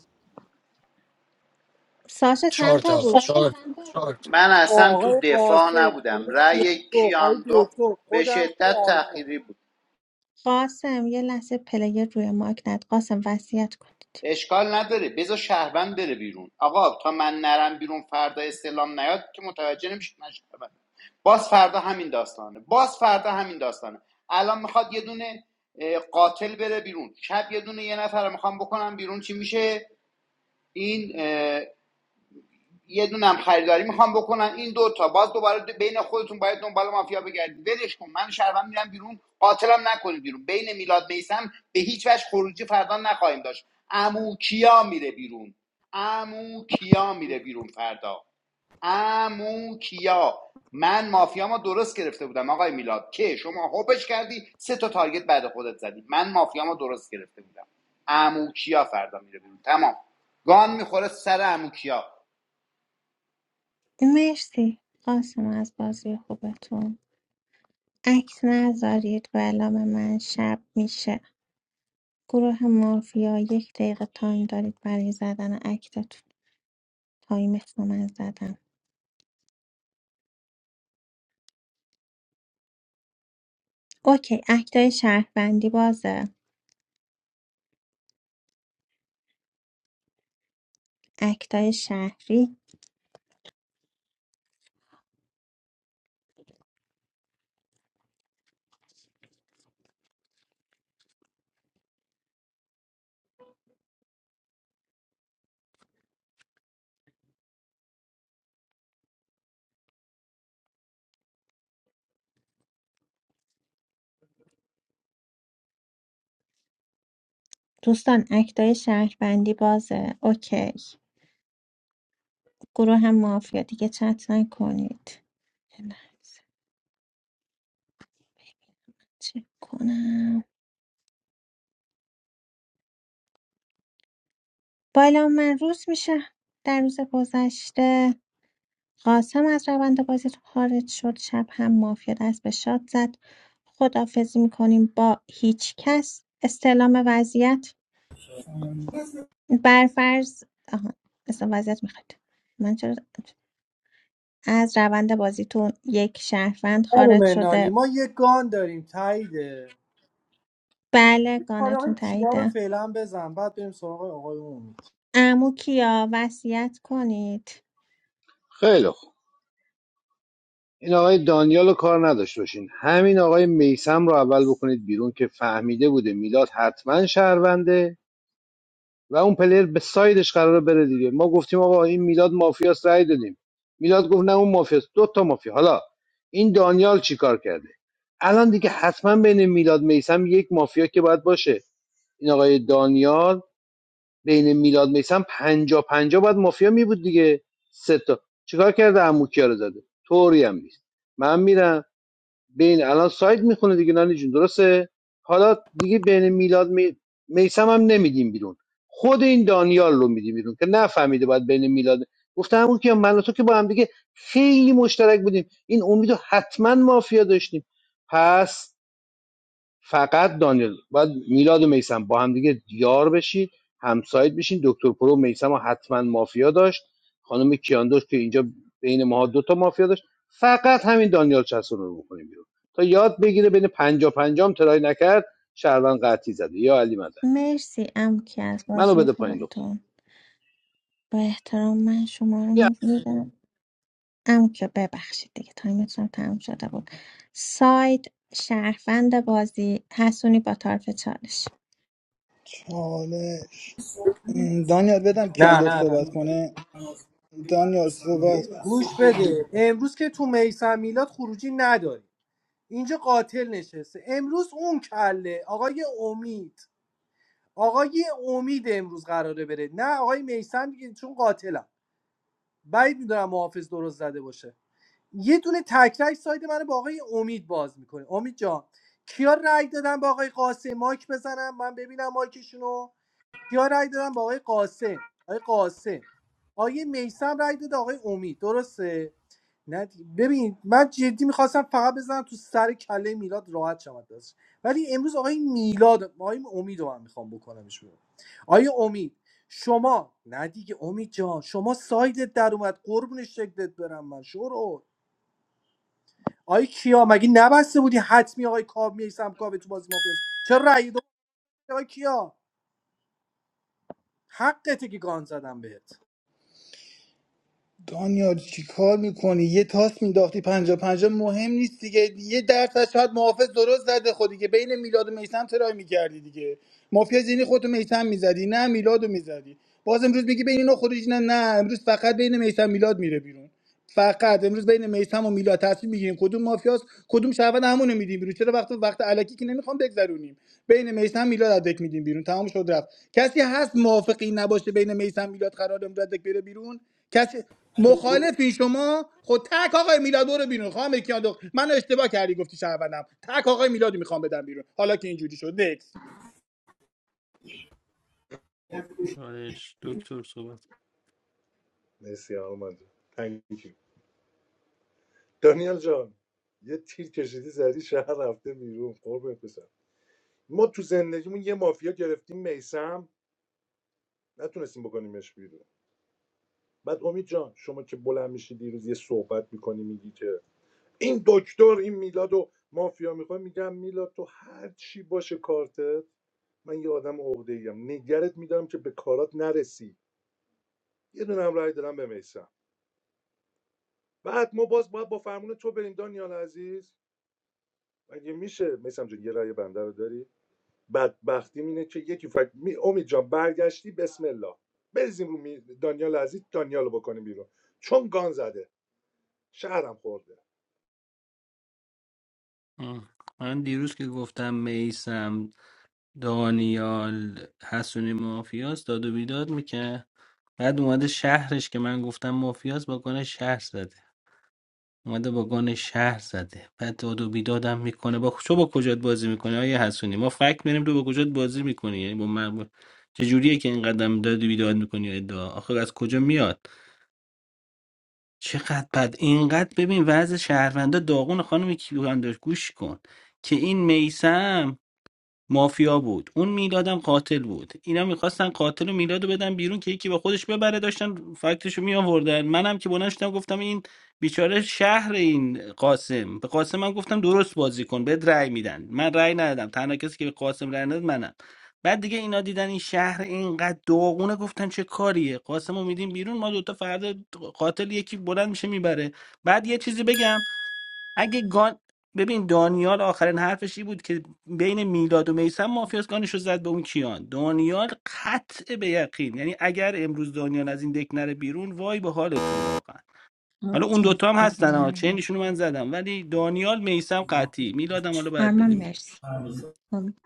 Speaker 2: ساشا
Speaker 4: چهار
Speaker 2: چند
Speaker 4: تا
Speaker 2: تا
Speaker 4: آقا
Speaker 2: بود
Speaker 4: چهار
Speaker 9: من اصلا تو
Speaker 15: آقای
Speaker 9: دفاع
Speaker 15: قاسم
Speaker 9: نبودم
Speaker 15: خانم
Speaker 9: رأی
Speaker 15: کیانو آقای
Speaker 9: کیاندو
Speaker 15: دکتر
Speaker 9: به
Speaker 15: خودم آقای
Speaker 9: شدت
Speaker 15: آرمان
Speaker 9: تأخیری بود
Speaker 2: قاسم یه لحظه پلیر روی ماک ند قاسم وصیت کنید
Speaker 9: اشکال نداره بذار شهروند بره بیرون آقا تا من نرم بیرون فردا استعلام نیاد که متوجه نمیشید من شهروندم. باز فردا همین داستانه باز فردا همین داستانه الان میخواد یه دونه قاتل بره بیرون شب یه دونه یه نفر میخوام بکنم بیرون چی میشه این یه دونم خریداری میخوام بکنن این دوتا باز دوباره بین خودتون باید دنبال مافیا بگردید ولش کن من شهروند میرم بیرون قاتلم نکنید بیرون بین میلاد میسم به هیچ وجه خروجی فردا نخواهیم داشت عمو کیا میره بیرون عمو کیا میره بیرون فردا عمو کیا من مافیامو درست گرفته بودم آقای میلاد که شما هوبش کردی سه تا تارگت بعد خودت زدی من مافیامو درست گرفته بودم عمو کیا فردا میره بیرون تمام گان میخوره سر عمو کیا
Speaker 2: مرسی قاسم از بازی خوبتون عکس نذارید و علام من شب میشه گروه مافیا یک دقیقه تایم دارید برای زدن اکتتون تایم از زدم اوکی اکتای شهروندی بازه اکتای شهری دوستان اکتای شهروندی بازه اوکی گروه هم مافیا دیگه چت نکنید یه لحظه چک کنم بالا من روز میشه در روز گذشته قاسم از روند بازی خارج شد شب هم مافیا دست به شاد زد خدافزی میکنیم با هیچ کس استعلام وضعیت برفرض آها استعلام وضعیت میخواد من چرا از روند بازیتون یک شهروند
Speaker 15: خانم
Speaker 2: خارج
Speaker 15: نانی
Speaker 2: شده
Speaker 15: ما یه گان داریم تاییده
Speaker 2: بله
Speaker 15: آره، آقای
Speaker 2: گانتون
Speaker 15: کیا رو
Speaker 2: تاییده
Speaker 15: فعلا بزن بعد بریم سراغ آقای امید
Speaker 2: عمو کیا وصیت کنید
Speaker 5: خیلی خوب این آقای دانیال رو کار نداشت باشین همین آقای میسم رو اول بکنید بیرون که فهمیده بوده میلاد حتما شهرونده و اون پلیر به سایدش قراره بره دیگه ما گفتیم آقا این میلاد مافیاس رأی دادیم میلاد گفت نه اون مافیاس دو تا مافیا حالا این دانیال چیکار کرده الان دیگه حتما بین میلاد میسم یک مافیا که باید باشه این آقای دانیال بین میلاد میسم پنجا پنجا باید مافیا می بود دیگه سه تا چیکار کرده عمو کیا رو زده طوری هم نیست من میرم بین الان سایت میخونه دیگه نانی جون درسته حالا دیگه بین میلاد می... میسم هم نمیدیم بیرون خود این دانیال رو میدیم بیرون که نفهمیده باید بین میلاد گفتم همون که من و تو که با هم دیگه خیلی مشترک بودیم این امید رو حتما مافیا داشتیم پس فقط دانیل باید میلاد و میسم با هم دیگه یار بشید همسایت بشین دکتر پرو میسم رو حتما مافیا داشت خانم کیاندوش که اینجا بین ماها دوتا مافیا داشت فقط همین دانیال چسون رو بکنیم بیرون تا یاد بگیره بین پنجا پنجام ترای نکرد شهروند قطعی زده یا علی مدن
Speaker 2: مرسی عمو کیا از
Speaker 5: منو
Speaker 2: بازی
Speaker 5: بده پایین دختر
Speaker 2: خوبتون با احترام من شما رو میدم عمو کیا ببخشید دیگه تایمتون هم تموم شده بود ساید شهروند بازی حسونی با طرف چالش
Speaker 6: حالا م، دانیال بدم کیان
Speaker 15: نه
Speaker 6: دخت
Speaker 15: نه نه
Speaker 6: صحبت کنه دانیال صحبت
Speaker 15: گوش بده امروز که تو میسم میلاد خروجی نداری اینجا قاتل نشسته امروز اون کله آقای امید آقای امید امروز قراره بره نه آقای میسم دیگه چون قاتلم بعید میدونم محافظ درست زده باشه یه دونه تکرک ساید منو با آقای امید باز میکنه امید جان کیا رأی دادن با آقای قاسم مایک بزنم من ببینم مایکشونو کیا رای دادن با آقای قاسم آقای قاسم آقای میسم رای داد آقای امید درسته نه دی- ببین من جدی میخواستم فقط بزنم تو سر کله میلاد راحت شم از ولی امروز آقای میلاد آقای امید رو من میخوام بکنمش بیرون آقای امید شما نه دیگه امید جان شما سایدت در اومد قربون شکلت برم من شروع آقای کیا مگه نبسته بودی حتمی آقای کاب میسم کاب تو بازی مافیاس چرا رأی دادی آقای کیا حقته که گان زدم بهت
Speaker 6: دانیال چی کار میکنی یه تاس مینداختی پنجا پنجا مهم نیست دیگه یه درصد شاید محافظ درست زده خودی که بین میلاد و میسم ترای میکردی دیگه مافیا زینی خودتو میسم میزدی نه میلادو میزدی باز امروز میگی بین اینا خروجی نه نه امروز فقط بین میسم میلاد میره بیرون فقط امروز بین میثم و میلاد تصمیم میگیریم کدوم مافیاست کدوم شهروند همونو میدیم بیرون چرا وقت وقت علکی که نمیخوام بگذرونیم بین میثم میلاد از دک میدیم بیرون تمام شد رفت کسی هست موافقی نباشه بین میثم میلاد قرار امروز از دک بره بیرون کسی مخالفین شما خود تک آقای میلاد برو بیرون خواهم کیاندو من اشتباه کردی گفتی شهروندم تک آقای میلادو میخوام بدم بیرون حالا که اینجوری شد نکس
Speaker 18: چالش دکتر صحبت آه. من دیروز که گفتم میسم دانیال حسونی مافیاس داد و بیداد میکرد بعد اومده شهرش که من گفتم مافیاس با گان شهر زده اومده با گان شهر زده بعد داد و بیدادم میکنه با تو با کجات بازی میکنه آیه حسونی ما فکر میریم تو با کجات بازی میکنی یعنی با من چجوریه که اینقدر داد و بیداد میکنی ادعا آخر از کجا میاد چقدر بد اینقدر ببین وضع شهروندا داغون خانم کیلو انداش گوش کن که این میسم مافیا بود اون میلادم قاتل بود اینا میخواستن قاتل و میلادو بدن بیرون که یکی با خودش ببره داشتن فکتشو می آوردن منم که بلند شدم گفتم این بیچاره شهر این قاسم به قاسم من گفتم درست بازی کن بهت رأی میدن من رأی ندادم تنها کسی که به قاسم رأی نداد منم بعد دیگه اینا دیدن این شهر اینقدر داغونه گفتن چه کاریه قاسمو میدیم بیرون ما دوتا فردا قاتل یکی بلند میشه میبره بعد یه چیزی بگم اگه گان ببین دانیال آخرین حرفش این بود که بین میلاد و میسم مافیاس گانش رو زد به اون کیان دانیال قطع به یقین یعنی اگر امروز دانیال از این دک نره بیرون وای به حالتون واقعا حالا اون دوتا هم هستن ها
Speaker 2: متشکرم
Speaker 18: چینشون رو من زدم ولی دانیال میسم قطعی میلادم حالا باید
Speaker 2: آرمان
Speaker 18: بدیم بیرون
Speaker 2: مرسی امید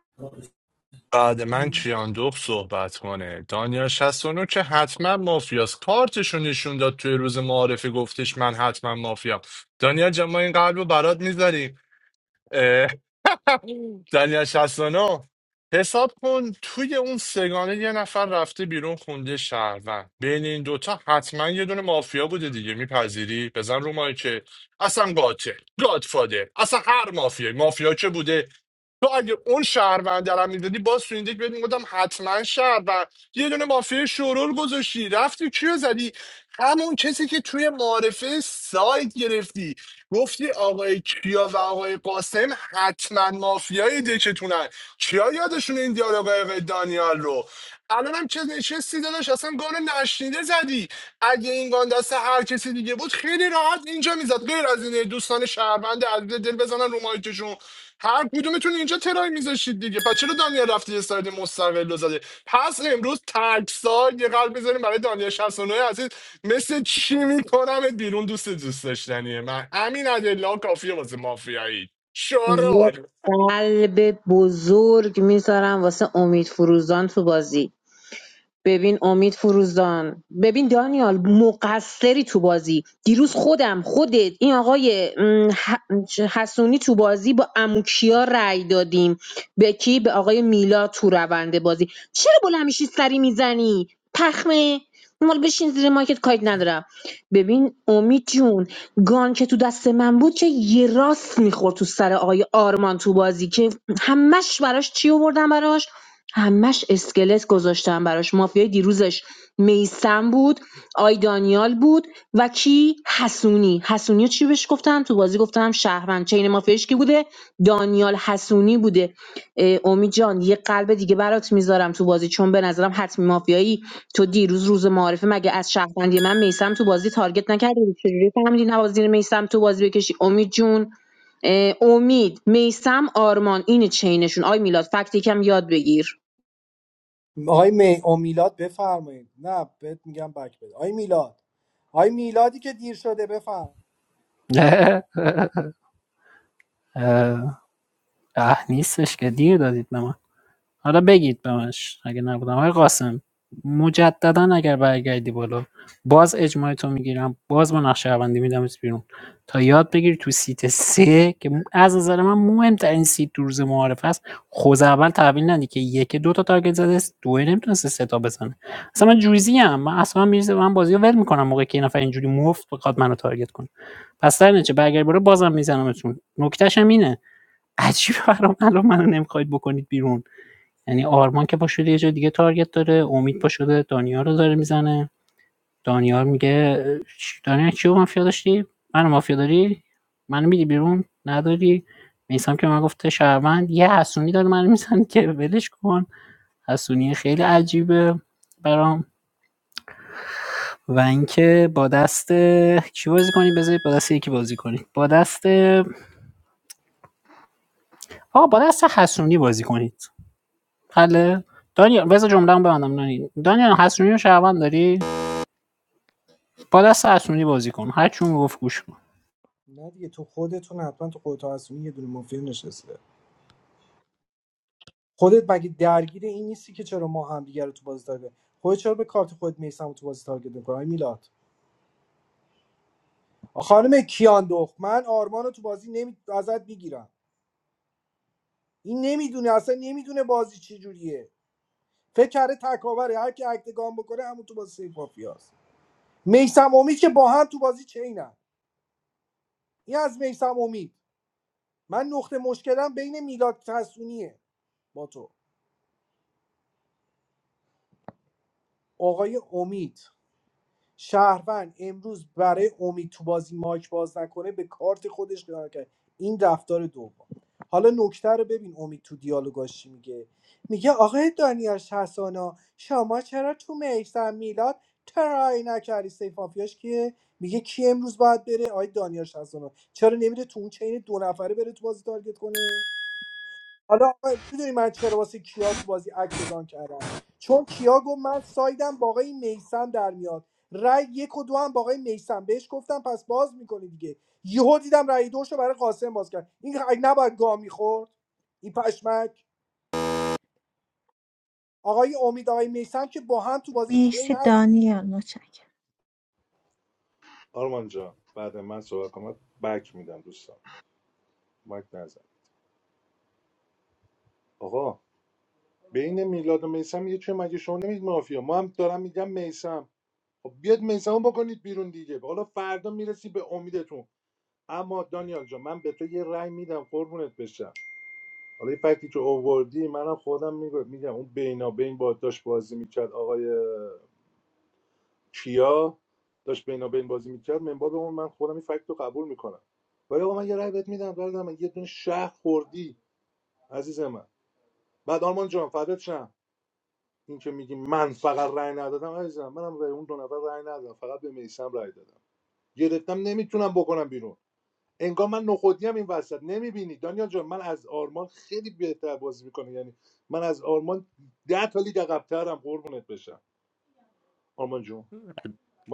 Speaker 16: بعد من کیاندخت صحبت کنه دانیال 69 که حتما مافیاست کارتشو نشون داد توی روز معارفه گفتش من حتما مافیا دانیال جان ما این قلب رو برات میذاریم دنیا 69 حساب کن توی اون سگانه یه نفر رفته بیرون خونده شهروند بین این دوتا حتما یه دونه مافیا بوده دیگه میپذیری بزن رو مایی که اصلا قاتل گادفادر اصلا هر مافیایی مافیا که بوده تو اگه اون شهروند رو میدادی باز تو این دیگه بهت میگفتم حتما شهروند یه دونه مافیا شورول گذاشتی رفتی کیو زدی همون کسی که توی معارفه سایت گرفتی گفتی آقای کیا و آقای قاسم حتما مافیای دکتونن کیا یادشون این دیالوگای آقای دانیال رو الان هم چه نشستی داداش اصلا گان نشنیده زدی اگه این گان دست هر کسی دیگه بود خیلی راحت اینجا میزد غیر از این دوستان شهروند عزیز دل بزنن رو مایکشون هر کدومتون اینجا ترای میذاشید دیگه پس چرا دانیال رفتی یه ساید مستقل رو زده پس امروز تکسال یه قلب بذاریم برای دانیال 69 عزیز مثل چی میکنم بیرون دوست دوست داشتنیه من همین ادلا کافیه واسه مافیایی
Speaker 13: یه
Speaker 16: شورول
Speaker 13: قلب بزرگ میذارم واسه امید فروزان تو بازی ببین امید فروزان ببین دانیال مقصری تو بازی دیروز خودم خودت این آقای م، ح- حسونی تو بازی با اموکیا رأی دادیم به کی به آقای میلا تو روند بازی چرا بلند میشی سری میزنی پخمه مال بشین زیر ماکت کایت ندارم ببین امید جون گان که تو دست من بود که یه راست میخورد تو سر آقای آرمان تو بازی که همش براش چی آوردم براش همش اسکلت گذاشتم براش مافیای دیروزش میسم بود آی دانیال بود و کی حسونی حسونی رو چی بهش گفتم تو بازی گفتم شهروند چین مافیایش کی بوده دانیال حسونی بوده اه، امید جان یه قلب دیگه برات میذارم تو بازی چون به نظرم حتمی مافیایی تو دیروز روز معارفه مگه از شهروندی من میسم تو بازی تارگت نکردی بود؟ چجوری فهمیدی نوازی زیر میسم تو بازی بکشی امید جون اه، امید میسم آرمان این چینشون آی میلاد فکت یکم یاد بگیر
Speaker 15: آقای می او میلاد بفرمایید نه بهت میگم بک بده آقای میلاد آقای میلادی که دیر شده بفرم
Speaker 11: اه نیستش که دیر دادید به من حالا بگید به منش اگه نبودم آقای قاسم مجددا اگر برگردی بالا باز اجماع تو میگیرم باز با نقش شهروندی میدمت بیرون تا یاد بگیری تو سیت سه که م- از نظر من مهمترین سیت تو روز معارف است خوز اول تحویل ندی که یک دو تا تارگت زده است دو نمیتونسته سه تا بزنه اصلا من جوزی ام من اصلا میرزه من بازی ول میکنم موقعی که این نفر اینجوری مفت بخواد منو تارگت کنه پس در نتیجه برگر برو بازم میزنمتون نکتهشم اینه عجیبه برام الان منو نمیخواید بکنید بیرون یعنی آرمان که پا شده یه جای دیگه تارگت داره امید پا شده دانیال رو داره میزنه دانیال میگه چ- دانیال کیو مافیا داشتی منو مافیا داری منو میدی بیرون نداری میسم که من گفته شهروند یه حسونی داره منو میزنه که ولش کن حسونی خیلی عجیبه برام و اینکه با دست کی بازی کنید بذارید با دست یکی بازی کنید با دست آه با دست حسونی بازی کنید حله دانیال بذار جمله ببندم دانیال دانیال حسونی رو شهروند داری با دست حسونی بازی کن هرچی اون گفت گوش کن
Speaker 15: نه دیگه تو خودتون حتما تو خودت هستون یه دونه مافیا نشسته خودت مگه درگیر این نیستی که چرا ما هم دیگه رو تو بازی تارگت خودت چرا به کارت خودت میسم تو بازی تارگت میکنی آقای میلاد خانم کیان دخت من آرمان رو تو بازی نمی... ازت میگیرم این نمیدونه اصلا نمیدونه بازی چی جوریه فکر کرده تکاوره هر کی اکتگام بکنه همون تو بازی سیف مافیاست میسم امید که با هم تو بازی چینن این از میسم امید من نقطه مشکلم بین میلاد تسونیه با تو آقای امید شهروند امروز برای امید تو بازی مایک باز نکنه به کارت خودش قرار کرد این رفتار دوم حالا نکته رو ببین امید تو دیالوگاش چی میگه میگه آقای دانیاش حسانا شما چرا تو میسم میلاد ترای نکردی سیفافیاش که میگه کی امروز باید بره آقای دانیاش حسانا چرا نمیره تو اون چین دو نفره بره تو بازی تارگت کنه حالا آقا میدونی من چرا واسه کیا تو بازی اکتگان کردم چون کیا گفت من سایدم با آقای میسم در میاد رای یک و دو هم با آقای میسم بهش گفتم پس باز میکنی دیگه یهو دیدم رای دوش رو برای قاسم باز کرد این ق- نباید گام میخورد این پشمک آقای امید آقای میسم که با هم تو بازی چین
Speaker 2: مرسی
Speaker 15: هستید
Speaker 2: دانیال متشکرم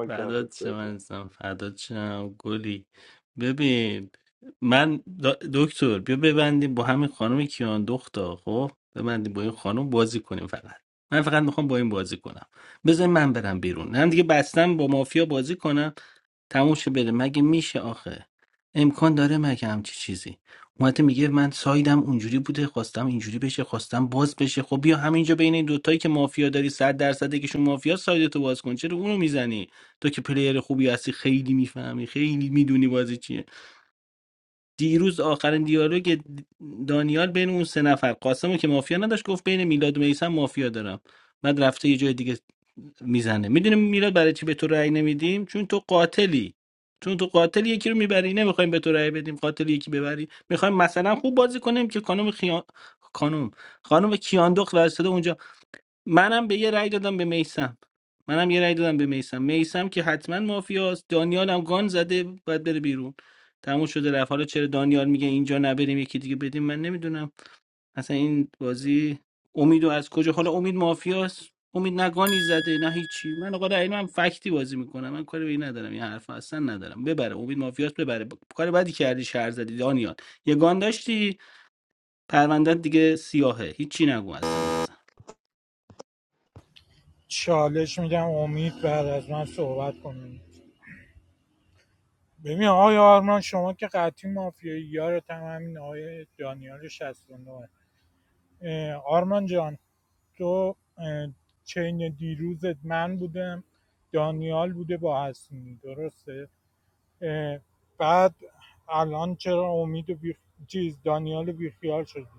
Speaker 18: فردات شم عزیزم فردات شم گلی ببین من دا- دکتر بیا ببندیم با همین خانم کیان دختا خب ببندیم با این خانم بازی کنیم فقط من فقط میخوام با این بازی کنم بذار من برم بیرون هم دیگه بستم با مافیا بازی کنم تموشه بره مگه میشه آخه امکان داره مگه همچی چیزی اومده میگه من سایدم اونجوری بوده خواستم اینجوری بشه خواستم باز بشه خب بیا همینجا بین این دوتایی که مافیا داری صد درصد یکیشون مافیا سایدتو باز کن چرا اونو میزنی تو که پلیر خوبی هستی خیلی میفهمی خیلی میدونی بازی چیه دیروز آخرین دیالوگ دانیال بین اون سه نفر قاسمو که مافیا نداشت گفت بین میلاد و میسم مافیا دارم بعد رفته یه جای دیگه میزنه میدونیم میلاد برای چی به تو رأی نمیدیم چون تو قاتلی چون تو قاتل یکی رو میبری نمیخوایم به تو رأی بدیم قاتل یکی ببری میخوایم مثلا خوب بازی کنیم که خانم خیا... خانم خانم کیاندخت واسطه اونجا منم به یه رأی دادم به میسم منم یه رأی دادم به میسم میسم که حتما مافیاست دانیال هم گان زده باید بره بیرون تموم شده رفت حالا چرا دانیال میگه اینجا نبریم یکی دیگه بدیم من نمیدونم اصلا این بازی امیدو از کجا حالا امید مافیاست امید نه گانی زده نه هیچی من آقا رأی من فکتی بازی میکنم من کاری به این ندارم این حرف اصلا ندارم ببره امید مافیاست ببره ب... کار بدی کردی شهر زدی دانیال یه گان داشتی پرونده دیگه سیاهه هیچی نگو اصلا به نظرم.
Speaker 14: چالش میگم امید بعد از من صحبت کنیم ببین آقای آرمان شما که قطعی مافیایی یارت هم همین آقای دانیال 69 اه، آرمان جان تو اه، چین دیروزت من بودم دانیال بوده با حسینی درسته بعد الان چرا امید و بی... چیز دانیال بیخیال شدی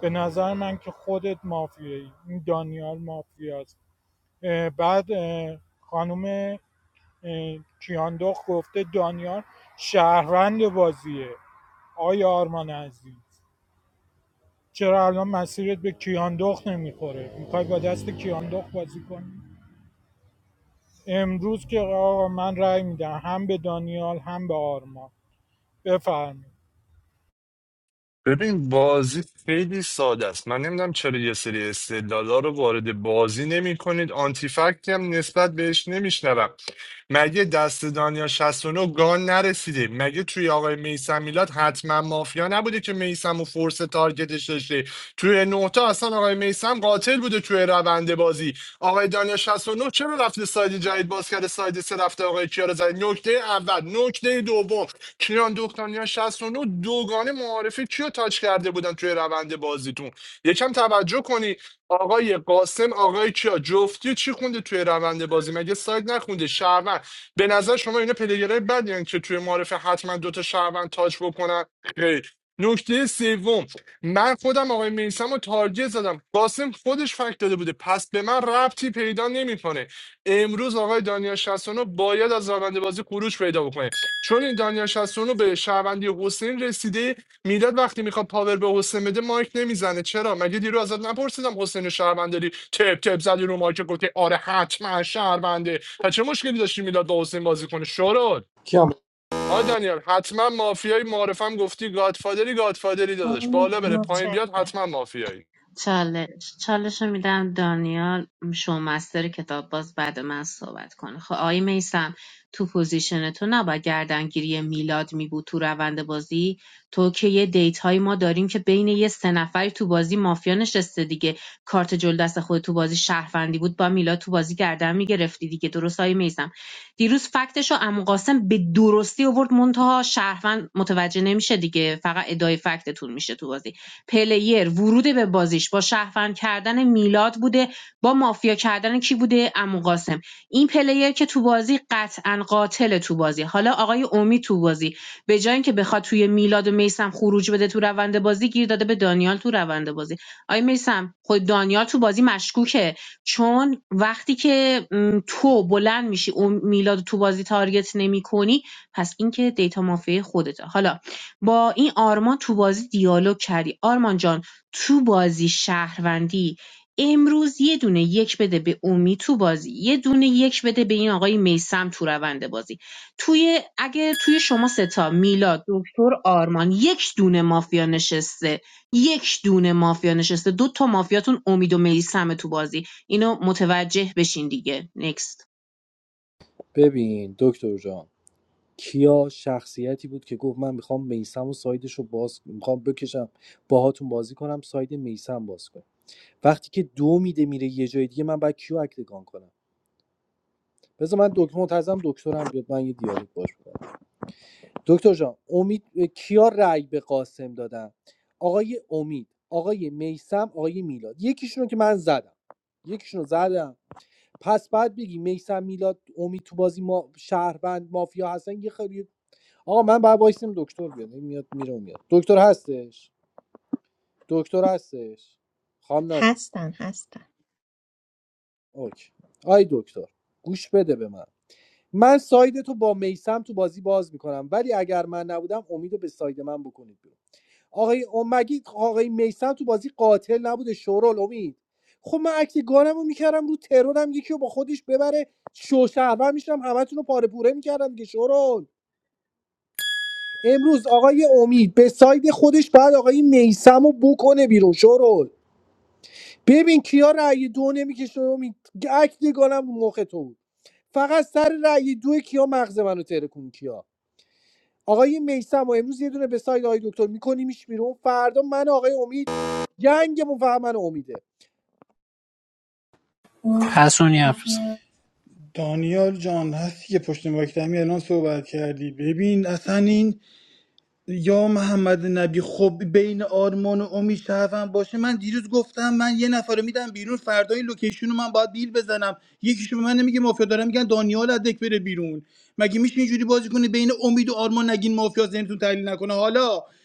Speaker 14: به نظر من که خودت مافیایی این دانیال مافیاست بعد خانم اه، کیاندخت گفته دانیال شهروند بازیه آیا آرمان عزیز چرا الان مسیرت به کیاندخت نمیخوره میخوای با دست کیاندخت بازی کنی امروز که آقا من رأی میدم هم به دانیال هم به آرمان بفرمایید
Speaker 16: ببین بازی خیلی ساده است من نمیدونم چرا یه سری استدلالا رو وارد بازی نمی کنید آنتی فکتی هم نسبت بهش نمیشنوم مگه دست دانیا 69 گان نرسیده مگه توی آقای میسم میلاد حتما مافیا نبوده که میسم و فورس تارگتش داشته توی نوتا اصلا آقای میسم قاتل بوده توی روند بازی آقای دانیا 69 چرا رفته ساید جدید باز کرده ساید سه رفته آقای کیا رو زده نکته اول نکته دوم کیان دختانیان 69 دوگانه معارفه کیو تاچ کرده بودن توی روند بازیتون یکم توجه کنی آقای قاسم آقای کیا جفتی چی خونده توی روند بازی مگه سایت نخونده شهروند به نظر شما اینا پلیگرای بدیان که توی معارفه حتما دوتا شهروند تاچ بکنن خیر نکته سوم من خودم آقای میسم رو تارگت زدم قاسم خودش فکت داده بوده پس به من ربطی پیدا نمیکنه امروز آقای دانیال 69 باید از روند بازی خروج پیدا بکنه چون این دانیال 69 به شهروندی حسین رسیده میلاد وقتی میخواد پاور به حسین بده مایک نمیزنه چرا مگه دیرو ازت نپرسیدم حسین شهروند داری تپ تپ زدی رو مایک گفتی آره حتما شهرونده و چه مشکلی داشتی میلاد با حسین بازی کنه شرور
Speaker 15: کیا
Speaker 16: آی دانیال حتما مافیایی معرفم گفتی گادفادری گادفادری دادش بالا
Speaker 2: امید
Speaker 16: بره پایین بیاد
Speaker 2: متشکرم
Speaker 16: حتما مافیایی
Speaker 13: چالش چالش رو میدم دانیال شومستر کتاب باز بعد من صحبت کنه خب آقای میسم تو پوزیشن تو نباید گردنگیری میلاد می بود تو روند بازی تو که یه دیت های ما داریم که بین یه سه نفری تو بازی مافیا نشسته دیگه کارت جلو دست خود تو بازی شهروندی بود با میلاد تو بازی گردن میگرفتی دیگه درست آقای میسم دیروز فکتش رو عمو قاسم به درستی آورد منتها شهروند متوجه نمیشه دیگه فقط ادای فکتتون میشه تو بازی پلیر ورود به بازیش با شهروند کردن میلاد بوده با مافیا کردن کی بوده عمو قاسم این پلیر که تو بازی قطعا قاتل تو بازی حالا آقای امید تو بازی به جای اینکه بخواد توی میلاد و میسم خروج بده تو روند بازی گیر داده به دانیال تو روند بازی آقای میسم خود دانیال تو بازی مشکوکه چون وقتی که م، تو بلند میشی اون میلاد رو تو بازی تارگت نمیکنی، پس این که دیتا مافیا خودته حالا با این آرمان تو بازی دیالوگ کردی آرمان جان تو بازی شهروندی امروز یه دونه یک بده به اومی تو بازی یه دونه یک بده به این آقای میسم تو روند بازی توی اگه توی شما ستا میلاد دکتر آرمان یک دونه مافیا نشسته یک دونه مافیا نشسته دو تا مافیاتون امید و میسم تو بازی اینو متوجه بشین دیگه نکست
Speaker 15: ببین دکتر جان کیا شخصیتی بود که گفت من میخوام میسم و سایدش رو باز میخوام بکشم باهاتون بازی کنم ساید میسم باز کنم وقتی که دو میده میره یه جای دیگه من باید کیو اکتگان کنم بذار من دکتر منتظرم دکترم بیاد من یه دیالوگ باش کنم دکتر جان امید کیا رأی به قاسم دادن آقای امید آقای میسم آقای میلاد یکیشون رو که من زدم یکیشون رو زدم پس بعد بگی میسم میلاد امید تو بازی ما شهروند مافیا هستن یه خیلی آقا من باید وایسیم دکتر بیاد این میاد میره اون میاد دکتر هستش دکتر هستش خامنانی
Speaker 2: هستن هستن
Speaker 15: اوکی آی دکتر گوش بده به من من ساید تو با میسم تو بازی باز میکنم ولی اگر من نبودم امیدو به ساید من بکنید بیرون آقای ام- مگی آقای میسم تو بازی قاتل نبوده شورال امید خب من عکس گانم رو میکردم رو ترورم یکی رو با خودش ببره شوشهرور میشم همتون رو پاره پوره میکردم دیگه شورال. امروز آقای امید به ساید خودش بعد آقای میسم رو بکنه بیرون شورال. ببین کیا رأی دو نمیکشه امید عکس گانم رو مخ تو بود فقط سر رأی دو کیا مغز منو ترکون کیا آقای میسم و امروز یه دونه به ساید آقای دکتر میکنیمش بیرون فردا من و آقای امید جنگمون فقط من و امیده
Speaker 11: حسونی حرف بزن
Speaker 6: دانیال جان هستی که پشت مایک دمی الان صحبت کردی ببین اصلا این یا محمد نبی خب بین آرمان و امید شرفم باشه من دیروز گفتم من یه نفر رو میدم بیرون فردا این لوکیشن رو من باید بیل بزنم یکیشون به من نمیگه مافیا دارم میگن دانیال از دک بره بیرون مگه میشه اینجوری بازی کنه بین امید و آرمان نگین مافیا ذهنتون تحلیل نکنه حالا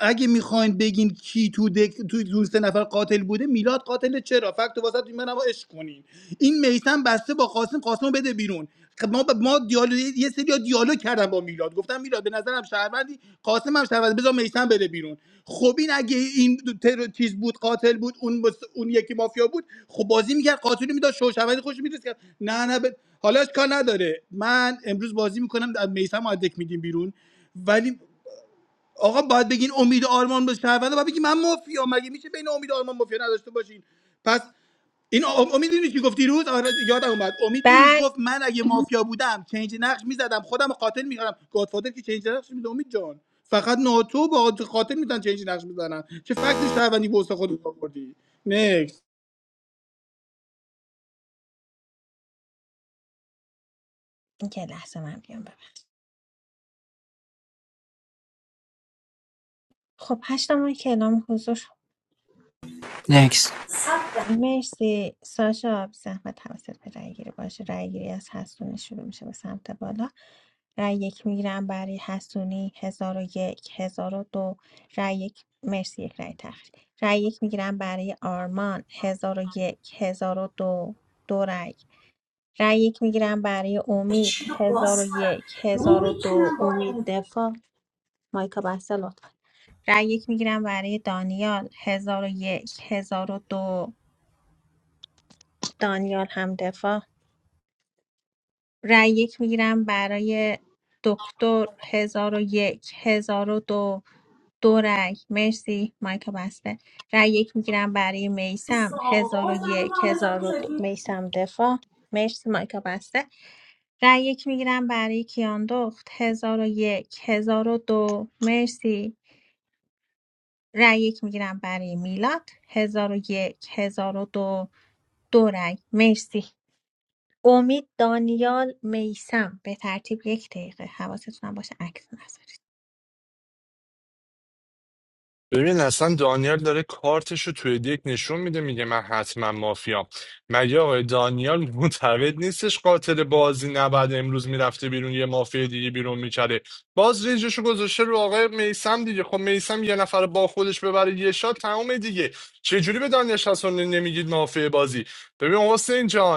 Speaker 6: اگه میخواین بگین کی تو دک تو تو سه نفر قاتل بوده میلاد قاتل چرا فکت تو واسط منم عشق کنین این میثم بسته با قاسم قاسم بده بیرون خب ما ما دیالوگ یه سری دیالوگ کردم با میلاد گفتم میلاد به نظرم شهروندی قاسم هم شهروند بذار میثم بده بیرون خب این اگه این تر... چیز بود قاتل بود اون بس- اون یکی مافیا بود خب بازی میکرد قاتل میداد شو شهروندی خوش میرسید نه نه ب... حالا اشکال نداره من امروز بازی میکنم میثم رو از دک میدیم بیرون ولی آقا باید بگین امید آرمان به شهرونده باید بگی من مافیا مگه میشه بین امید آرمان مافیا نداشته باشین پس این آ- امید دیدی چی گفت دیروز آره، یادم اومد امید دیروز
Speaker 2: بله
Speaker 6: گفت من اگه مافیا بودم چنج نقش میزدم خودم رو قاتل میکردم گادفادر که چنج نقش میده امید جان فقط ناتو با قاتل میتونن چنج نقش میزنن چه فکت شهروندی به واسه خودت آوردی
Speaker 2: که لحظه من بیام ببخش خب هشتم که اعلام حضور
Speaker 11: نکست
Speaker 2: مرسی ساشا بی زحمت حواست به رأی گیری باشه رأی گیری از حسونی شروع میشه به سمت بالا رای یک میگیرم برای حسونی هزار و یک هزار و دو رای یک مرسی یک رای تخریب رای یک میگیرم برای آرمان هزار و یک هزار و دو دو رای رای یک میگیرم برای امید هزار و یک هزار و دو امید دفاع مایکا بسته لطفا رأی یک میگیرم برای دانیال هزار و یک هزار و دو دانیال هم دفاع رأی یک میگیرم برای دکتر هزار و یک هزار و دو دو رأی مرسی مایکا بسته رأی یک میگیرم برای میسم هزار و یک هزار و دو میسم دفاع مرسی مایکا بسته رأی یک میگیرم برای کیاندخت هزار و یک هزار و دو مرسی رأی یک میگیرم برای میلاد هزار و یک هزار و دو دو رأی مرسی امید دانیال میسم به ترتیب یک دقیقه حواستون هم باشه عکس نذارید
Speaker 16: ببین اصلا دانیال داره کارتش رو توی دیک نشون میده میگه من حتما مافیام مگه آقای دانیال معتقد نیستش قاتل بازی نبعد امروز میرفته بیرون یه مافیا دیگه بیرون میکرده باز رنجش رو گذاشته رو آقای میسم دیگه خب میسم یه نفر با خودش ببره یه شات تمام دیگه چه جوری به دانیال شاسون نمیگید مافیا بازی ببین حسین جان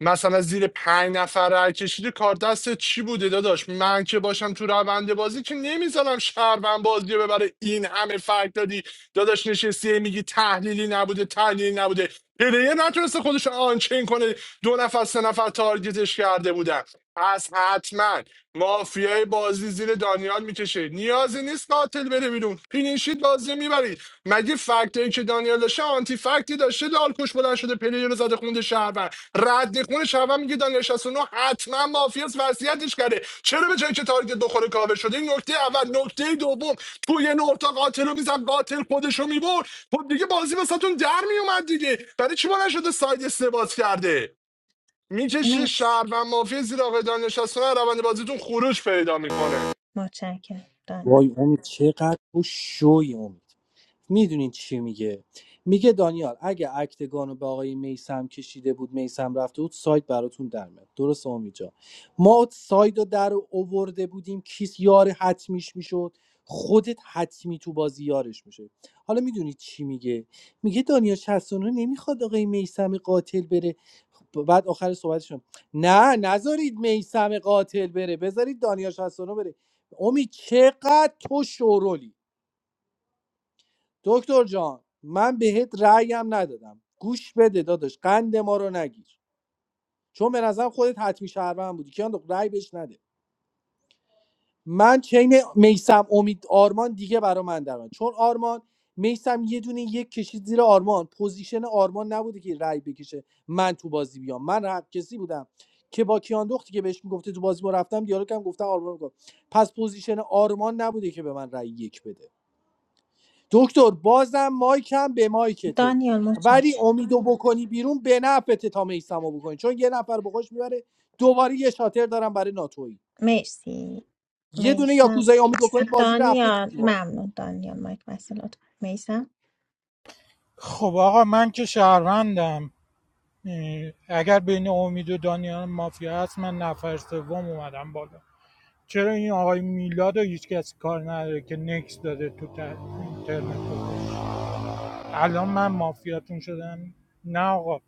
Speaker 16: مثلا زیر پنج نفر رای کشیده کار دستت چی بوده داداش من که باشم تو روند بازی که نمیذارم شهروند بازی رو ببره این همه فرق دادی داداش نشستی میگی تحلیلی نبوده تحلیلی نبوده پلیر نتونسته خودش رو آنچین کنه دو نفر سه نفر تارگتش کرده بودن پس حتما مافیای بازی زیر دانیال میکشه نیازی نیست قاتل بره بیرون پینشید بازی میبرید مگه فکتایی که دانیال داشته آنتی فکتی داشته لالکش بلند شده پلیر رو زده خونده شهروند رد خون شهروند میگه دانیال 69 حتما مافیاس وصیتش کرده چرا به جایی که تارگت بخوره کاور شده این نکته اول نکته دوم تو یه نورتا قاتل رو میزد قاتل خودش رو میبرد خب دیگه بازی واسهتون در میومد دیگه برای چی بلند شده ساید استباز کرده میکشه
Speaker 2: مرسی
Speaker 16: شهروند مافیا زیر آقای دانیال 69 روند بازیتون خروج پیدا میکنه
Speaker 2: متشکرم دانیال
Speaker 15: وای امید چقدر تو شوی امید میدونین چی میگه میگه دانیال اگه اکتگان رو به آقای میسم کشیده بود میسم رفته بود ساید براتون در میاد درست امید جان ما ساید رو در اوورده بودیم کیس یار حتمیش میشد خودت حتمی تو بازی یارش میشه حالا میدونی چی میگه میگه دانیال 69 نمیخواد آقای میسم قاتل بره خب، بعد آخر صحبتشون نه نذارید میسم قاتل بره بذارید دانیال 69 بره امید چقدر تو شورولی دکتر جان من بهت رأیم ندادم گوش بده داداش قند ما رو نگیر چون به نظرم خودت حتمی شهروند بودی کیان دو رأی بهش نده من چین میسم امید آرمان دیگه برا من درن چون آرمان میسم یه دونه یک کشید زیر آرمان پوزیشن آرمان نبوده که رأی بکشه من تو بازی بیام من حق کسی بودم که با کیان دختی که بهش میگفته تو بازی ما رفتم دیالوگم گفتم آرمان رو گفت پس پوزیشن آرمان نبوده که به من رأی یک بده دکتر بازم مایکم به مایکته
Speaker 2: دانیال
Speaker 15: ولی
Speaker 2: متشکرم
Speaker 15: امیدو بکنی بیرون به نفته تا میسمو بکنی چون یه نفر بخوش میبره دوباره یه شاتر دارم برای ناتویی
Speaker 2: مرسی
Speaker 15: یه دونه
Speaker 2: میسم
Speaker 15: یاکوزای امید بکنی بازی رفته تو
Speaker 2: دانیال
Speaker 15: دیوار
Speaker 2: ممنون دانیال مایک بسته لطفا میسم
Speaker 14: خب آقا من که شهروندم اه، اگر بین امید و دانیال مافیا هست من نفر سوم اومدم بالا چرا این آقای میلاد رو هیچ کسی کار نداره که نکس داده تو تر- اینترنت الان من مافیاتون شدم نه آقا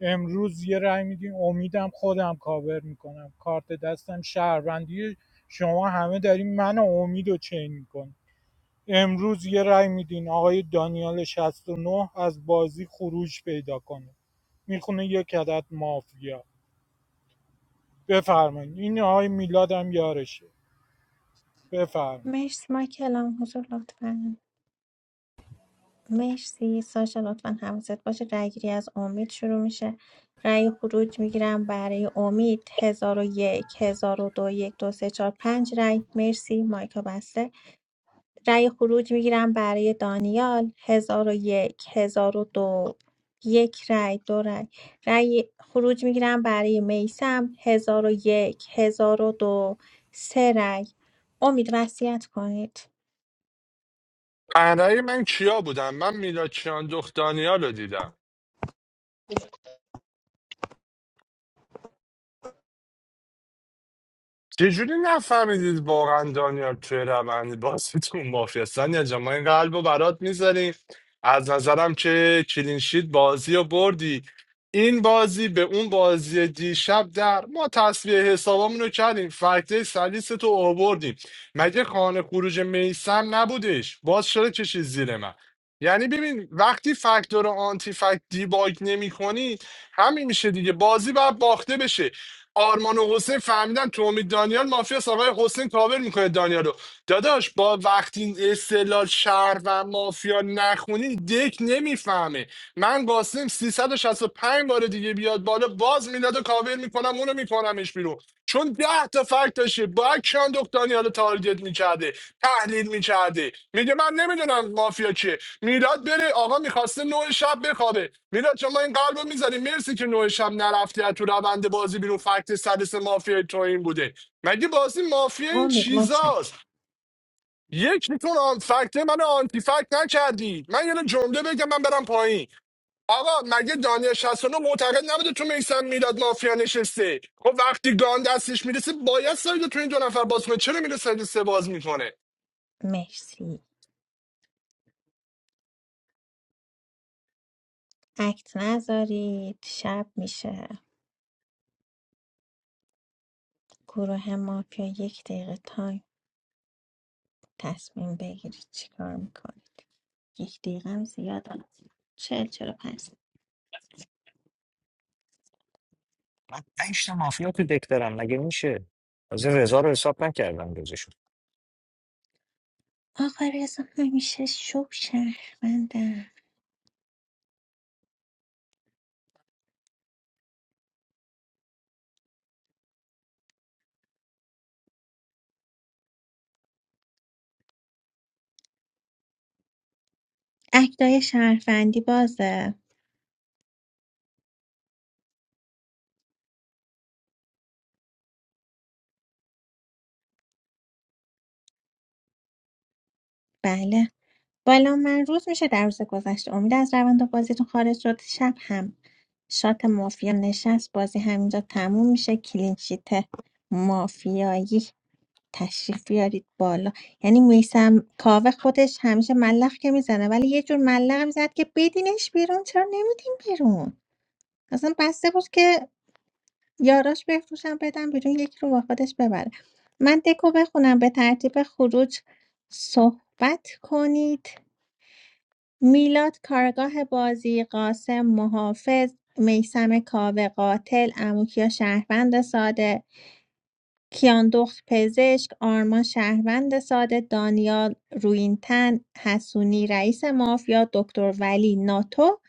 Speaker 14: امروز یه رای میدین امیدم خودم کاور میکنم کارت دستم شهروندی شما همه دارین من و امید رو چین میکن امروز یه رای میدین آقای دانیال شصت و نه از بازی خروج پیدا کنه میخونه یک عدد مافیا بفرمایید این آقای میلاد هم یارشه بفرمایید
Speaker 2: مرسی مایک الان حضور لطفا مرسی ساشا لطفا حواست باشه رأی گیری از امید شروع میشه رأی خروج میگیرم برای امید هزار و یک هزار و دو یک دو سه چهار پنج رأی مرسی مایکا بسته رأی خروج میگیرم برای دانیال هزار و یک هزار و دو یک رأی دو رأی رأی خروج میگیرم برای میسم هزار و یک هزار و دو سه رأی امید وصیت کنید
Speaker 16: برای من کیا بودم من میلاد کیان دختانیال رو دیدم چجوری نفهمیدید واقعا دانیال توی روند بازیتون مافیاستن یا جان ما این قلب رو برات میذاریم از نظرم که کلینشیت بازی رو بردی این بازی به اون بازی دیشب در ما تصویه حسابامون رو کردیم فکته سلیس تو آوردیم مگه خانه خروج میسم نبودش باز چرا کشید زیر من یعنی ببین وقتی فاکتور آنتی فکت دیباگ نمی کنی همین میشه دیگه بازی باید باخته بشه آرمان و حسین فهمیدن تو امید دانیال مافیا آقای حسین کاور میکنه دانیالو داداش با وقتی استلال شهر و مافیا نخونی دک نمیفهمه من قاسم 365 بار دیگه بیاد بالا باز میداد و کاور میکنم اونو میکنمش بیرون چون ده تا فرق داشته باید کیان دکتانی حالا تارگت میکرده تحلیل میکرده میگه من نمیدونم مافیا کیه میلاد بره آقا میخواسته نوع شب بخوابه میلاد شما این قلبو میزنی مرسی که نوع شب نرفتی از تو روند بازی بیرون فکت سدس مافیا تو این بوده مگه بازی مافیا این
Speaker 2: امید
Speaker 16: چیزاست
Speaker 2: متشکرم
Speaker 16: یک میتون آن فکت من آنتی فکت نکردی من یه یعنی جمله بگم من برم پایین آقا مگه دانیال 69 معتقد نبوده تو میسم میلاد مافیا نشسته خب وقتی گان دستش میرسه باید سایدو تو این دو نفر باز کنه چرا میره ساید سه باز میکنه
Speaker 2: مرسی اکت نذارید شب میشه گروه مافیا یک دقیقه تایم تصمیم بگیرید چیکار میکنید یک دقیقه هم زیاد است. چل چل پس
Speaker 4: من پنج تا مافیا تو دک دارم مگه میشه از این رضا رو حساب نکردم جزش.
Speaker 2: آقا رضا همیشه شب شهروندم اکتای شهروندی بازه بله بالا من روز میشه در روز گذشته امید از روند بازیتون خارج شد شب هم شات مافیا نشست بازی همینجا تموم میشه کلینشیت مافیایی تشریف بیارید بالا یعنی میسم کاوه خودش همیشه ملخ که میزنه ولی یه جور ملخ میزد که بدینش بیرون چرا نمیدین بیرون اصلا بسته بود که یاراش بفروشن بدن بیرون یکی رو با خودش ببره من دکو بخونم به ترتیب خروج صحبت کنید میلاد کارگاه بازی، قاسم محافظ، میثم کاوه قاتل، عموکیا شهروند ساده، کیان دخت پزشک، آرمان شهروند ساده، دانیال روینتن، حسونی رئیس مافیا، دکتر ولی ناتو،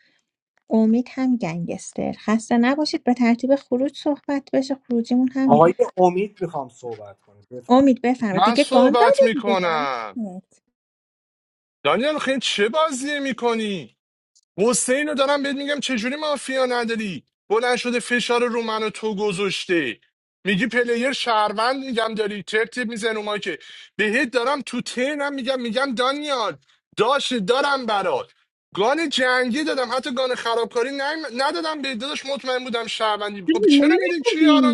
Speaker 2: امید هم گنگستر خسته نباشید به ترتیب خروج صحبت بشه خروجیمون هم
Speaker 15: آقای امید میخوام صحبت کنه بفهم
Speaker 2: امید بفرمایید
Speaker 16: من
Speaker 2: دیگه گان
Speaker 16: صحبت
Speaker 2: داده دیگه دانیال
Speaker 16: میکنم دانیال خیلی چه بازی میکنی حسین رو دارم بهت میگم چجوری مافیا نداری بلند شده فشار رو من و تو گذاشته میگی پلیر شهروند میگم داری ترتیب میزن اومایی که بهت دارم تو تینم میگم میگم دانیال داشت دارم برات گان جنگی دادم حتی گان خرابکاری نیم- ندادم به داداش مطمئن بودم شهروندی خب چرا میری کیا رو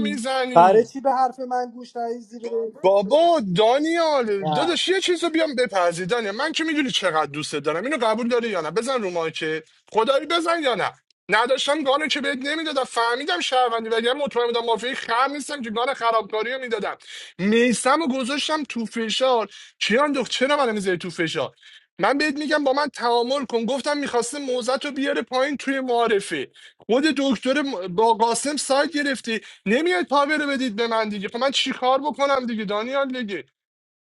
Speaker 15: برای
Speaker 16: میزنی
Speaker 15: چی به حرف من گوش ندید زیر رو؟
Speaker 16: بابا دانیال داداش یه چیز رو بیام بپذیر دانیال من که میدونی چقدر دوست دارم اینو قبول داری یا نه بزن رو که خدایی بزن یا نه نداشتم گانو که بهت نمیدادم فهمیدم شهروندی وگرنه مطمئن بودم مافیای خم نیستم که گان خرابکاری رو میدادم میسم و گذاشتم تو فشار کیان دخت چرا منو میذاری تو فشار من بهت میگم با من تعامل کن گفتم میخواسته موزت رو بیاره پایین توی معارفه خود دکتر م- با قاسم سایت گرفتی نمیاد پاور بدید به من دیگه خب من چیکار بکنم دیگه دانیال دیگه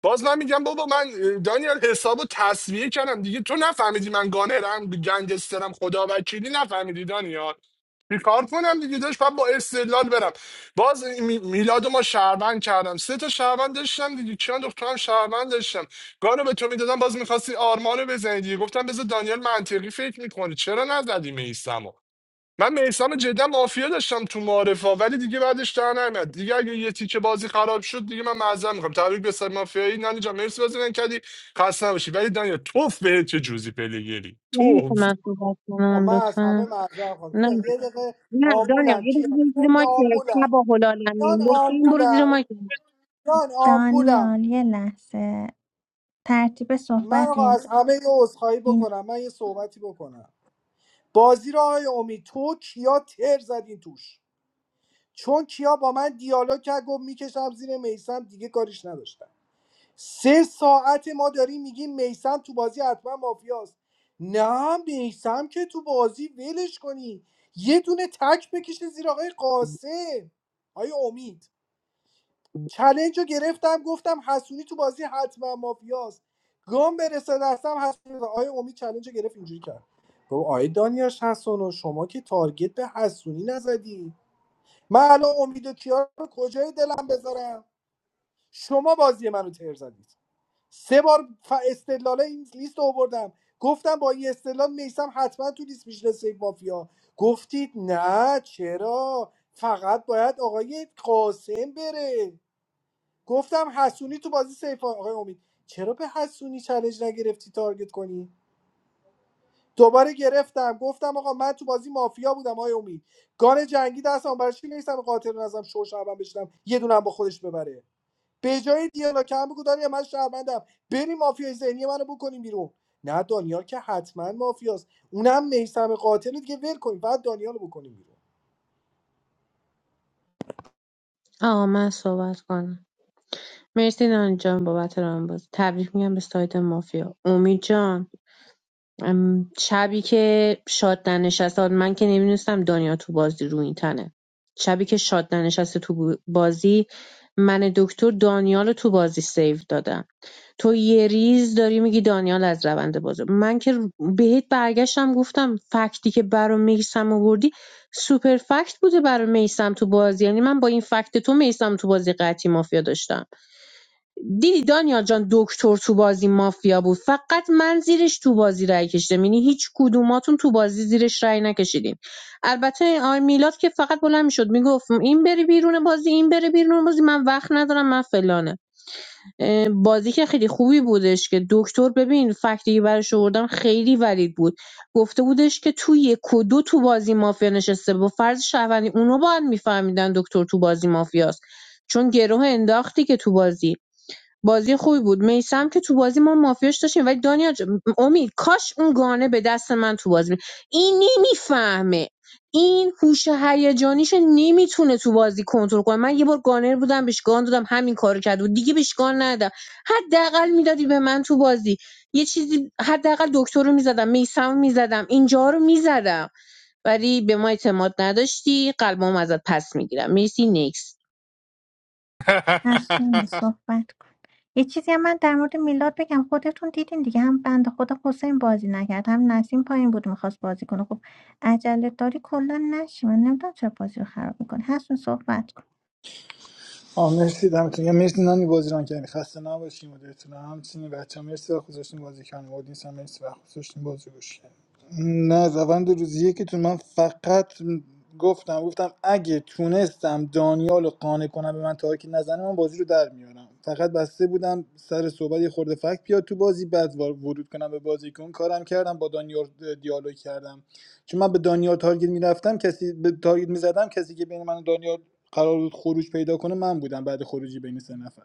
Speaker 16: باز من میگم بابا من اه، دانیال حسابو تصویه کردم دیگه تو نفهمیدی من گانرم گنگسترم خدا وکیلی نفهمیدی دانیال چیکار کنم دیگه داشت بعد با استدلال برم باز می- میلادو ما شهروند کردم سه تا شهروند داشتم دیگه چند دخترم شهروند داشتم گانو به تو میدادم باز میخواستی آرمانو بزنی دیگه گفتم بذار دانیال منطقی فکر میکنه چرا نزدیم ایسمو من میسم جدا مافیا داشتم تو معارفا ولی دیگه بعدش در نمیاد دیگه اگه یه تیکه بازی خراب شد دیگه من معذرت میخوام تبریک به سر مافیایی نانی جان مرسی بازی من کردی خسته نباشی ولی دانیا توف بهت چه جوزی پلیگری
Speaker 13: میشه
Speaker 16: توف
Speaker 13: من صحبت
Speaker 15: آه،
Speaker 13: کنم
Speaker 15: من از همه
Speaker 13: لطفا
Speaker 15: معذرت خواهم
Speaker 13: نه
Speaker 15: کیان یه دقیقه
Speaker 13: نه دانیا
Speaker 15: آمبولم
Speaker 13: یه دقیقه
Speaker 15: کیان
Speaker 13: برو زیر
Speaker 15: کیان
Speaker 13: مایک
Speaker 15: آمبولم
Speaker 13: تبا
Speaker 15: کیان
Speaker 13: هلالمین لطفا برو زیر مایک
Speaker 15: آمبولم کیان آمبولم
Speaker 2: دانیال یه لحظه ترتیب
Speaker 15: من
Speaker 2: صحبت
Speaker 15: آقا
Speaker 2: این
Speaker 15: از همه یه عذرخواهی
Speaker 2: این
Speaker 15: بکنم من یه صحبتی بکنم بازی را های امید تو کیا تر زدین توش چون کیا با من دیالوگ کرد گفت میکشم زیر میسم دیگه کاریش نداشتم سه ساعت ما داریم میگیم میسم تو بازی حتما مافیاست نه میسم که تو بازی ولش کنی یه دونه تک بکشه زیر آقای قاسم آقای امید چلنج رو گرفتم گفتم حسونی تو بازی حتما مافیاست گام برسه دستم حسونی و امید چلنج رو گرفت اینجوری کرد گفت آیه دانیاش حسونو شما که تارگت به حسونی نزدی من الان امید و کیا رو کجای دلم بذارم شما بازی منو تر زدید سه بار ف... استدلال این لیست رو آوردم گفتم با این استدلال میسم حتما تو لیست میشه سیف مافیا گفتید نه چرا فقط باید آقای قاسم بره گفتم حسونی تو بازی سیفان آقای امید چرا به حسونی چالش نگرفتی تارگت کنی دوباره گرفتم گفتم آقا من تو بازی مافیا بودم آقای امید گان جنگی دستم برای چی نیستم قاتل نظرم شو شعبم بشنم یه دونم با خودش ببره به جای دیالا که هم بگو دانیا من شهروندم بریم مافیای ذهنی منو بکنیم بیرون نه دانیال که حتما مافیاست اونم میسم قاتل رو دیگه ول کنیم بعد دانیال رو بکنیم بیرون
Speaker 13: آقا من صحبت کنم مرسی نان جان بابت ران بود تبریک میگم به سایت مافیا امید جان ام، شبی که شاد ننشست آن من که نمیدونستم دنیا تو بازی رو این تنه شبی که شاد ننشسته تو بازی من دکتر دانیال رو تو بازی سیو دادم تو یه ریز داری میگی دانیال از روند بازه من که بهت برگشتم گفتم فکتی که برا میسم آوردی سوپر فکت بوده برا میسم تو بازی یعنی من با این فکت تو میسم تو بازی قطعی مافیا داشتم دیدی دانیال جان دکتر تو بازی مافیا بود فقط من زیرش تو بازی رای کشیدم یعنی هیچ کدوماتون تو بازی زیرش رای نکشیدین البته آقای میلاد که فقط بلند میشد میگفت این بری بیرون بازی این بره بیرون بازی من وقت ندارم من فلانه بازی که خیلی خوبی بودش که دکتر ببین فکتی که براش آوردم خیلی ولید بود گفته بودش که تو یک و دو تو بازی مافیا نشسته با فرض شهروندی اونو باید میفهمیدن دکتر تو بازی مافیاست چون گروه انداختی که تو بازی بازی خوبی بود میسم که تو بازی ما مافیاش داشتیم ولی دانیا جان- امید کاش اون گانه به دست من تو بازی می- این نمیفهمه این هوش هیجانیش نمیتونه تو بازی کنترل کنه من یه بار گانر بودم بهش گان دادم همین کارو کرد و دیگه بهش گان ندادم حداقل میدادی به من تو بازی یه چیزی حداقل دکتر رو میزدم میسم میزدم اینجا رو میزدم ولی به ما اعتماد نداشتی قلبم ازت پس میگیرم مرسی نیکس
Speaker 2: حسونی صحبت کن یه چیزی هم من در مورد میلاد بگم خودتون دیدین دیگه هم بند خدا حسین بازی نکرد هم نسیم پایین بود میخواست بازی کنه خب عجله داری کلا نشی من نمیدونم چرا بازی رو خراب میکنه حسون صحبت کن
Speaker 6: آه مرسی دمتون یا مرسی نانی بازی ران کردین خسته نباشین مدیرتون هم، همچنین بچه مرسی وقت گذاشتین بازی کردین اودینس هم مرسی وقت گذاشتین بازی گوش کردین. نه روند روزی که تو من فقط گفتم گفتم اگه تونستم دانیال رو قانع کنم به من تارکی نزنه من بازی رو در میارم فقط بسته بودم سر صحبت یه خورده فکت بیاد تو بازی بعد وار- ورود کنم به بازی که اون کارم کردم با دانیال دیالوگ کردم چون من به دانیال تارگت میرفتم کسی به تارگت میزدم کسی که بین من و دانیال قرار بود خروج پیدا کنه من بودم بعد خروجی بین سه نفر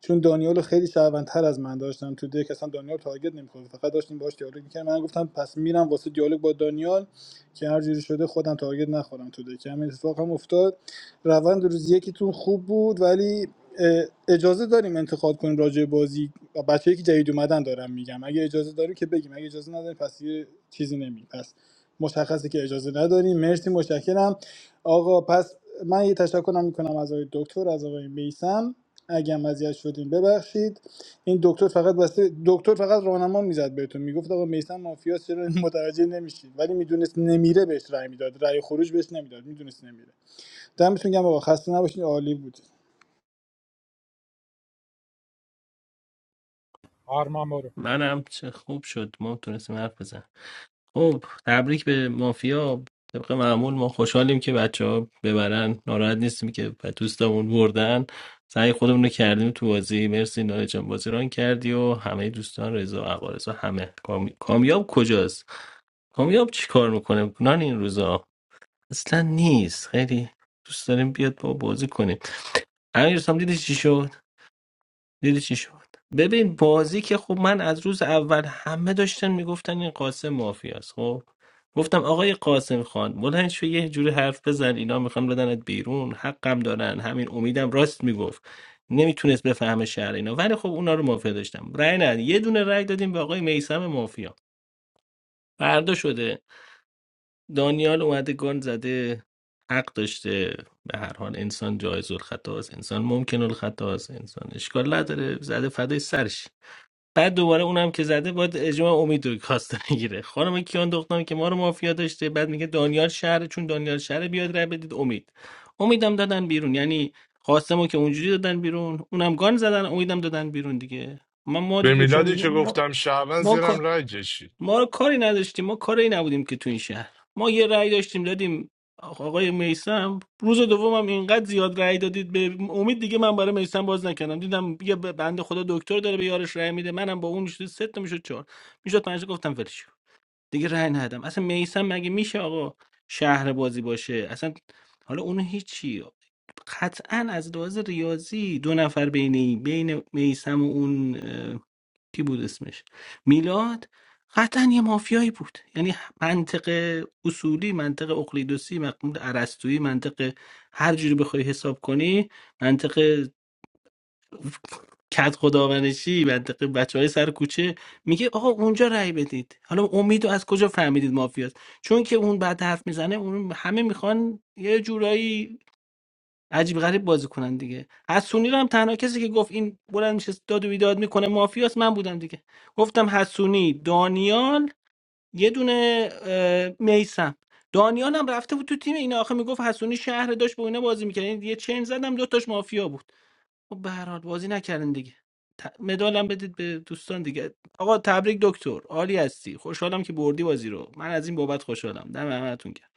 Speaker 6: چون دانیال خیلی شهروندتر از من داشتم تو دک اصلا دانیال تارگت نمیخورد فقط داشتیم باهاش دیالوگ میکردم من گفتم پس میرم واسه دیالوگ با دانیال که هر جوری شده خودم تارگت نخورم تو دک همین اتفاق هم افتاد روند روز یکیتون خوب بود ولی اه، اجازه داریم انتخاب کنیم راجع به بازی بچه‌ای که جدید اومدن دارم میگم اگه اجازه داریم که بگیم اگه اجازه نداریم پس یه چیزی نمیگیم پس مشخصه که اجازه نداریم مرسی متشکرم آقا پس من یه تشکرم میکنم از آقای دکتر از آقای میسم اگه هم اذیت شدیم ببخشید این دکتر فقط واسه دکتر فقط راهنما میزد بهتون میگفت آقا میثم مافیاس چرا متوجه نمیشید ولی میدونست نمیره بهش رأی میداد رأی خروج بهش نمیداد میدونست نمیره دمتون گرم آقا خسته نباشید عالی بود
Speaker 14: آرمان برو
Speaker 18: منم چه خوب شد ما تونستیم حرف بزن خب تبریک به مافیا طبق معمول ما خوشحالیم که بچه ببرن ناراحت نیستیم که ب- دوستامون بردن سعی خودمون رو کردیم تو بازی مرسی ناره جان بازی ران کردی و همه دوستان رضا عوارض و همه کامی... کامیاب کجاست کامیاب چی کار میکنه نان این روزا اصلا نیست خیلی دوست داریم بیاد با بازی کنیم امیر سام دیدی چی شد دیدی چی شد ببین بازی که خب من از روز اول همه داشتن میگفتن این قاسم مافیاست خب گفتم آقای قاسم خان بلند شو یه جوری حرف بزن اینا میخوان بدنت بیرون حقم دارن همین امیدم راست میگفت نمیتونست بفهمه شهر اینا ولی خب اونا رو مافیا داشتم رأی ندادیم. یه دونه رأی دادیم به آقای میسم مافیا فردا شده دانیال اومده گان زده حق داشته به هر حال انسان جایز الخطا است انسان ممکن الخطا است انسان اشکال نداره زده فدای سرش بعد دوباره اونم که زده باید اجماع امید رو کاسته میگیره خانم کیان دختم که ما رو مافیا داشته بعد میگه دانیال شهر چون دانیال شهر بیاد رای بدید امید امیدم دادن بیرون یعنی قاسمو که اونجوری دادن بیرون اونم گان زدن امیدم دادن بیرون دیگه ما ما
Speaker 16: به
Speaker 18: دیگه چون
Speaker 16: میلادی که
Speaker 18: ما,
Speaker 16: گفتم شعبان
Speaker 18: ما,
Speaker 16: زیرم رای کشید
Speaker 18: ما رو کاری نداشتیم ما کاری نبودیم که تو این شهر ما یه رأی داشتیم دادیم آقای میسم روز دومم اینقدر زیاد رأی دادید به امید دیگه من برای میسم باز نکردم دیدم یه بنده خدا دکتر داره به یارش رأی میده منم با اون میشد سه تا میشد چهار میشد پنج تا گفتم ولش کن. دیگه رأی ندادم اصلا میسم مگه میشه آقا شهر بازی باشه اصلا حالا اون هیچی قطعا از لحاظ ریاضی دو نفر بین بین میسم و اون کی بود اسمش میلاد قطعا یه مافیایی بود یعنی منطق اصولی منطق اقلیدوسی منطق ارسطویی منطق هر جوری بخوای حساب کنی منطق کد خداونشی منطق بچه های سر کوچه میگه آقا اونجا رأی بدید حالا امید رو از کجا فهمیدید مافیاست چون که اون بعد حرف میزنه اون همه میخوان یه جورایی عجیب غریب بازی کنن دیگه حسونی رو هم تنها کسی که گفت این بلند میشه داد و بیداد میکنه مافیاست من بودم دیگه گفتم حسونی دانیال یه دونه میسم دانیال هم رفته بود تو تیم اینا آخه میگفت حسونی شهر داشت با اینا بازی میکرد یعنی یه چین زدم دو تاش مافیا بود خب به هر حال بازی نکردن دیگه ت- مدالم بدید به دوستان دیگه آقا تبریک دکتر عالی هستی خوشحالم که بردی بازی رو من از این بابت خوشحالم دم همتون گرم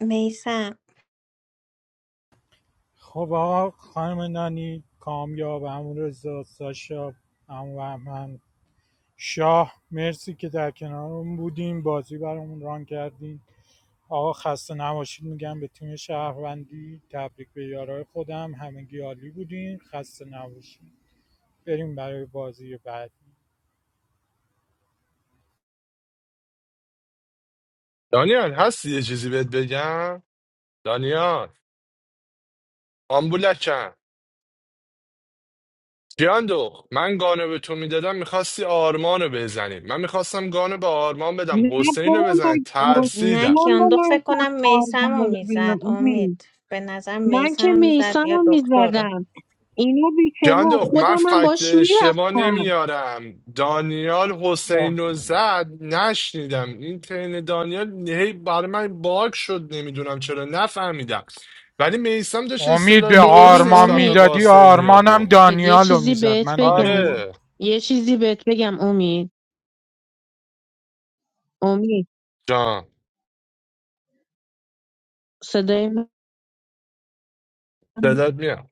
Speaker 2: میسم
Speaker 14: خب آقا خانم نانی کامیاب همون رضا ساشا همون بهمن شاه مرسی که در کنارمون بودیم بازی برامون ران کردین آقا خسته نباشید میگم به تیم شهروندی تبریک به یارای خودم همگی عالی بودین خسته نباشید بریم برای بازی بعد
Speaker 16: دانیال هستی یه چیزی بهت بگم دانیال آمبولکم جیاندو من گانه به تو میدادم میخواستی آرمان رو بزنی من میخواستم گانه به آرمان
Speaker 13: نه
Speaker 16: بدم حسین رو
Speaker 13: بابا
Speaker 16: بزنی
Speaker 13: من
Speaker 2: نه
Speaker 13: گفتم
Speaker 16: ترسیدم
Speaker 2: کیاندخت
Speaker 13: بلند
Speaker 2: فکر
Speaker 13: شد
Speaker 2: کنم میسم
Speaker 13: آرمان
Speaker 2: رو
Speaker 13: رو
Speaker 2: میزد
Speaker 13: ببینم. امید،
Speaker 2: امید به نظر
Speaker 13: من
Speaker 2: میسم رو میزد
Speaker 13: ایسان
Speaker 2: یا
Speaker 13: رو
Speaker 2: دکتر رو
Speaker 13: میزدم اینو بیکنو
Speaker 16: جاندخت من
Speaker 13: خودم من
Speaker 16: فکت
Speaker 13: باش
Speaker 16: اشتباه
Speaker 13: میرفتم
Speaker 16: نمیارم دانیال حسین
Speaker 14: ام-
Speaker 16: رو زد نشنیدم این ترین دانیال هی برای من باگ شد نمیدونم چرا نفهمیدم ولی میسم داشت
Speaker 14: امید به
Speaker 16: استدلال درست
Speaker 13: ببین
Speaker 14: آرمان
Speaker 16: نسبت به
Speaker 13: امید
Speaker 14: میدادی
Speaker 16: قاسم می
Speaker 14: آرمانم
Speaker 16: آورد
Speaker 13: یه
Speaker 14: دانیال رو
Speaker 13: چیزی
Speaker 14: میزد
Speaker 13: بهت
Speaker 14: منو نمیزد
Speaker 13: بگم
Speaker 16: آره
Speaker 13: یه چیزی بهت بگم امید امید
Speaker 16: جان
Speaker 13: صدای من
Speaker 16: صدات میاد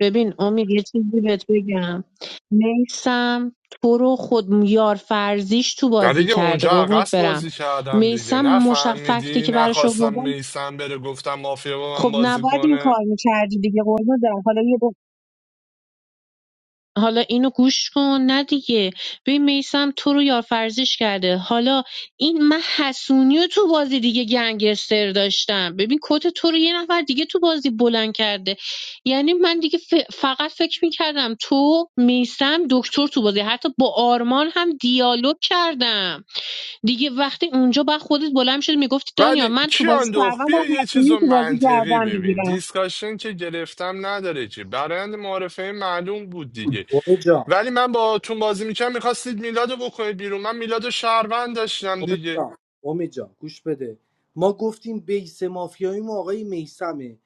Speaker 13: ببین امید یه چیزی بهت بگم میسم تو رو خود یار فرزیش تو
Speaker 16: ولی
Speaker 13: بازی
Speaker 16: دیگه
Speaker 13: کرده
Speaker 16: اونجا
Speaker 13: قربونت
Speaker 16: عقص
Speaker 13: برم
Speaker 16: بازی کردم دیگه
Speaker 13: میسم مشفقتی
Speaker 16: نفهمیدی
Speaker 13: که براش
Speaker 16: نخواستم
Speaker 13: آوردم
Speaker 16: میسم بره گفتم مافیا با من
Speaker 13: خب
Speaker 16: بازی
Speaker 13: نباید این
Speaker 16: کنه
Speaker 13: کار میشه حالا اینو گوش کن نه دیگه ببین میسم تو رو یارفرزیش کرده حالا این من حسونی رو تو بازی دیگه گنگستر داشتم ببین کت تو رو یه نفر دیگه تو بازی بلند کرده یعنی من دیگه ف- فقط فکر میکردم تو میسم دکتر تو بازی حتی با آرمان هم دیالوگ کردم دیگه وقتی اونجا با خودت بلند شد میگفتی دانیا
Speaker 16: ولی
Speaker 13: من تو بازی
Speaker 16: کیاندوخ
Speaker 13: شهروند
Speaker 16: بیا
Speaker 13: و
Speaker 16: یه چیز
Speaker 13: حسونی رو
Speaker 16: رو
Speaker 13: تو بازی
Speaker 16: منطقی
Speaker 13: گردم
Speaker 16: ببین
Speaker 13: میگیرم
Speaker 16: دیسکاشن که گرفتم نداره که برند معارفه معلوم بود دیگه
Speaker 15: امید جان
Speaker 16: ولی من با تون بازی میکنم میخواستید میلاد رو بکنید بیرون من میلاد رو شهروند داشتم
Speaker 15: امید
Speaker 16: دیگه
Speaker 15: جان امید جان گوش بده ما گفتیم بیس مافیایی ما آقای میسمه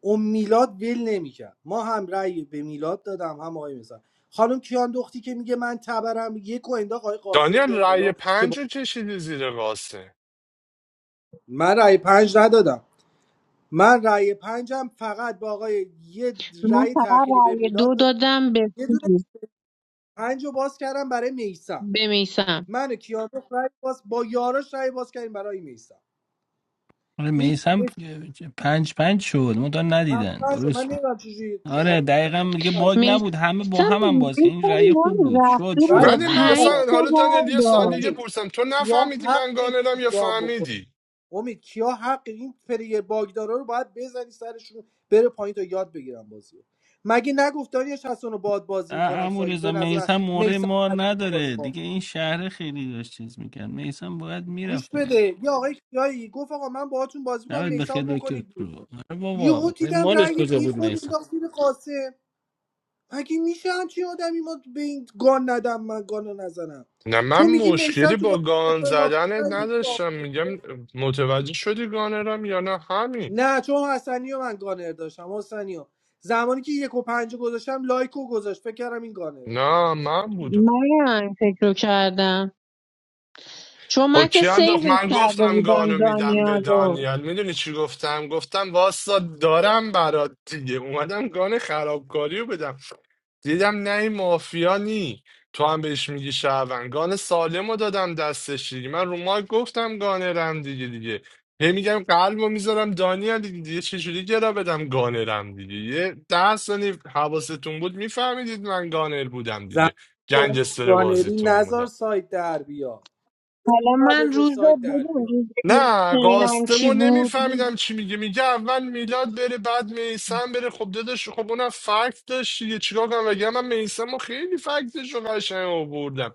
Speaker 15: اون میلاد ول نمیکرد ما هم رأی به میلاد دادم هم آقای مثلا خانم کیان دختی که میگه من تبرم یک و انداخت آقای
Speaker 16: دانیل
Speaker 15: قاسم بیاد
Speaker 16: رأی
Speaker 15: بالا که با...
Speaker 16: پنج رو کشیدی زیر قاسه
Speaker 15: من رأی پنج ندادم من رأی پنجم فقط با آقای یه
Speaker 13: من
Speaker 15: رأی
Speaker 13: فقط
Speaker 15: تأخیری به
Speaker 13: رأی
Speaker 15: میلاد
Speaker 13: دو
Speaker 15: دادم
Speaker 13: دادم به
Speaker 15: یه دونه
Speaker 13: چیز،
Speaker 15: پنج رو باز کردم برای میسم
Speaker 13: به میثم.
Speaker 15: من و کیان دخت رأی باز با یاراش رأی باز کردیم برای میسم
Speaker 18: آره
Speaker 15: این
Speaker 18: میسم پنج پنج شد ما مدان ندیدن
Speaker 15: پنج رو من
Speaker 18: درست
Speaker 15: نمیدونم چجوری
Speaker 18: آره دقیقا دیگه باگ
Speaker 15: پشمام.
Speaker 18: نبود همه با
Speaker 13: میسم
Speaker 18: هم هم باز که این
Speaker 13: میسم
Speaker 18: رأی
Speaker 13: ما
Speaker 18: خوب بود شد
Speaker 13: رفته بود
Speaker 18: شد
Speaker 15: بعد
Speaker 13: و
Speaker 16: ولی
Speaker 18: من
Speaker 16: من
Speaker 18: دید
Speaker 16: اصلا
Speaker 13: پنج
Speaker 15: یا
Speaker 13: تا
Speaker 16: حالا دانیل
Speaker 13: هر
Speaker 16: یه سوال
Speaker 13: داشت
Speaker 16: دیگه
Speaker 15: امید،
Speaker 16: پرسم تو
Speaker 15: یا
Speaker 16: نفهمیدی من
Speaker 15: حقش
Speaker 16: گانرم
Speaker 15: بود
Speaker 16: یا
Speaker 15: گام بخوره.
Speaker 16: فهمیدی
Speaker 15: امید کیا حق این پلیر باگدارا رو باید بزنی سرشون بره پایین تا یاد بگیرن بازیو. رو. مگه نگفت داریش حسن رو باد بازی میکنم
Speaker 18: امو
Speaker 15: ساید به
Speaker 18: رضا
Speaker 15: نظر
Speaker 18: میسم موره
Speaker 15: میسم
Speaker 18: ما
Speaker 15: بازی
Speaker 18: نداره
Speaker 15: ما
Speaker 18: دیگه این شهر خیلی داشت چیز میکرد میسم باید
Speaker 15: گوش
Speaker 18: میرفت
Speaker 15: بده یه آقای کیایی گفت آقا من باهاتون بازی میکنم
Speaker 18: نباید به خیر
Speaker 15: میسم
Speaker 18: دکتر
Speaker 15: بکنید بیرون.
Speaker 18: کرو آره
Speaker 15: یهو
Speaker 18: بابا
Speaker 15: دیدم
Speaker 18: مالش
Speaker 15: رأی
Speaker 18: کجا
Speaker 15: بی
Speaker 18: بود
Speaker 15: خود
Speaker 18: میسم؟
Speaker 15: انداخت زیر قاسم مگه میشه همچین آدمی ما به این گان ندم من گانو رو نزنم
Speaker 16: نه من
Speaker 15: تو میگی میسم
Speaker 16: مشکلی
Speaker 15: تو
Speaker 16: با
Speaker 15: بازی
Speaker 16: گان
Speaker 15: ما
Speaker 16: زدنت نداشتم میگم متوجه شدی گانرم یا نه همین
Speaker 15: نه چون حسنی و من گانر داشتم حسنی و زمانی که یک و پنج رو گذاشتم لایک و گذاشت فکر کردم این گانره
Speaker 16: نه من بودم
Speaker 13: من فکر رو کردم چون
Speaker 16: خب
Speaker 13: من که
Speaker 16: چی انداخت
Speaker 13: سیوش
Speaker 16: من
Speaker 13: کرده
Speaker 16: گفتم
Speaker 13: بودم
Speaker 16: گانو میدم به
Speaker 13: دانیال رو
Speaker 16: دانیال میدونی چی گفتم گفتم واسا دارم برات دیگه اومدم گان خرابکاری رو بدم دیدم نه این مافیا نی تو هم بهش میگی شهروند گان سالم رو دادم دستش دیگه من رو مایک گفتم گانرم دیگه دیگه هی میگم قلب رو میذارم دانیال دیگه دیگه چجوری گرا بدم گانرم دیگه یه ده ثانیه حواستون بود میفهمیدید من گانر بودم
Speaker 15: زمانی
Speaker 16: دیگه
Speaker 15: که اون
Speaker 16: گنگستر
Speaker 15: گانری
Speaker 16: بازیتون
Speaker 15: نزار
Speaker 16: بودم
Speaker 15: سایت در بیا
Speaker 13: حالا من
Speaker 15: بعد
Speaker 13: روز
Speaker 15: سایت در
Speaker 13: بدون
Speaker 15: بیا
Speaker 13: روز
Speaker 16: نه
Speaker 13: چینم کی
Speaker 16: قاسمو
Speaker 13: بود
Speaker 16: نمیفهمیدم چی میگه میگه اول میلاد بره بعد میسم بره خب داداش خب اونم فکت داشت دیگه چیکار کنم بگم من میسمو خیلی فکتش رو قشنگ آوردم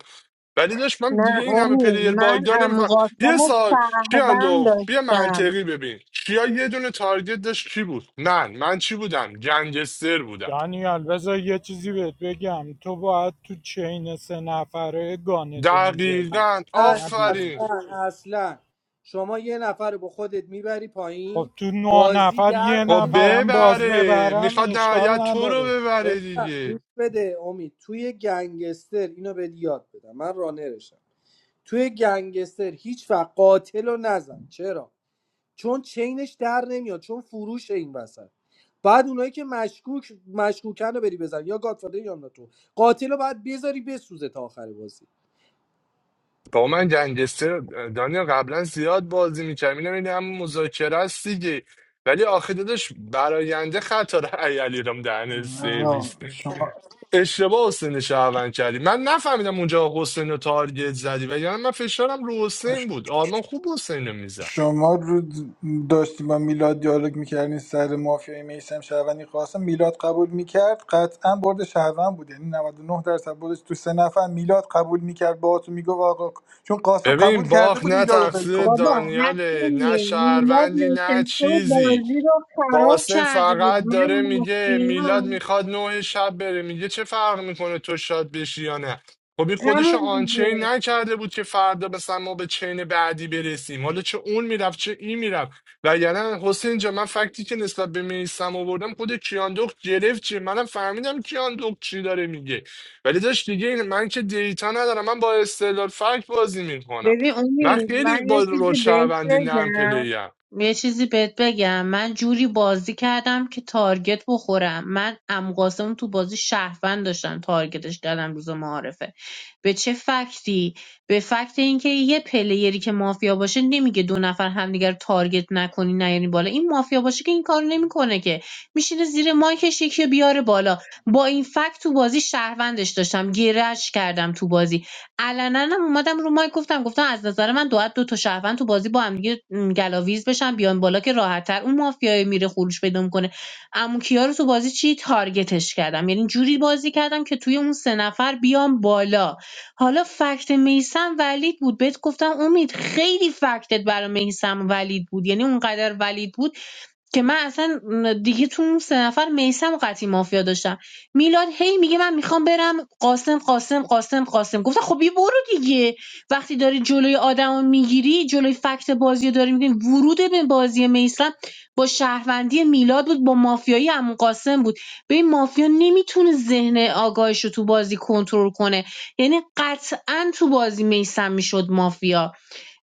Speaker 16: ولی داشت من
Speaker 13: نه
Speaker 16: دیگه این همه
Speaker 13: آمی
Speaker 16: پلیر
Speaker 13: من
Speaker 16: باگدار
Speaker 13: امو
Speaker 16: نمیفهم
Speaker 13: قاسم
Speaker 16: یه
Speaker 13: رو
Speaker 16: سال چی
Speaker 13: سهون
Speaker 16: کیاندو بیا
Speaker 13: داشتم
Speaker 16: منطقی ببین کیا یه دونه تارگت داشت کی بود من من چی بودم گنگستر بودم
Speaker 14: دانیال بذار یه چیزی بهت بگم تو باید تو چین سه نفره گانتو میزدی
Speaker 16: دقیقا
Speaker 14: نه بیرون
Speaker 16: آفرین
Speaker 14: از
Speaker 15: اصلا
Speaker 14: چین.
Speaker 15: اصلا شما یه نفر رو با خودت میبری
Speaker 14: خب
Speaker 15: پایین
Speaker 14: تو نه
Speaker 15: بازی
Speaker 14: نفر
Speaker 15: در
Speaker 14: یه
Speaker 16: خب
Speaker 15: نمیاد
Speaker 14: نفرم باز
Speaker 16: ببره
Speaker 14: ببرم
Speaker 16: میخواد
Speaker 14: اشکال
Speaker 16: نهایت تو رو
Speaker 14: نداره
Speaker 16: ببره دیگه
Speaker 15: گوش بده امید توی گنگستر اینو به یاد بدم من رانرشم توی گنگستر هیچ وقت قاتل رو نزن چرا چون چینش در نمیاد چون فروش این وسط بعد اونایی که مشکوک مشکوکن رو بری بزن یا گادفادر یا ناتو قاتل رو باید بذاری بسوزه تا آخر بازی
Speaker 16: با من گنگستر دانیا قبلا زیاد بازی میکردم اینم این هم مذاکره است دیگه ولی آخه داداش براینده خطا رأی علیرام دهن
Speaker 6: آقا
Speaker 16: سرویس
Speaker 6: شما
Speaker 16: اشتباه حسین شهروند کردی من نفهمیدم اونجا حسین رو تارگت زدی و یعنی من فشارم رو حسین بود آرمان خوب حسین رو میزد
Speaker 6: شما رو داشتی با میلاد دیالوگ میکردین سر مافیای میسم شهروندی قاسم میلاد قبول میکرد قطعا برد شهروند بود یعنی 99 درصد بردش تو سه نفر میلاد قبول میکرد با تو میگفت آقا چون قاسم قبول
Speaker 16: ببین
Speaker 6: کرده
Speaker 16: باخ
Speaker 6: بود
Speaker 16: نه
Speaker 6: میلاد رو ول
Speaker 16: تقصیر
Speaker 6: کنه
Speaker 13: بابا
Speaker 16: دانیاله نه
Speaker 13: حسونی میلاد
Speaker 16: شهروندی نه
Speaker 13: نشسته و
Speaker 16: چیزی
Speaker 13: بازی رو خراب
Speaker 16: قاسم
Speaker 13: کرده بود
Speaker 16: فقط
Speaker 13: من
Speaker 16: داره میگه میلاد
Speaker 13: مافیام
Speaker 16: میخواد نه شب بره میگه چه فرق میکنه تو شاد بشی یا نه خب این خودشو
Speaker 13: همون دیگه
Speaker 16: آنچین نکرده بود که فردا مثلا ما به چین بعدی برسیم حالا چه اون میرفت چه این میرفت و یعنی حسین جا من فکتی که نسبت به میسم آوردم خود کیاندوخت گرفت چیه منم فهمیدم کیاندوخت چی داره میگه ولی داشت دیگه این من که دیتا ندارم من با استدلال فکت بازی میکنم
Speaker 13: ببین
Speaker 16: من
Speaker 13: امید من
Speaker 16: خیلی
Speaker 13: یه
Speaker 16: با رول
Speaker 13: چیزی بهت
Speaker 16: شهروندی نرم
Speaker 13: بگم
Speaker 16: پلیم
Speaker 13: یه چیزی بهت بگم من جوری بازی کردم که تارگت بخورم من ام قاسم تو بازی شهروند داشتم تارگتش کردم روز معارفه به چه فکتی به فکت اینکه یه پلیری که مافیا باشه نمیگه دو نفر همدیگر رو تارگت نکنی نیاری بالا این مافیا باشه که این کارو نمیکنه که میشینه زیر مایکش یکی رو بیاره بالا با این فکت تو بازی شهروندش داشتم گرش کردم تو بازی علنا هم اومدم رو مایک گفتم گفتم از نظر من باید دو تا شهروند تو بازی با هم دیگه م، گلاویز بشن بیان بالا که راحت‌تر اون مافیای میره خروش پیدا میکنه عمو کیا رو تو بازی چی تارگتش کردم یعنی جوری بازی کردم که توی اون سه نفر بیام بالا حالا فکت میسم ولید بود بهت گفتم امید خیلی فکتت برای میسم ولید بود یعنی اونقدر ولید بود که من اصلا دیگه تو اون سه نفر میسم قطعی مافیا داشتم میلاد هی میگه من میخوام برم قاسم قاسم قاسم قاسم گفتم خب یه برو دیگه وقتی داری جلوی آدمو میگیری جلوی فکت بازی داری میگیری ورود به بازی میسم با شهروندی میلاد بود با مافیایی عمو قاسم بود به این مافیا نمیتونه ذهن آگاهش رو تو بازی کنترل کنه یعنی قطعا تو بازی میسم میشد مافیا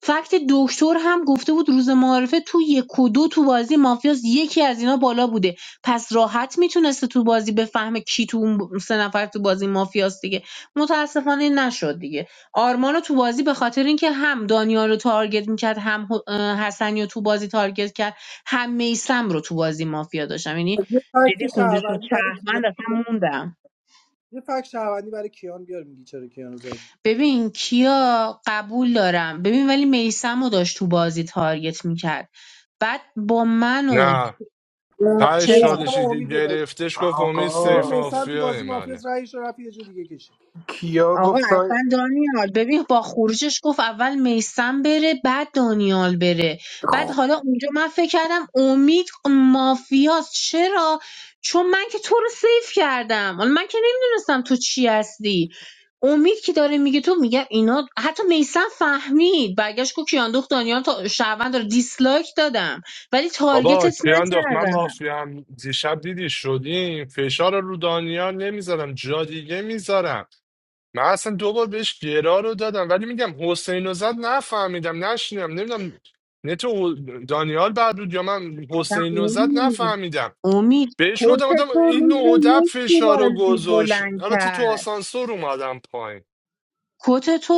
Speaker 13: فکت دکتر هم گفته بود روز معارفه تو یک و دو تو بازی مافیاس یکی از اینا بالا بوده پس راحت میتونسته تو بازی بفهمه کی تو اون سه نفر تو بازی مافیاس دیگه متاسفانه نشد دیگه آرمانو تو بازی به خاطر اینکه هم دانیال رو تارگت میکرد هم ه- حسنی رو تو بازی تارگت کرد هم میسم رو تو بازی مافیا داشتم یعنی
Speaker 15: یه فکت
Speaker 13: جدی خونده شد
Speaker 15: شهروندی برای کیان
Speaker 13: شهروند اصلا موندم
Speaker 15: یه فکت شهروندی برای کیان بیار میگی چرا کیان رو زد
Speaker 13: ببین کیا قبول دارم ببین ولی میسمو داشت تو بازی تارگت میکرد بعد با منو
Speaker 16: نه تهش
Speaker 13: چرا
Speaker 15: میسم و
Speaker 16: چالشی که
Speaker 15: امید رو داشت
Speaker 16: گرفتش گفت امید
Speaker 15: میگه
Speaker 16: سیف
Speaker 6: آقا
Speaker 15: میسم تو
Speaker 16: مافیای
Speaker 15: بازی
Speaker 16: منه
Speaker 15: مافیاس رأیش رو رفت یه جا دیگه کشید
Speaker 6: کیا
Speaker 13: آقا
Speaker 6: گفت سایت
Speaker 13: اصلا دانیال ببین با خروجش گفت اول میسم بره بعد دانیال بره بعد حالا اونجا من فکر کردم امید مافیاست چرا چون من که تو رو سیف کردم حالا من که نمیدونستم تو چی هستی امید که داره میگه تو میگه اینا حتی میسم فهمید برگشت گفت کیاندوخت دانیال تا شهروند داره دیسلایک دادم ولی
Speaker 16: بابا
Speaker 13: تارگتت
Speaker 16: کی انداخت من
Speaker 13: نکردم
Speaker 16: مافیام دیشب دیدی شدیم فشار رو رو دانیال نمیذارم جا دیگه میذارم من اصلا دو بار بهش گرا رو دادم ولی میگم حسین رو زد نفهمیدم نشینم نمیدونم نه تو دانیال بعد بود یا من حسین رو زد نفهمیدم
Speaker 13: امید
Speaker 16: بهش گفتم آدم
Speaker 13: کتت رو
Speaker 16: این نودب فشار رو گذاشت
Speaker 13: بلند
Speaker 16: البته
Speaker 13: کرد
Speaker 16: تو آسانسور اومدم پایین
Speaker 13: کتتو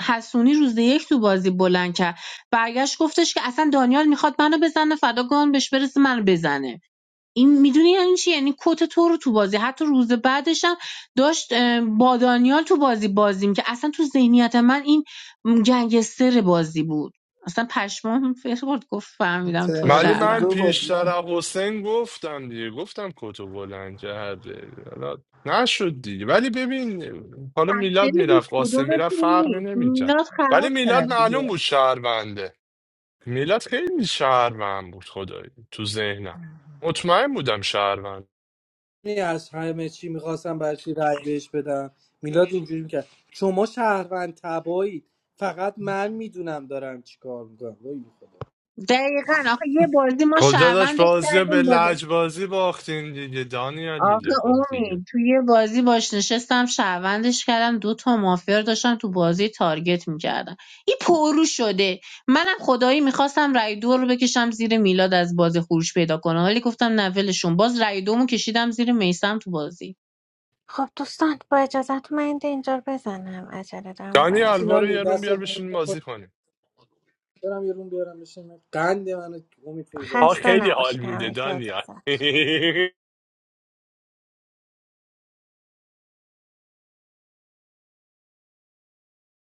Speaker 13: حسونی روز یک تو بازی بلند کرد برگشت گفتش که اصلا دانیال میخواد منو بزنه فدا گان بهش برسه منو بزنه این میدونی یعنی چی یعنی کت تو رو تو بازی حتی روز بعدش هم داشت اه، با دانیال تو بازی بازیم که اصلا تو ذهنیت من این م، گنگستر بازی بود اصلا پشمام فکر برد گفت فهمیدم تو
Speaker 6: ترن
Speaker 16: ولی
Speaker 6: روز
Speaker 16: من
Speaker 6: دو
Speaker 13: شهروند
Speaker 6: با دینا؟
Speaker 16: پیشتر از حسین گفتم دیگه گفتم کتو بلند کرده حالا نشد دیگه ولی ببین حالا میلاد
Speaker 13: تقصیر هیچ
Speaker 16: میرفت قاسم میرفت
Speaker 13: کدومتون
Speaker 16: فرقی
Speaker 13: نیست
Speaker 16: نمیکرد
Speaker 13: میلاد
Speaker 16: ولی
Speaker 13: خراب
Speaker 16: میلاد
Speaker 13: کرد
Speaker 16: معلوم
Speaker 13: دیگه
Speaker 16: بود شهرونده میلاد خیلی شهروند بود خدایی تو ذهنم مطمئن بودم شهروند
Speaker 15: یعنی از همه چی میخواستم برای چی رأی بهش بدم میلاد اینجوری میکرد شما شهروند تبایید فقط من میدونم دارم چیکار میکنم وای به خدا.
Speaker 13: دقیقا آخه یه بازی ما
Speaker 16: کجا داشت
Speaker 13: شهروندش
Speaker 16: بازی رو به
Speaker 13: کردیم با
Speaker 16: لجبازی باختین دیگه دانیال
Speaker 13: آخه
Speaker 16: دیگه خب دیگه
Speaker 13: اومی توی یه بازی باش نشستم شهروندش کردم دو تا مافیا رو داشتم تو بازی تارگت میکردم این پرو شده منم خدایی میخواستم رای دو رو بکشم زیر میلاد از بازی خروج پیدا کنه ولی گفتم نه ولشون باز رای دومو کشیدم زیر میسم تو بازی
Speaker 2: خب دوستان با اجازت من این اینجا رو بزنم عجله دارم
Speaker 16: دانیال
Speaker 2: باید
Speaker 16: برو
Speaker 15: سینانی
Speaker 16: یه
Speaker 2: برم
Speaker 16: روم
Speaker 15: دست
Speaker 16: بیار بشین بازی کنیم
Speaker 15: برم یه روم بیارم بشین قند منو امید فروزان
Speaker 16: ها
Speaker 15: گرفت.
Speaker 2: خسته
Speaker 16: خیلی حال
Speaker 2: نباشید
Speaker 16: میده
Speaker 2: همه یک با
Speaker 16: دانیال
Speaker 2: اجازت